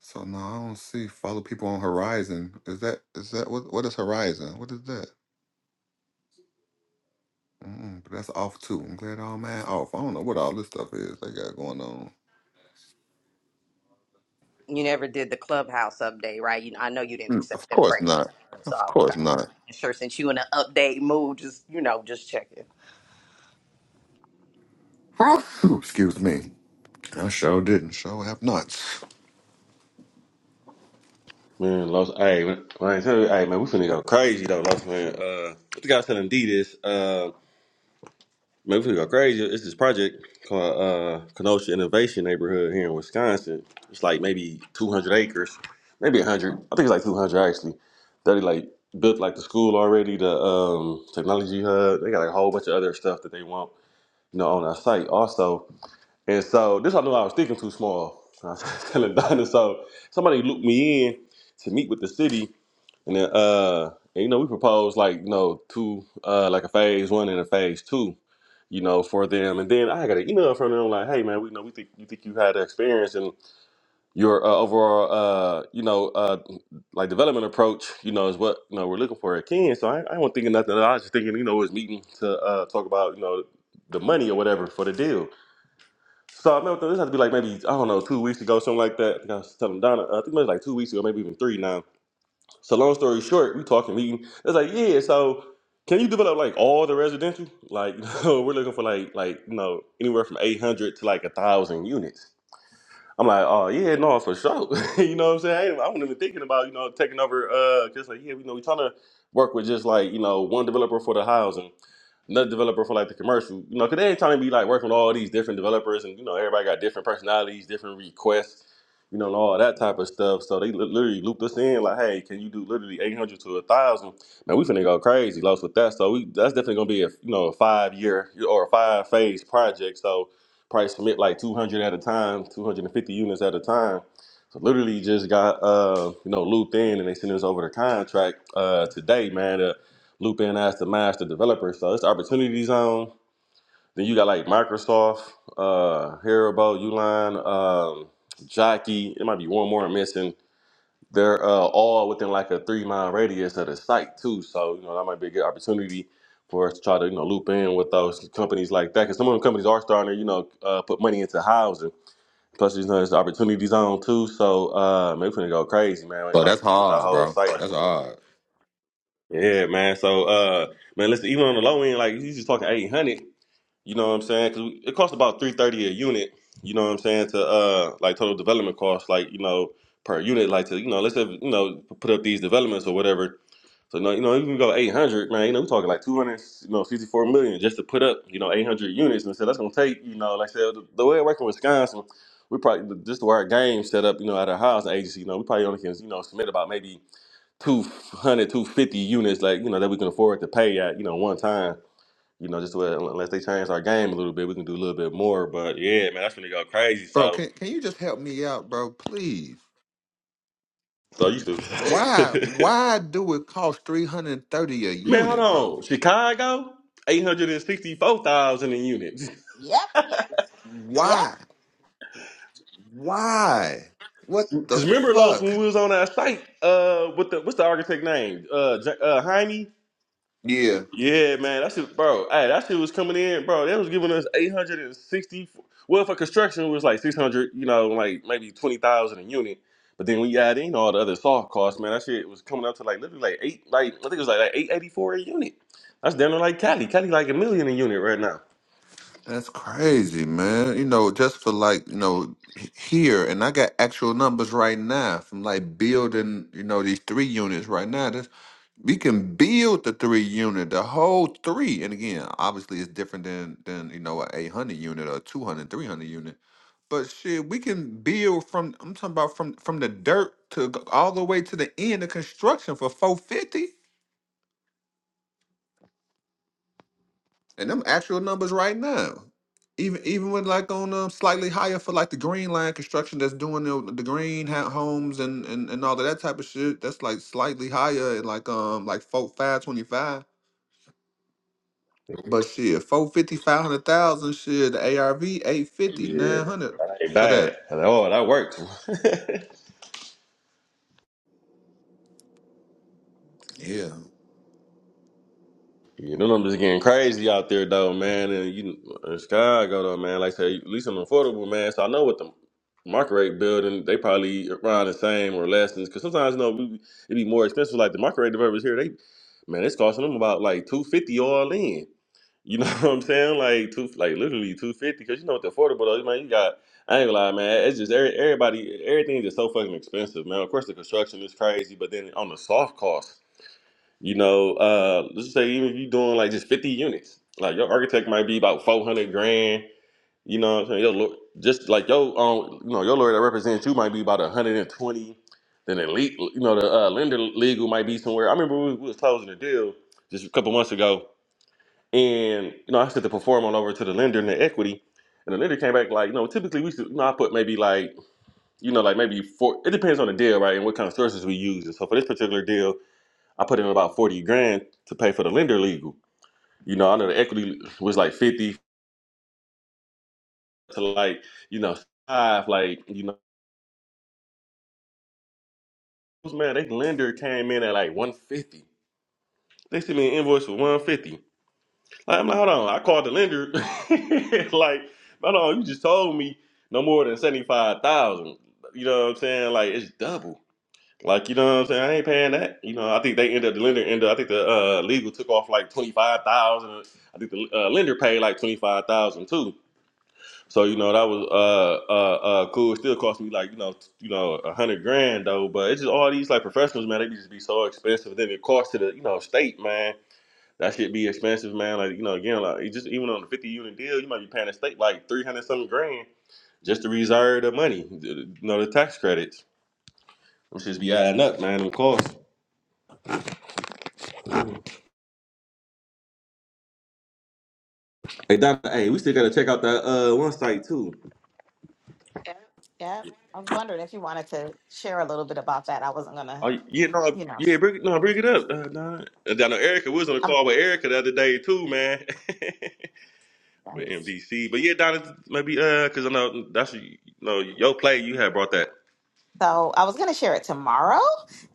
Speaker 2: So no, I don't see. Follow people on Horizon. Is that is that what what is Horizon? What is that? mm but that's off too. I'm glad all man off. I don't know what all this stuff is they got going on.
Speaker 8: You never did the clubhouse update, right? You know, I know you didn't
Speaker 2: Mm,
Speaker 8: accept
Speaker 2: Of
Speaker 8: them
Speaker 2: course
Speaker 8: crazy
Speaker 2: not.
Speaker 8: times, so
Speaker 2: Of course
Speaker 8: okay.
Speaker 2: not.
Speaker 8: Just making sure since you in an update mood, just you know, just checking.
Speaker 2: Ooh, excuse me. I sure didn't. Sure have not.
Speaker 13: Man, Los, hey, man, I tell you, hey, man, we finna go crazy though, Los, man. Uh, what the guy was telling D this? Uh, Man, we finna go crazy. It's this project called uh, Kenosha Innovation Neighborhood here in Wisconsin. It's like maybe 200 acres, maybe 100. I think it's like 200 actually. That They like built like the school already, the um, technology hub. They got like a whole bunch of other stuff that they want, you know, on our site also. And so this I knew I was thinking too small. I was telling Donna, so somebody looped me in to meet with the city, and then uh, and, you know we proposed like you know two uh like a phase one and a phase two you know, for them. And then I got an email from them like, "Hey, man, we know we think you think you had the experience and your uh, overall, uh, you know, uh, like development approach, you know, is what you know we're looking for at Ken." So I, I wasn't thinking nothing. I was just thinking, you know, it was meeting to uh, talk about, you know, the money or whatever for the deal. So I remember this had to be like maybe I don't know two weeks ago, something like that. I think I was telling Donna, uh, I think it was like two weeks ago, maybe even three now so long story short, we talking leading. It's like, yeah, so can you develop like all the residential? Like, no, we're looking for like like you know, anywhere from eight hundred to like a thousand units. I'm like, oh yeah, no, for sure. you know what I'm saying? I ain't- I wasn't even thinking about, you know, taking over uh just like, yeah, you know, we trying to work with just like, you know, one developer for the housing another developer for like the commercial, you know, because they ain't trying to be like working with all these different developers and, you know, everybody got different personalities, different requests, you know, and all that type of stuff. So they li- literally looped us in like, hey, can you do literally 800 to 1,000? Man, we finna go crazy, lost with that. So we that's definitely gonna be a, you know, a five year or a five phase project. So probably submit like 200 at a time, 250 units at a time. So literally just got, uh, you know, looped in and they sent us over the contract uh, today, man. Uh, Loop in as the master developer. So it's Opportunity Zone. Then you got like Microsoft, uh, Haribo, Uline, um, Jockey. It might be one more I'm missing. They're uh, all within like a three mile radius of the site too. So you know that might be a good opportunity for us to try to you know loop in with those companies like that because some of them companies are starting to you know uh, put money into housing. Plus, you know, it's the opportunity zone too. So uh, maybe we're gonna go crazy, man. Like
Speaker 2: Bro,
Speaker 13: like
Speaker 2: that's
Speaker 13: with our
Speaker 2: hard,
Speaker 13: whole
Speaker 2: bro.
Speaker 13: site.
Speaker 2: That's hard.
Speaker 13: Yeah, man. So, uh, man, listen. Even on the low end, like you just talking eight hundred. You know what I'm saying? Because it costs about three thirty a unit. You know what I'm saying? To uh, like total development cost, like you know, per unit, like to you know, let's say you know, put up these developments or whatever. So no, you know, even go eight hundred, man. You know, we're talking like two hundred, you know, sixty four million just to put up, you know, eight hundred units. And so that's gonna take, you know, like I said, the, the way I work in Wisconsin, we probably just the way our game set up, you know, at our housing agency, you know, we probably only can, you know, submit about maybe Two hundred, two fifty units, like, you know, that we can afford to pay at, you know, one time. You know, just well, unless they change our game a little bit, we can do a little bit more. But yeah, man, that's when they go crazy.
Speaker 2: Bro,
Speaker 13: So,
Speaker 2: can can you just help me out, bro? Please.
Speaker 13: so I used
Speaker 2: Why
Speaker 13: to.
Speaker 2: why do it cost 330 a
Speaker 13: man, hold
Speaker 2: unit, bro?
Speaker 13: on. Chicago, 864,000 in units.
Speaker 3: Yep, yep,
Speaker 2: Why? Why? What the
Speaker 13: Because remember, Los, when
Speaker 2: fuck?
Speaker 13: we was on our site, uh, with the, what's the architect name? Uh, J- uh, Jaime?
Speaker 2: Yeah.
Speaker 13: Yeah, man, that shit, bro. Hey, that shit was coming in, bro. They was giving us eight hundred and sixty. Well, for construction, it was like six hundred. You know, like maybe twenty thousand a unit. But then when you add in all the other soft costs, man, that shit was coming up to like literally like eight, like I think it was like, like eight eighty four a unit. That's damn near like Cali. Cali like a million a unit right now.
Speaker 2: That's crazy, man. You know, just for like, you know, h- here and I got actual numbers right now from like building, you know, these three units right now. we can build the three unit, the whole three. And again, obviously it's different than than you know a 800 unit or 200, 300 unit. But shit, we can build from I'm talking about from from the dirt to g- all the way to the end of construction for 450. And them actual numbers right now. Even even with like on um slightly higher for like the green line construction that's doing the, the green ha- homes and, and and all of that type of shit, that's like slightly higher at like um like four five twenty five. But shit, four fifty five hundred thousand shit, the ARV, eight fifty
Speaker 13: Yeah,
Speaker 2: nine hundred
Speaker 13: that ain't
Speaker 2: for that.
Speaker 13: bad. I was like, oh, that works.
Speaker 2: Yeah.
Speaker 13: You know, I'm just getting crazy out there though, man. And you, in Chicago though, man. Like I say, at least I'm affordable, man. So I know what the market rate building they probably around the same or less. Because sometimes you know we- it be more expensive. Like the market rate developers here, they man, it's costing them about like two fifty all in. You know what I'm saying? Like two, like literally two fifty. Because you know what the affordable though, man. You got I ain't gonna lie, man. It's just every, everybody, everything is just so fucking expensive, man. Of course, the construction is crazy, but then on the soft cost. You know, uh, let's say even if you're doing like just 50 units, like your architect might be about 400 grand. You know what I'm saying? Your lawyer, just like your um, you know, your lawyer that represents you might be about 120. Then the lead, you know, the uh, lender legal might be somewhere. I remember we, we was closing a deal just a couple months ago, and you know, I sent the perform on over to the lender and the equity, and the lender came back like, you know, typically we should, you know, I put maybe like, you know, like maybe four. It depends on the deal, right, and what kind of sources we use. And so for this particular deal, I put in about 40 grand to pay for the lender legal. You know, I know the equity was like 50 to like, you know, five, like, you know, man, they lender came in at like 150. They sent me an invoice for 150. Like, I'm like, hold on. I called the lender. like, hold on, you just told me no more than 75,000. You know what I'm saying? Like, it's double. Like, you know what I'm saying? I ain't paying that. You know, I think they ended up, the lender ended up, I think the uh, legal took off like 25,000. I think the uh, lender paid like 25,000 too. So you know that was uh uh uh cool. It still cost me like you know t- you know a hundred grand though. But it's just all these like professionals, man. They be just be so expensive. Then it costs to the you know state, man. That shit be expensive, man. Like you know again, like it just even on the fifty unit deal, you might be paying the state like three hundred something grand just to reserve the money, the- you know the tax credits. Which just be adding up, man, and costs. Hey, Doc, hey, we still gotta check out that uh one site too.
Speaker 3: yep. I was wondering if you wanted to share a little bit about that. I wasn't gonna
Speaker 13: Oh yeah, no,
Speaker 3: you know.
Speaker 13: yeah, bring, no, bring it up. Uh, nah. I know Erica we was on the
Speaker 3: I'm
Speaker 13: call with Erica the other day too, man. with
Speaker 3: sorry.
Speaker 13: MDC. But yeah, Donna, maybe uh, cause I know that's you know your play. You had brought that
Speaker 3: So I was going to share it tomorrow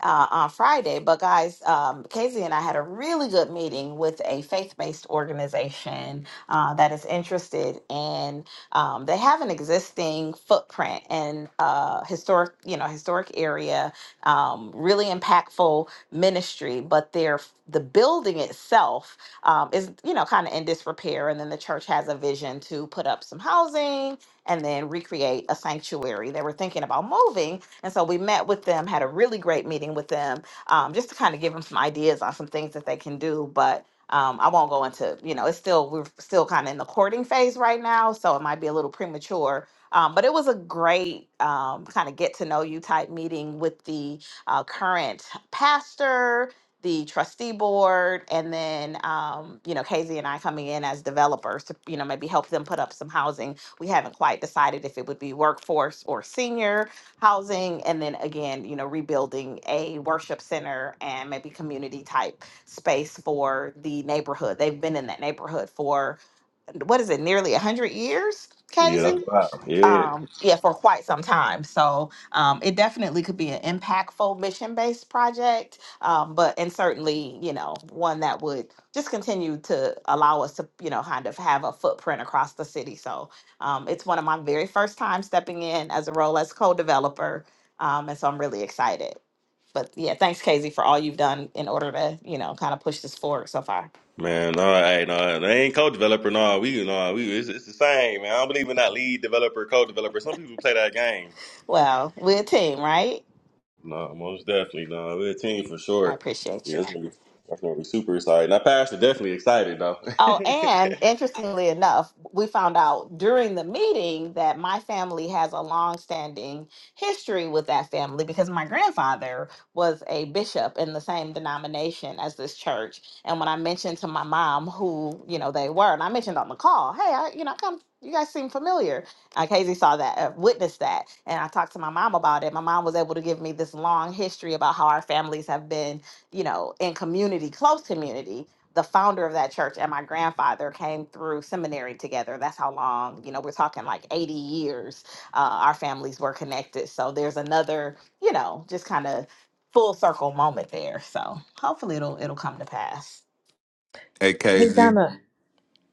Speaker 3: uh, on Friday, but guys, um, Casey and I had a really good meeting with a faith-based organization uh, that is interested in. Um, they have an existing footprint in uh, historic, you know, historic area, um, really impactful ministry, but their the building itself um, is, you know, kind of in disrepair, and then the church has a vision to put up some housing and then recreate a sanctuary. They were thinking about moving, and so we met with them, had a really great meeting with them, um, just to kind of give them some ideas on some things that they can do. But um, I won't go into, you know, it's still, we're still kind of in the courting phase right now. So it might be a little premature. Um, but it was a great um, kind of get to know you type meeting with the uh, current pastor, the trustee board and then um, you know Casey and I coming in as developers to you know maybe help them put up some housing. We haven't quite decided if it would be workforce or senior housing and then again you know rebuilding a worship center and maybe community type space for the neighborhood they've been in that neighborhood for what is it nearly 100 years
Speaker 13: Yeah,
Speaker 3: Casey?
Speaker 13: that's right. Yeah.
Speaker 3: um yeah for quite some time so um it definitely could be an impactful mission based project um but and certainly you know one that would just continue to allow us to you know kind of have a footprint across the city so um it's one of my very first time stepping in as a role as co-developer um and so i'm really excited but yeah thanks casey for all you've done in order to you know kind of push this forward so far
Speaker 13: man. No, hey, no, they ain't co-developer. No, we, no, we. It's, it's the same, man. I don't believe in that lead developer, co-developer. Some people play that game.
Speaker 3: well we're a team right
Speaker 13: No, most definitely. No, we're a team for
Speaker 3: i
Speaker 13: sure.
Speaker 3: appreciate
Speaker 13: Yeah,
Speaker 3: you
Speaker 13: that's gonna be that's gonna be super exciting. Now, Pastor definitely excited though.
Speaker 3: Oh, and interestingly enough, we found out during the meeting that my family has a long-standing history with that family because my grandfather was a bishop in the same denomination as this church. And when I mentioned to my mom who, you know, they were, and I mentioned on the call, hey, I, you know, come, you guys seem familiar. Uh, Casey saw that, uh, witnessed that, and I talked to my mom about it. My mom was able to give me this long history about how our families have been you know, in community, close community the founder of that church and my grandfather came through seminary together. That's how long, you know, we're talking like 80 years uh, our families were connected. So there's another, you know, just kind of full circle moment there. So hopefully it'll it'll come to pass.
Speaker 2: Hey,
Speaker 18: Hey
Speaker 2: KZ,
Speaker 18: Donna.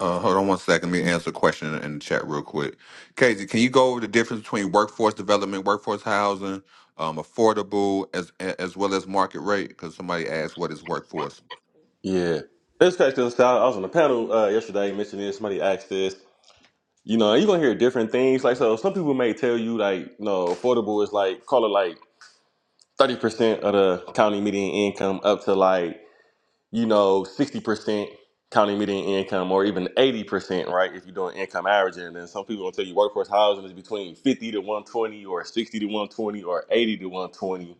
Speaker 2: uh, hold on one second. Let me answer a question in the chat real quick. KZ, can you go over the difference between workforce development, workforce housing, um, affordable, as as well as market rate? Because somebody asked, what is workforce?
Speaker 13: yeah. This question, so I was on a panel uh, yesterday mentioning this. Somebody asked this. you know, you're gonna hear different things. Like so some people may tell you like, you know, affordable is like call it like thirty percent of the county median income up to like, you know, sixty percent county median income or even eighty percent, right? If you're doing income averaging. And then some people gonna tell you workforce housing is between fifty to one twenty or sixty to one twenty or eighty to one twenty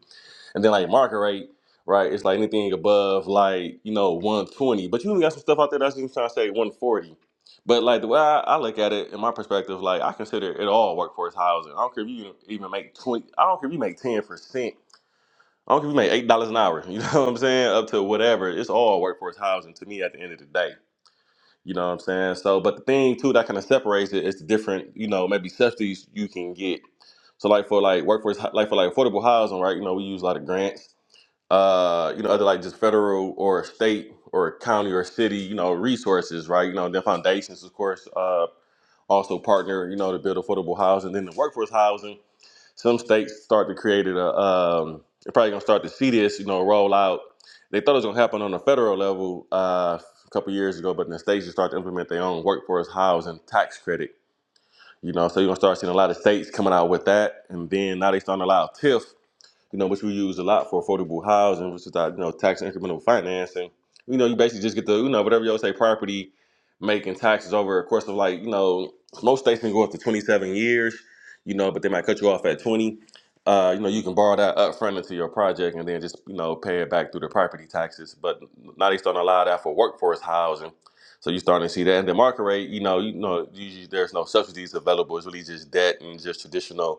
Speaker 13: and then like market rate, right? It's like anything above like you know 120. But you even got some stuff out there that's even trying to say 140. But like the way I, I look at it in my perspective, like I consider it all workforce housing. I don't care if you even make 20. I don't care if you make 10 percent. I don't care if you make eight dollars an hour. You know what I'm saying? Up to whatever. It's all workforce housing to me at the end of the day. You know what I'm saying? So, but the thing too that kind of separates it is the different, you know, maybe subsidies you can get. So, like for like workforce, like for like affordable housing, right? You know, we use a lot of grants uh, you know, other like just federal or state or county or city, you know, resources, right? You know, their foundations, of course, uh, also partner, you know, to build affordable housing. Then the workforce housing, some states start to create it. A, um, they're probably gonna start to see this, you know, roll out. They thought it was gonna happen on the federal level uh, a couple years ago, but in the states you start to implement their own workforce housing tax credit. You know, so you're gonna start seeing a lot of states coming out with that, and then now they starting to allow TIF you know, which we use a lot for affordable housing, which is that, you know, tax incremental financing. You know, you basically just get the, you know, whatever y'all say, property making taxes over a course of like, you know, most states can go up to 27 years, you know, but they might cut you off at 20. Uh, you know, you can borrow that up front into your project and then just, you know, pay it back through the property taxes. But now they starting to allow that for workforce housing. So you're starting to see that. And the market rate, you know, you know, usually there's no subsidies available. It's really just debt and just traditional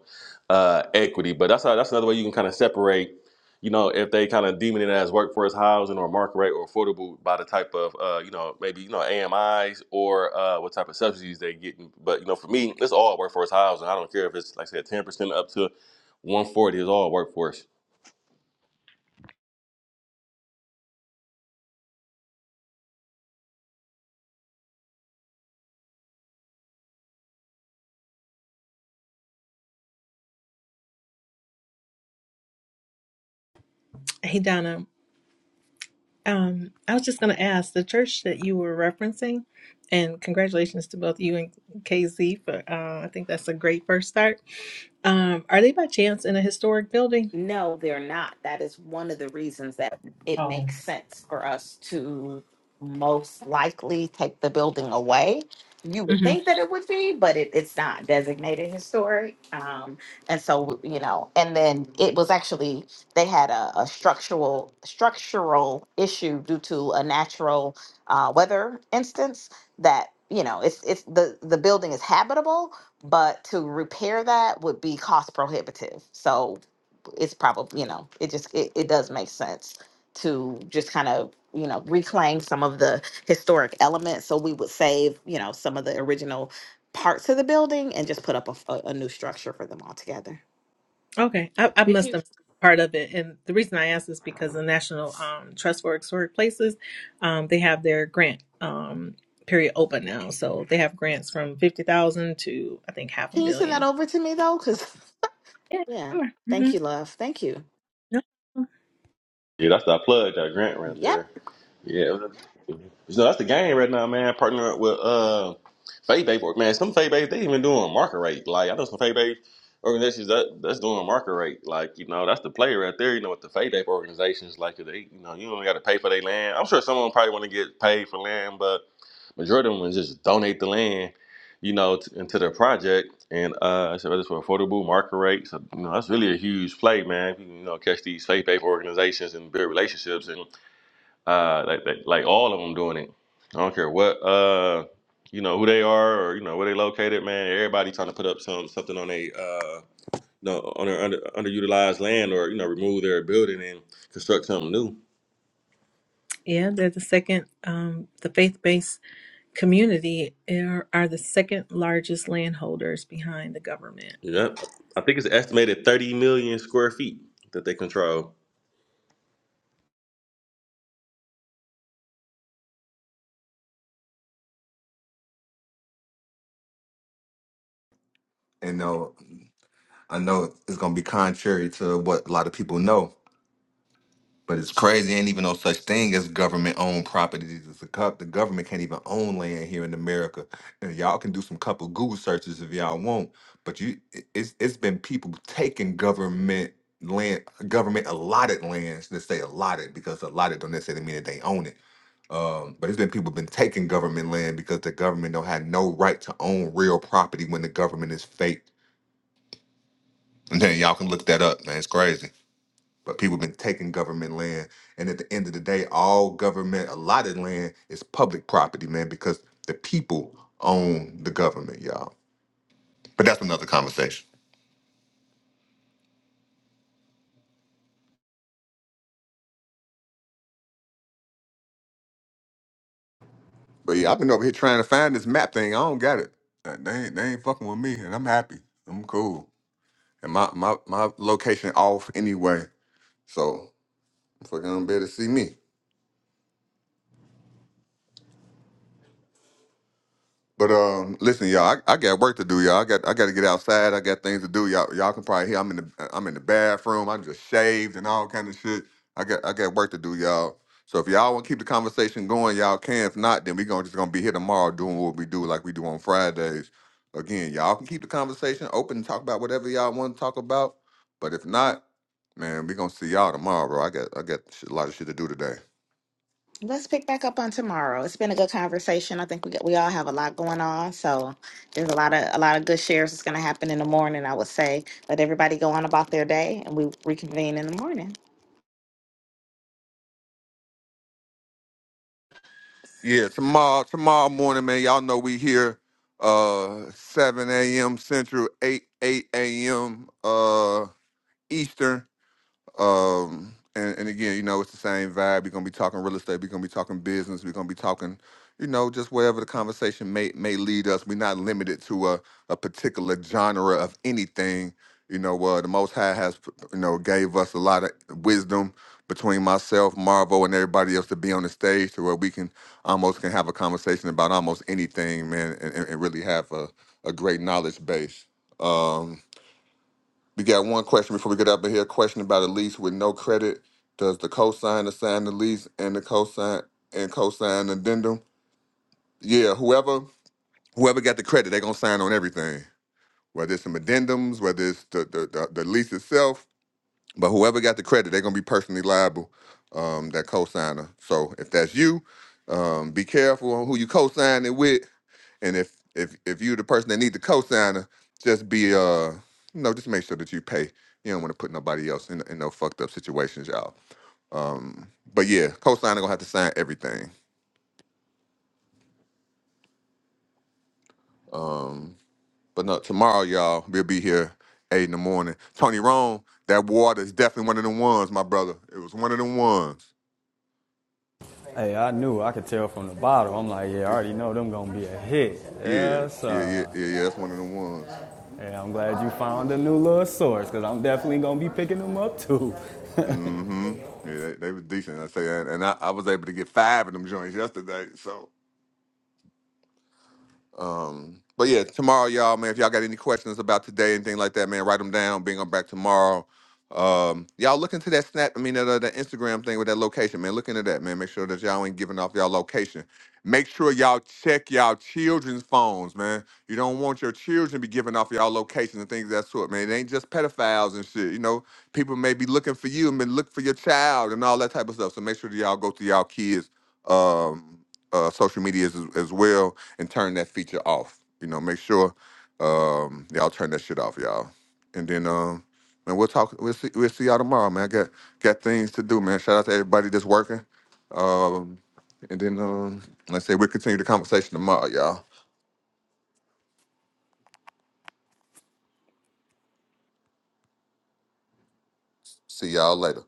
Speaker 13: uh, equity. But that's how, that's another way you can kind of separate. You know, if they kind of deeming it as workforce housing or market rate or affordable by the type of uh, you know maybe you know AMIs or uh, what type of subsidies they get. But you know, for me, it's all workforce housing. I don't care if it's like I said, ten percent up to one forty is all workforce.
Speaker 18: Hey Donna. Um, I was just going to ask the church that you were referencing, and congratulations to both you and KZ for. Uh, I think that's a great first start. Um, are they by chance in a historic building?
Speaker 3: No, they're not. That is one of the reasons that it
Speaker 18: Oh,
Speaker 3: makes sense for us to most likely take the building away. You would think that it would be, but it, it's not designated historic. Um, and so, you know, and then it was actually they had a, a structural structural issue due to a natural uh, weather instance that you know it's it's the the building is habitable, but to repair that would be cost prohibitive. So it's probably you know it just it, it does make sense to just kind of you know reclaim some of the historic elements so we would save you know some of the original parts of the building and just put up a, f- a- a new structure for them all together
Speaker 18: Okay, I, I
Speaker 3: Did
Speaker 18: must
Speaker 3: you?
Speaker 18: have been part of it, and the reason I ask is because the National um, Trust for Historic Places, um, they have their grant um, period open now, so they have grants from fifty thousand to I think half a
Speaker 3: can you send that
Speaker 18: million.
Speaker 3: over to me though because yeah thank you love thank you
Speaker 13: Yeah, that's that plug, that grant right
Speaker 3: yep
Speaker 13: there. Yeah. No, that's the game right now, man. Partnering up with uh Fade Babe. Man, some Fade Babe, they even doing market rate. Like I know some Fade Babe organizations that that's doing market rate. Like, you know, that's the player right there, you know, with the Fade Babe organizations, like they you know, you don't gotta pay for their land. I'm sure some of them probably wanna get paid for land, but majority of them just donate the land, you know, t- into their project. And uh so it's for affordable market rate. So, you know, that's really a huge play, man. If You you know, catch these faith based organizations and build relationships and uh like, like like all of them doing it i don't care what uh you know who they are or you know where they located man everybody trying to put up some something on a uh no on their under, underutilized land or you know remove their building and construct something new
Speaker 18: Yeah, they're the second, um, the faith-based Community are are the second largest landholders behind the government.
Speaker 13: yep i think it's an estimated 30 million square feet that they control
Speaker 2: And no, I know it's gonna be contrary to what a lot of people know. But it's crazy, ain't even no such thing as government owned properties. It's a cup. The government can't even own land here in America. And y'all can do some couple Google searches if y'all want. But you, it- it's it's been people taking government land, government allotted lands. Let's say allotted because allotted don't necessarily mean that they own it. Um, but it's been people been taking government land because the government don't have no right to own real property when the government is fake. And then y'all can look that up, man. It's crazy. But people have been taking government land. And at the end of the day, all government allotted land is public property, man, because the people own the government, y'all. But that's another conversation. But yeah, I've been over here trying to find this map thing. I don't got it. Uh, They ain't, they ain't fucking with me, and I'm happy. I'm cool. And my my, my location off anyway. So fucking don't better see me. But um, listen, y'all, I, I got work to do, y'all. I got I got to get outside. I got things to do, y'all. Y'all can probably hear I'm in the I'm in the bathroom. I just shaved and all kind of shit. I got I got work to do, y'all. So if y'all want to keep the conversation going, y'all can. If not, then we gonna just gonna be here tomorrow doing what we do, like we do on Fridays. Again, y'all can keep the conversation open and talk about whatever y'all want to talk about. But if not, man, we gonna see y'all tomorrow, bro. I got I got shit- a lot of shit to do today.
Speaker 3: Let's pick back up on tomorrow. It's been a good conversation. I think we got, we all have a lot going on, so there's a lot of a lot of good shares that's going to happen in the morning. I would say let everybody go on about their day, and we reconvene in the morning.
Speaker 2: Yeah, tomorrow tomorrow morning, man. Y'all know we here uh 7 a.m. Central, 8 8 a.m. uh Eastern. Um, and, and again, you know, it's the same vibe. We're gonna be talking real estate. We're gonna be talking business. We're gonna be talking, you know, just wherever the conversation may may lead us. We're not limited to a, a particular genre of anything. You know, uh, the Most High has, you know, gave us a lot of wisdom between myself, Marvo, and everybody else to be on the stage to where we can almost can have a conversation about almost anything, man, and, and and really have a, a great knowledge base. Um, we got one question before we get up in here. Question about a lease with no credit. Does the cosigner sign the lease and the cosign and cosign addendum? Yeah, whoever whoever got the credit, they're gonna sign on everything. Whether it's some addendums, whether it's the the, the, the lease itself, but whoever got the credit, they're gonna be personally liable. Um, that cosigner. So if that's you, um, be careful on who you co-signing with and if if if you're the person that need the cosigner, just be uh you know just make sure that you pay. You don't want to put nobody else in in no fucked up situations, y'all. Um, but yeah, cosigner gonna have to sign everything. Um, but no, tomorrow y'all we'll be here eight in the morning. Tony Rome, that water is definitely one of them ones, my brother. It was one of them ones.
Speaker 16: Hey, I knew I could tell from the bottle. I'm like, yeah, I
Speaker 2: Eh,
Speaker 16: already know them gonna be a hit.
Speaker 2: Yeah,
Speaker 16: Yes,
Speaker 2: yeah, yeah,
Speaker 16: sir.
Speaker 2: yeah, yeah. That's one of them ones.
Speaker 16: Hey, I'm glad you found a new little source, cause I'm definitely gonna be picking them up too.
Speaker 2: Mm-hmm. Yeah, they, they was decent. I say, that. and I, I was able to get five of them joints yesterday. So. Um, but yeah, tomorrow, y'all, man, if y'all got any questions about today, anything like that, man, write them down, bring them back tomorrow. Um, y'all look into that snap, I mean, that, uh, that Instagram thing with that location, man. Look into that, man. Make sure that y'all ain't giving off y'all location. Make sure y'all check y'all children's phones, man. You don't want your children be giving off y'all location and things of that sort, man. It ain't just pedophiles and shit. You know, people may be looking for you and been look for your child and all that type of stuff. So make sure that y'all go to y'all kids' um, uh, social medias as, as well and turn that feature off. You know, make sure um, y'all turn that shit off, y'all. And then um, man, we'll talk. We'll see. We'll see y'all tomorrow, man. I got got things to do, man. Shout out to everybody that's working. Um, and then um, let's say we'll continue the conversation tomorrow, y'all. See y'all later.